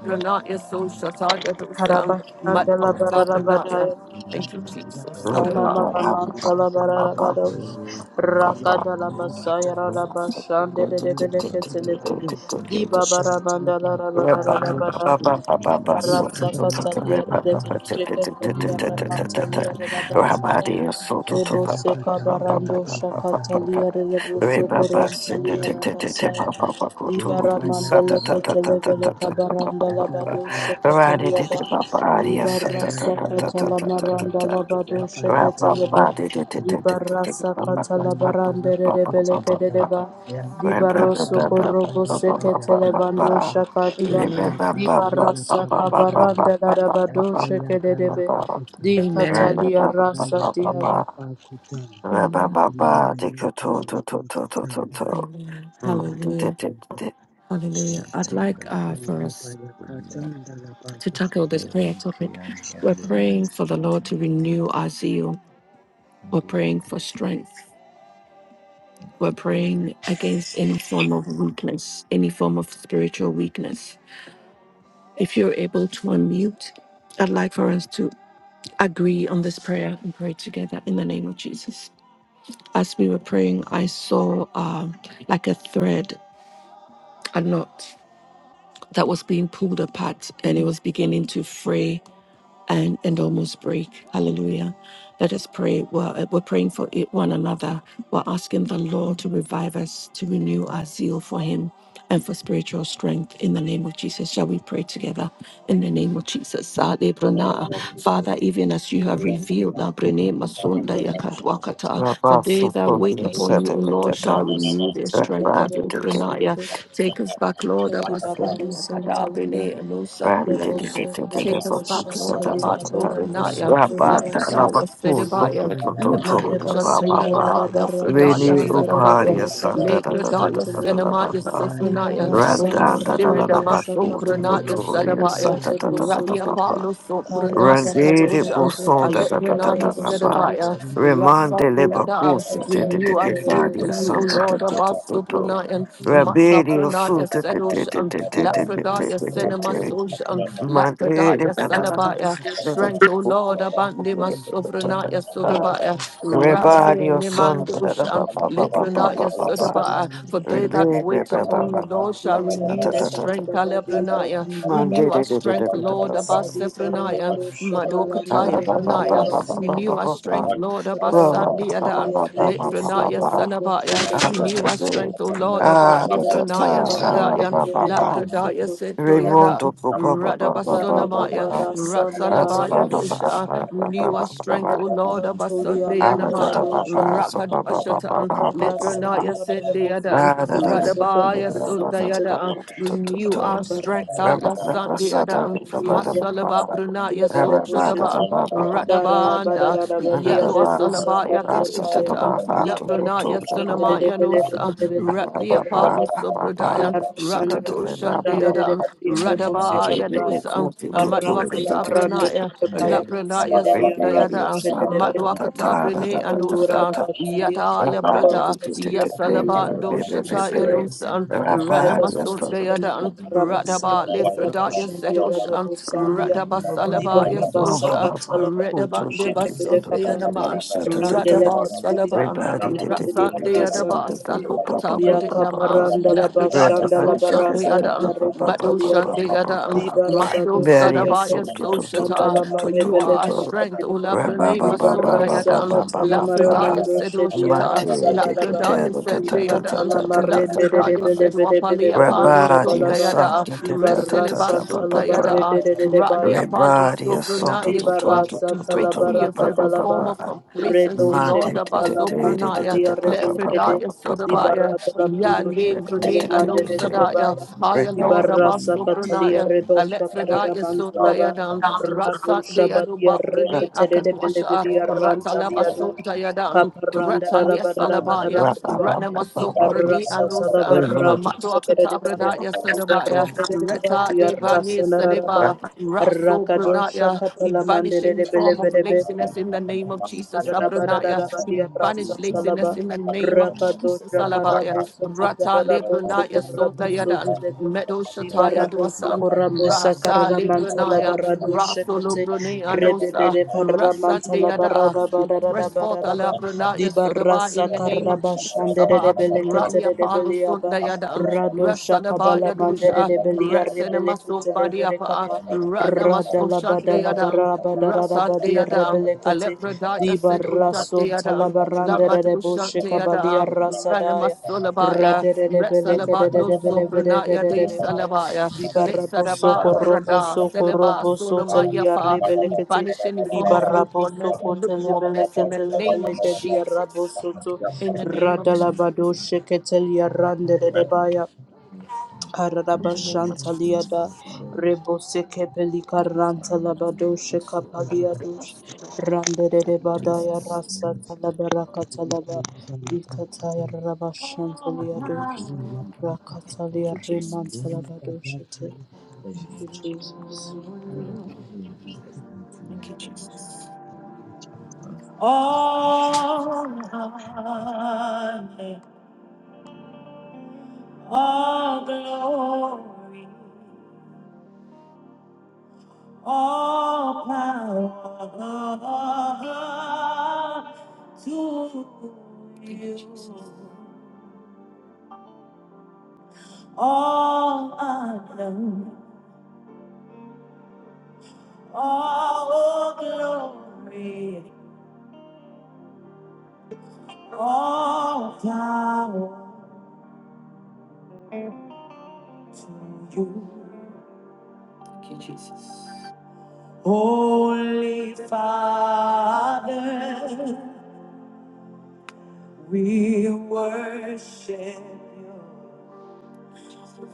S3: you.
S1: so shataya dosa
S9: Haraba shanta la
S3: Thank
S9: barada
S1: matwakatapranaya.
S9: badaya.
S1: Thank you, Jesus. Aloha.
S9: Karabaramantalabarabado.
S2: you. Rabba
S9: Rakadalabasayarabashandede de Beleketselebe. Di Babaramandalarabarabada. Di Karabaramantalabarabarabaro. Rakadalabasayarabashandelebeleketelebe. Dibabaramandalarabarabara. Dibarasakataliaredebosheketeliyaramantaliyarabasaya. Rebose
S8: Yapayakatanda
S9: kabarando
S8: lapakutanda. Lipayati
S9: shakataliaredebosokorantaliyarabasaya.
S8: lapakutanda.
S9: Libara
S8: Lipayata
S9: mandele ketele bele
S8: lapakutanda.
S9: kabaranda la
S8: Yata
S9: labado sheketeli
S8: lapakutanda.
S9: yada. Libara
S8: Lipayata
S9: sakata la maranda
S8: lapakutanda.
S9: labado
S8: Yapayata
S9: sheketeli be.
S8: lapakutanda.
S9: Libara sakata la
S8: Lipayata
S9: barande de bele
S8: lapakutanda.
S9: kedeba.
S8: Yapa
S9: Libaro
S8: yapa yapa
S9: sokorobo
S8: yapa yapa.
S9: seketele bando shakadia.
S8: Yakati
S1: Amen.
S8: papati
S9: Libara
S8: lapakutanda.
S9: sakabaranda labado
S8: Yapayata
S9: shekedebe. Di
S8: lapakutanda.
S1: Amen.
S9: katalia rasa
S8: Haya
S9: diaba.
S8: tulilapa kutanda,
S1: Amen.
S8: milima yote lapa kutanda,
S2: Rabba
S1: Amen.
S8: lapa
S1: Hallelujah.
S8: kutanda,
S1: Hallelujah. I'd
S8: shata
S1: like
S8: kati
S1: uh, for
S8: lapa
S1: us
S8: ya katanda, lapa
S1: to tackle this
S8: kutanda,
S1: prayer topic.
S8: shata
S1: We're praying for the
S8: kati
S1: Lord to renew our zeal. We're praying for strength. We're praying against any form of weakness, any form of spiritual weakness. If you're able to unmute, I'd like for us to agree on this prayer and pray together in the name of Jesus. As we were praying, I saw um, like a thread, a knot that was being pulled apart and it was beginning to fray and, and almost break. Hallelujah. Let us pray. We're, uh, we're praying for it, one another. We're asking the Lord to revive us, to renew our zeal for Him and for spiritual strength in the name of Jesus. Shall we pray together in the name of Jesus? Ale brana. Father, even as you have revealed, la brene masunda
S9: Libara
S1: yakadwakata,
S9: shakata.
S1: for they that wait
S9: Rebo
S1: upon you, O Lord, shall
S9: sokorobo
S1: renew their
S9: seketeli
S1: strength. Kado brana ya.
S9: yada.
S1: Take us back, Lord.
S9: Kadi
S1: Abasunda
S9: baraba santa
S1: yakada
S9: laba
S1: brene
S9: rebo
S1: elosa
S9: soko
S1: Take
S9: rebo
S1: us back,
S9: shata
S1: Lord,
S9: lika
S1: about
S8: pakuta kati
S9: barabo
S1: Obinaya,
S8: lapa
S9: soko
S8: katanda,
S9: rasaya.
S1: Lapidaya, Sedibaya,
S8: ilipa yanda
S1: Yamadu
S9: Hareba
S8: lapa
S9: sanda lada
S1: Chandrayanaba,
S8: kutanda,
S9: baraba
S1: Lafredaya,
S2: Veni
S8: milima
S9: shandere rebe
S1: Sadabaya,
S8: yati
S2: uparia
S9: leke
S8: lapa
S2: santa da
S9: rebo
S2: da da da
S1: Lakredaya,
S9: shete
S2: da
S8: kutanda,
S2: da
S9: lebe.
S2: da da
S1: Senamaya,
S8: Kapa
S2: da
S8: yati
S1: Sopranaya,
S9: Ibara
S8: lapa
S1: Holy
S9: saka
S2: Randan da da
S9: raba
S1: Spirit,
S2: da da
S8: kutanda,
S9: dosha
S2: baku tu
S8: milima
S9: kabarebo
S1: Amasopranaya,
S2: kulturi
S9: soko
S1: Sadabaya,
S8: yake
S9: dia
S2: santa da
S8: lapa
S9: rebo
S2: da da da
S1: Radia
S2: da da
S1: Palo, Sopranaya,
S8: kutanda,
S2: Randiri
S1: Kadoshan,
S2: buson da da da da
S1: Alepranaya,
S2: da da
S8: Thank
S2: da
S8: you.
S1: Sedabaya,
S2: Remande le
S1: Rasadiada,
S2: bakus te te
S1: renew
S2: te
S1: our
S2: ke
S1: zeal for
S2: daria
S1: you, O
S2: santa da
S1: Lord,
S2: da da da da
S1: Abasopranaya,
S2: Rabiri
S1: Matsapranaya,
S2: usu te te te te
S1: Sedoshan,
S2: te te te te
S1: Lapredaya,
S2: te te te
S1: Senamasoshan,
S2: my baby,
S1: Lapradaya Salabaya, strength, O Lord, Abandima Sovranaya
S9: Bible
S1: Sodabaya, Rasi
S2: Everybody,
S9: responsible
S2: your son.
S1: Nimanda Ushan,
S9: Bible
S1: Litranaya Sodabaya, for
S9: responsible
S1: they that wait upon you, Lord, shall
S9: Imara
S1: renew their
S9: Bosa
S1: strength,
S9: Bababi Baba
S1: Alabranaya, renew our strength, Lord,
S9: Sadi
S1: Abasefranaya,
S9: Barrendo
S1: Madokataya
S9: Shabalandere
S1: Branaya,
S9: Kariba Saya
S1: renew our strength, Lord, Abasandi
S9: Ramantali
S1: Adam,
S9: Rebo
S1: Litranaya
S9: Soto Rebo
S1: Sanabaya,
S9: Shepeti
S8: Thank
S1: renew our strength, O Lord, Abad
S9: Arasata La
S1: Litranaya Sadaya,
S9: Barrendere
S2: Ah,
S9: Rebo
S1: Lakradaya
S9: Soto
S1: Sedoyada,
S2: Raimundo co- ba- ba- ba- ba- ba-
S9: Rabba
S2: ba-
S9: Baba
S1: Radabasunamaya,
S2: ba-
S9: Rasanda
S2: Us,
S1: Ratsalabaya
S2: ba- ba- ba-
S9: Barakabaya
S1: dosha,
S2: ba- ba- ba-
S1: renew
S2: ba-
S1: our
S2: ba- ba-
S1: strength, O
S9: Lebele
S2: ba-
S1: Lord,
S9: Katuli
S2: Ah, da-
S9: Aranda
S2: da-
S9: La
S1: Abasundianamaya,
S2: da- ba-
S9: Dosha
S2: ba- so-
S9: kapa.
S2: ba- ba- ba- ba-
S1: Rakadwashatan,
S2: ah, ba- ba-
S9: Arrasa
S1: Nitranaya
S9: dia rere boso
S1: Sindiadan,
S2: Ah,
S9: kurere
S2: da- da- da-
S9: boso
S2: da- da-
S9: kurere
S2: da-
S9: boso
S2: da- da- da- da-
S1: Radabaya
S9: kutelebe.
S2: da- da- da-
S1: Renew
S9: Para
S2: da.
S1: our strength,
S9: barasa
S2: Ra-
S1: Allah
S2: ba- da-
S9: tala
S2: ba-
S9: bare
S1: Sandi
S2: sa- da-
S1: Adam,
S9: boso
S2: da- da-
S9: dia
S2: ba- da-
S9: rere
S2: ba- ba.
S1: Masalaba
S9: boso
S1: Brunaya
S9: kudia
S2: Ah,
S9: rere
S2: ra- ba-
S9: boso
S2: da-
S9: te.
S2: da-
S1: Sochadaban,
S2: ba- ba- ba- ba-
S9: Para
S2: ba.
S9: la bara
S1: Radabanda,
S9: la la ba
S2: Ah, da-
S9: dia
S2: da-
S1: Yadwa
S9: rere
S2: ba-
S9: bosa
S2: da-
S1: Salabaya
S9: rere
S2: ba- sa- da-
S9: baya.
S2: da-
S1: Kadushatan,
S2: ba-
S9: Di
S2: ha- tu-
S9: para
S2: tu- tu-
S1: Labrunaya
S2: da-
S9: maçan
S2: ba- ba-
S9: rere
S2: ba-
S1: Sanamaya
S9: bele
S2: ba.
S9: bele
S1: Nusa,
S9: bele bele
S2: Ah, ra-
S9: bele
S2: ba-
S1: Ratlia
S9: bele
S2: ba-
S1: Palu
S9: bele.
S2: ah, ba- ba.
S1: Sobradayan,
S9: Dia rere
S2: Sa- da- da-
S9: mandala
S2: da-
S1: Rakadusha
S2: ba-
S9: maçan
S2: ba- ba.
S9: rere
S1: Deadan,
S9: ba dia rere bosa rere
S1: Radabaya
S9: baya.
S1: Dusan,
S9: Arrasa la
S1: Matwakata
S9: baranda
S1: Brunaya,
S9: rere baya.
S1: Lapranaya
S9: Senderi arrado
S1: Sundayadan,
S9: şedebe.
S1: Matwakata Brine
S9: O Lord,
S1: Anusa,
S9: Adabashandia,
S1: Yata
S9: pour out
S1: Brada,
S9: your spirit upon us, O
S1: Yasalabando
S9: God, and
S1: Shataya
S9: restore us.
S1: Losan,
S9: Revive us once
S3: you.
S9: again,
S1: Ranamasundayadan,
S9: Lord.
S3: Thank
S1: Radaba
S9: Arabasandia,
S1: Lifradaya
S2: Everybody,
S9: Raboshandia,
S1: Sedoshan,
S9: Rabosandia, Diba
S1: Radabasalabaya
S9: Rabasaka,
S1: Sosha,
S9: Talabaribo,
S8: you.
S9: Shekebelekapa,
S1: Redabandebasundayanaman,
S9: Arandele Katulia,
S1: Radabasalaba,
S9: Barandele,
S8: Thank
S9: Viri,
S1: Rasandayadaba Salukata Bradayama,
S9: Yakaparanda,
S1: Labradaya
S9: Labashanda, Labarasa,
S1: Soshandayadan,
S9: Diarekataliada.
S1: Madoshandayadan, Mado
S9: Dibarabado
S2: Daddy,
S1: Sadabaya
S2: so to
S9: Seketelebo
S2: to to to
S1: Soshata,
S9: Sandala
S2: to
S1: for
S2: to to
S1: you
S2: to
S1: are our
S9: Marebelevele
S2: to.
S1: strength, O
S9: Kedebe
S2: Ra ba
S1: Labrane
S2: ba ba ba ba ba
S9: Dibarasa
S2: ba
S1: Masundayadan.
S2: ba
S9: Katala
S2: ba ba.
S1: Lakradaya
S9: Maramando
S1: said
S2: Ma
S9: Shedia
S2: ti
S1: Oshata,
S2: ti ti
S9: Rasa
S2: ti
S9: Dalaba
S2: ta
S1: Lakradaya
S2: ta
S1: said
S2: ta ta ta
S1: Deada,
S9: Dipatala
S2: ta ta ta ta
S9: Marende
S2: pa pa.
S1: Lakradaya said Wapali
S9: Rebelevele
S2: Ra
S9: Bado
S1: Apando
S2: ba di
S1: Sot
S2: a
S9: Shabalaba
S2: sa
S1: Dayada,
S2: ti ti ta ta ta
S1: Reseleba
S9: Dibarasa
S2: ta pa
S1: Sot
S2: pa pa.
S1: Dayada,
S9: Talabarede
S1: Rani
S9: Debaya
S2: Ra
S1: Apalo
S2: ba di a so
S1: Sobrana
S2: to to to
S1: Yeswa.
S2: to
S9: Ibarasa
S1: We
S2: to to
S1: break
S2: to
S1: free
S2: ra
S1: of
S9: talabaraka
S2: ba ba
S1: every
S2: ba
S9: dalaba
S1: form
S2: ba.
S1: of
S9: redo
S1: complacency,
S2: Ma
S1: Lord
S2: ti
S9: sheka
S2: ti ti
S9: talaman
S2: ti ti ti
S1: Abasopranaya,
S2: ta
S9: talia
S2: ta pa pa pa pa
S9: rebelekede
S1: Lefredaya
S2: pa pa pa.
S9: dibara
S1: Sodabaya,
S9: dalamando
S2: Ra
S9: shaka
S1: Yandim
S2: ti
S1: Brune
S2: ti ti
S9: balemande
S2: ti ti.
S1: Anosadaya,
S9: rebaya
S2: Ra
S1: Higher
S2: ba ba
S1: Lord
S2: ba.
S9: dibarasa katalia
S1: Abasopranaya,
S9: redo shaka
S1: Daya
S9: raman talaba
S1: Sundayadan,
S2: Ra ba
S9: rado
S1: Ratsa Deadu
S9: shabadia
S1: Babruni
S9: reketere de
S1: Akadwasha,
S9: belebedia rantalia
S1: Ratalabasu
S9: dos
S1: Dayadan,
S9: kaparanda
S1: Ratalia
S9: rabara rabara
S2: ba
S1: Salabaya,
S9: rabadia
S2: ba
S9: di
S2: ba
S1: Ranamasu
S2: ba ba.
S1: Bruni
S9: barrasa tala
S1: Alusa,
S2: Praise
S9: barra
S3: you.
S2: Lord.
S9: du
S1: Amadua
S9: kere di
S1: Katabra
S9: baya
S3: Thank
S1: Daya
S9: di barra
S1: Sudabaya,
S9: nere de va
S1: Reta
S9: di
S1: Devani
S9: arrasa narara bay
S1: Saliba, Raso
S9: rakado
S1: Brunaya,
S9: shaka
S1: we
S9: pala
S1: banish
S9: mandere
S1: any
S9: de
S1: form of
S9: bele
S1: laziness in the name of Jesus, Abranaya, we
S9: Harabadarabadia Brasa
S1: banish
S9: Salaba
S1: laziness in the name of Jesus,
S9: Rakadosha
S1: Alabaya,
S9: Karabosa
S1: Rata
S9: Kadarabosu
S1: Lebrunaya
S9: Kurabosu
S1: Sundayadan.
S9: Telebe
S1: Meadow Shataya
S9: Libarabosu
S1: Dwasan,
S9: Kurabosa
S1: Rasa
S9: Karamantala
S1: Libranaya,
S9: Barado
S1: Rasolo
S9: Shekete
S1: Brunea Losa,
S9: Rebebele Karamantala
S1: Rasandeada,
S9: Barada Barada
S1: press forth
S9: Barada
S1: Alabranaya Sodaba
S9: Dibarasa
S1: in the name
S8: you.
S1: of Jesus
S9: Karabashande
S1: Saba,
S9: Rebelekete
S1: Rally Apollo
S9: Rebeliaba
S1: Sundayadan,
S9: Radosha Kabala
S1: Rasadabaya
S9: Mandere
S1: Dosha,
S9: Rebelia Rebelekete
S1: Rasenamaso Badiapa,
S9: Reverekapa
S1: Ranamaso
S9: Radala Badala
S1: Shandeadan,
S9: Barabadara Badia
S1: Rasandeadan,
S8: Thank
S9: Rebelekete
S1: Alepradaya said
S9: Libarason
S1: Ushandeadan,
S9: talabarande de boshe kabalia
S1: Lamadushandeadan,
S9: rasadaya.
S1: Ranamasolabaya.
S9: Radere de beleke
S1: Retsalaba
S9: de
S1: no
S9: de beleveke
S1: sobranaya
S9: de
S1: de
S9: de baya.
S1: salabaya, let
S9: Libaraboso
S1: sadaba rada,
S9: koroboso
S1: seleba
S9: koroboso
S1: solamaya
S9: telia
S1: fa. We
S9: rebelekete.
S1: banish any form of
S9: Libaraboso
S1: lukewarmness, lukewarmness
S9: kotelebeleke
S1: in the name of
S9: telebeleke dia
S1: Jesus.
S9: rabosoto.
S1: In the name of Jesus.
S9: Radalabado sheketelia rande de de baya.
S1: In the name of Jesus.
S9: Karabashantaliada
S3: you.
S9: Rebose Kepelika
S3: Lord, we
S9: Rantalabado
S3: pray
S9: Shekapaliadush Randere de Badaya
S1: Jesus.
S9: Rasa Talabaraka Talaba Dikataya
S1: Oh,
S9: Rabashantaliadush
S1: Thank
S9: Rakatalia
S1: you, Jesus.
S9: Remantalabado Thank you, Jesus.
S3: in Jesus' mighty
S1: Thank
S3: name
S1: you,
S3: that
S1: Jesus.
S3: you strengthen
S8: you.
S3: us.
S1: All honor, all glory. all power to you. All honor, all glory, all power to you. Holy Father, we worship you.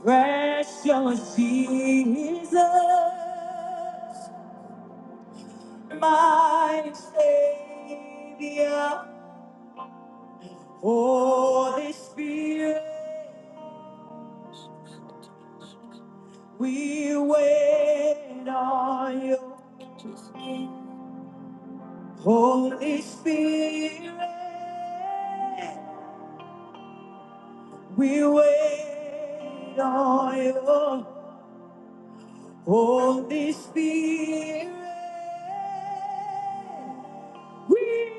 S1: Precious Jesus. my Savior. Holy Spirit, we wait on you. Holy Spirit, we wait on you. Holy Spirit, we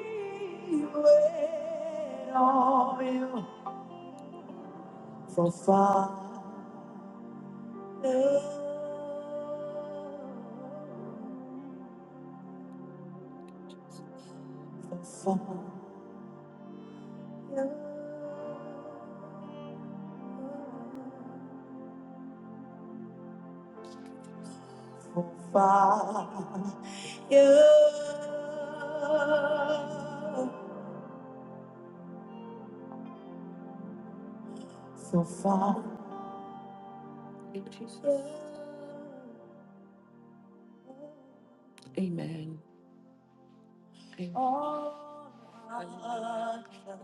S1: wait on you from far. So far, Amen.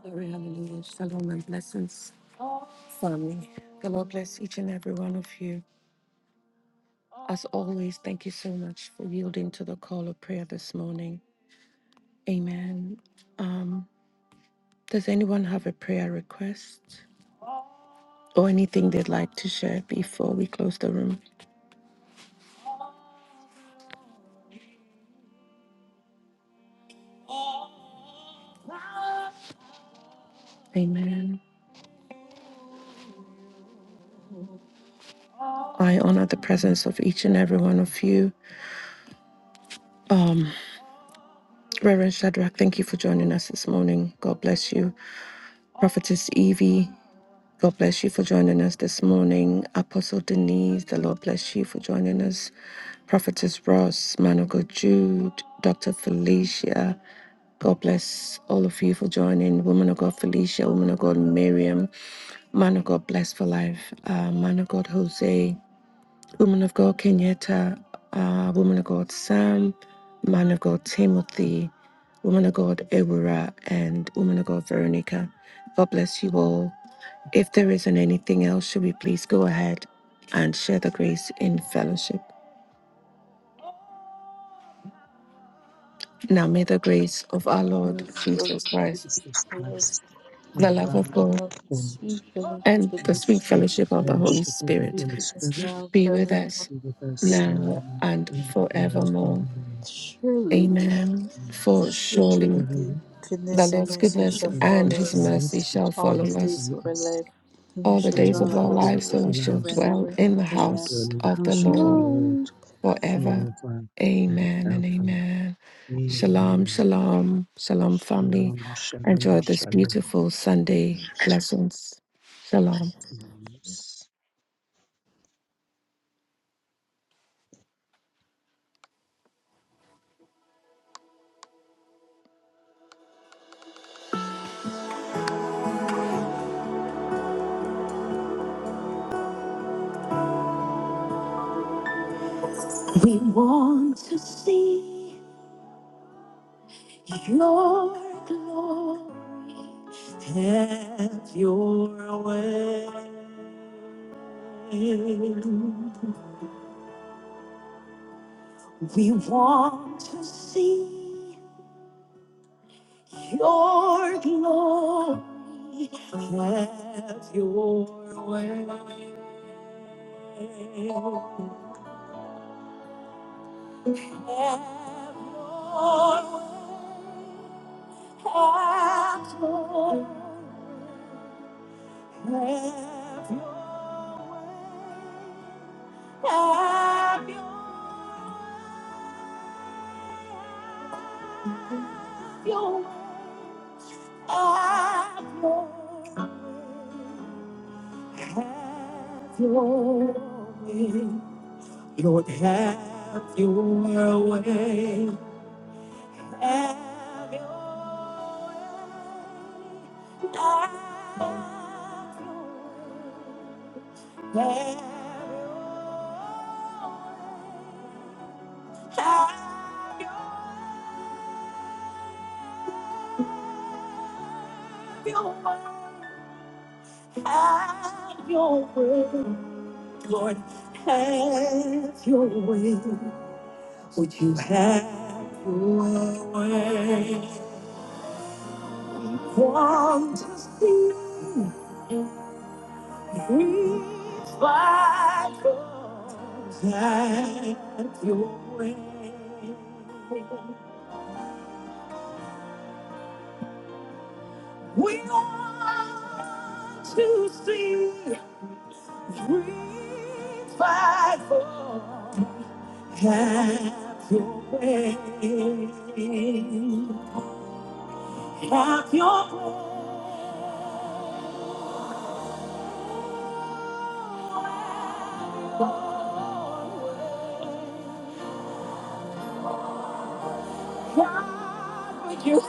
S1: Glory, hallelujah. Shalom and blessings, family, listening, or anything they'd like to share before we close the room. Amen. I honor the presence of each and every one of you. Um. Reverend Shadrach, thank you for joining us this morning. God bless you. Prophetess Evie, God bless you for joining us this morning. Apostle Denise, the Lord bless you for joining us. Prophetess Ross, Man of God Jude, Dr. Felicia, God bless all of you for joining. Woman of God Felicia, Woman of God Miriam, Man of God blessed for Life, uh, Man of God Jose. Woman of God Kenyatta, uh, Woman of God Sam, Man of God Timothy, Woman of God Ebura, and Woman of God Veronica. God bless you all. If there isn't anything else, should we please go ahead and share the grace in fellowship? Now may the grace of our Lord
S9: Yes, Lord,
S1: Jesus
S9: we give
S1: Christ,
S8: Jesus
S9: you praise.
S8: Christ, the
S1: the
S9: Love of
S1: love
S8: Lamb
S1: of
S8: of
S1: God,
S9: God,
S8: God,
S9: sweet
S1: and
S9: fellowship of the
S1: the
S8: the
S1: sweet
S8: sweet
S1: fellowship of the
S9: Holy Spirit,
S1: Holy
S8: fellowship of the
S9: be
S1: Spirit
S8: Holy
S9: with us
S8: Spirit,
S9: now
S1: be with
S9: forevermore.
S1: us
S8: be with us now
S9: Amen.
S1: now and
S8: and
S1: forevermore.
S8: forevermore.
S9: Surely
S1: Amen.
S8: Amen.
S1: For
S9: Surely
S1: surely.
S8: Surely
S1: The
S9: goodness and
S1: Lord's
S9: mercy
S8: the
S1: goodness
S9: shall follow
S1: and
S8: goodness
S1: his
S9: us
S8: and
S1: mercy
S8: mercy
S1: shall
S9: all
S8: shall
S9: the
S1: follow us
S9: days
S8: follow
S9: of our
S8: us
S9: life, and we
S1: all the
S9: shall
S1: days
S8: all
S9: dwell in
S1: of
S9: the
S8: the
S1: our
S9: house of
S8: days
S1: lives,
S9: the
S8: of
S1: and
S9: Lord
S8: our
S1: we shall
S9: forever and
S8: lives,
S1: dwell
S9: ever.
S1: in the
S8: shall
S9: Amen.
S8: dwell
S1: house
S8: in the
S1: of the
S8: house of the
S1: Lord
S8: Lord
S9: Shalom.
S1: forever.
S8: forever and
S1: Amen and
S8: ever.
S1: amen. Shalom,
S8: Amen.
S1: shalom, shalom, family.
S8: Shalom, shalom,
S1: Enjoy this
S8: shalom.
S1: beautiful Sunday. Blessings. Shalom.
S8: Blessings.
S1: We want to see your glory. Have your way. We want to see your glory. Have your way. Have your way. Have your way. Have your way. Have your way. Have your way. Have your way. Have your way. Lord, have your way. Have your way. Have your way. Have your way. Have your way. Have your way. Lord, have your way. Would you have your way? Want to see. Please fight for that your way. We want to see Please fight for have your way. Have your way. You-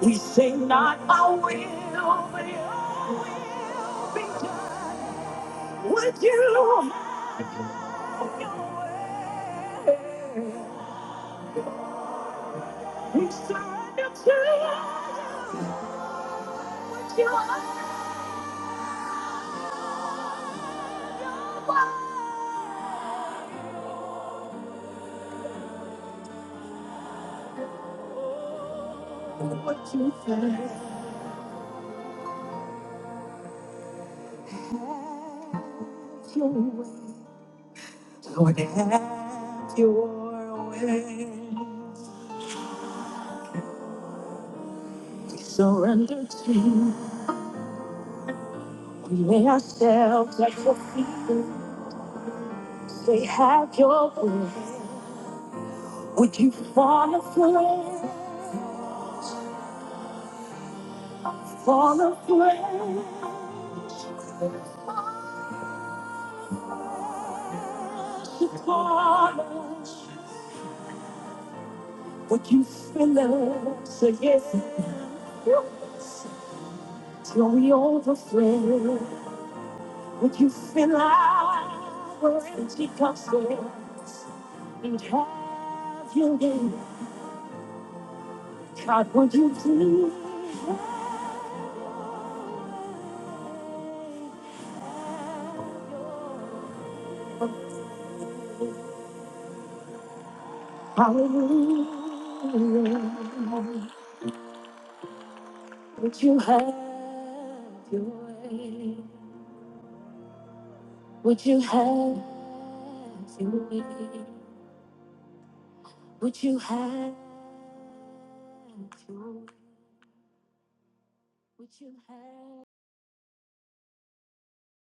S1: We say not our will, but your will be done. Would you have your way? It's time to tell you what you think. have your way. Lord, have your way. We surrender to you. We lay ourselves at your feet. Say, have your way. Would you fall aflame? Fall aflame. Upon us. Would you fill us again till we overflow? Would you fill our empty cups there and have your way? God, would you please? Hallelujah. Would you have your way? Would you have your way? Would you have your way? Would you have?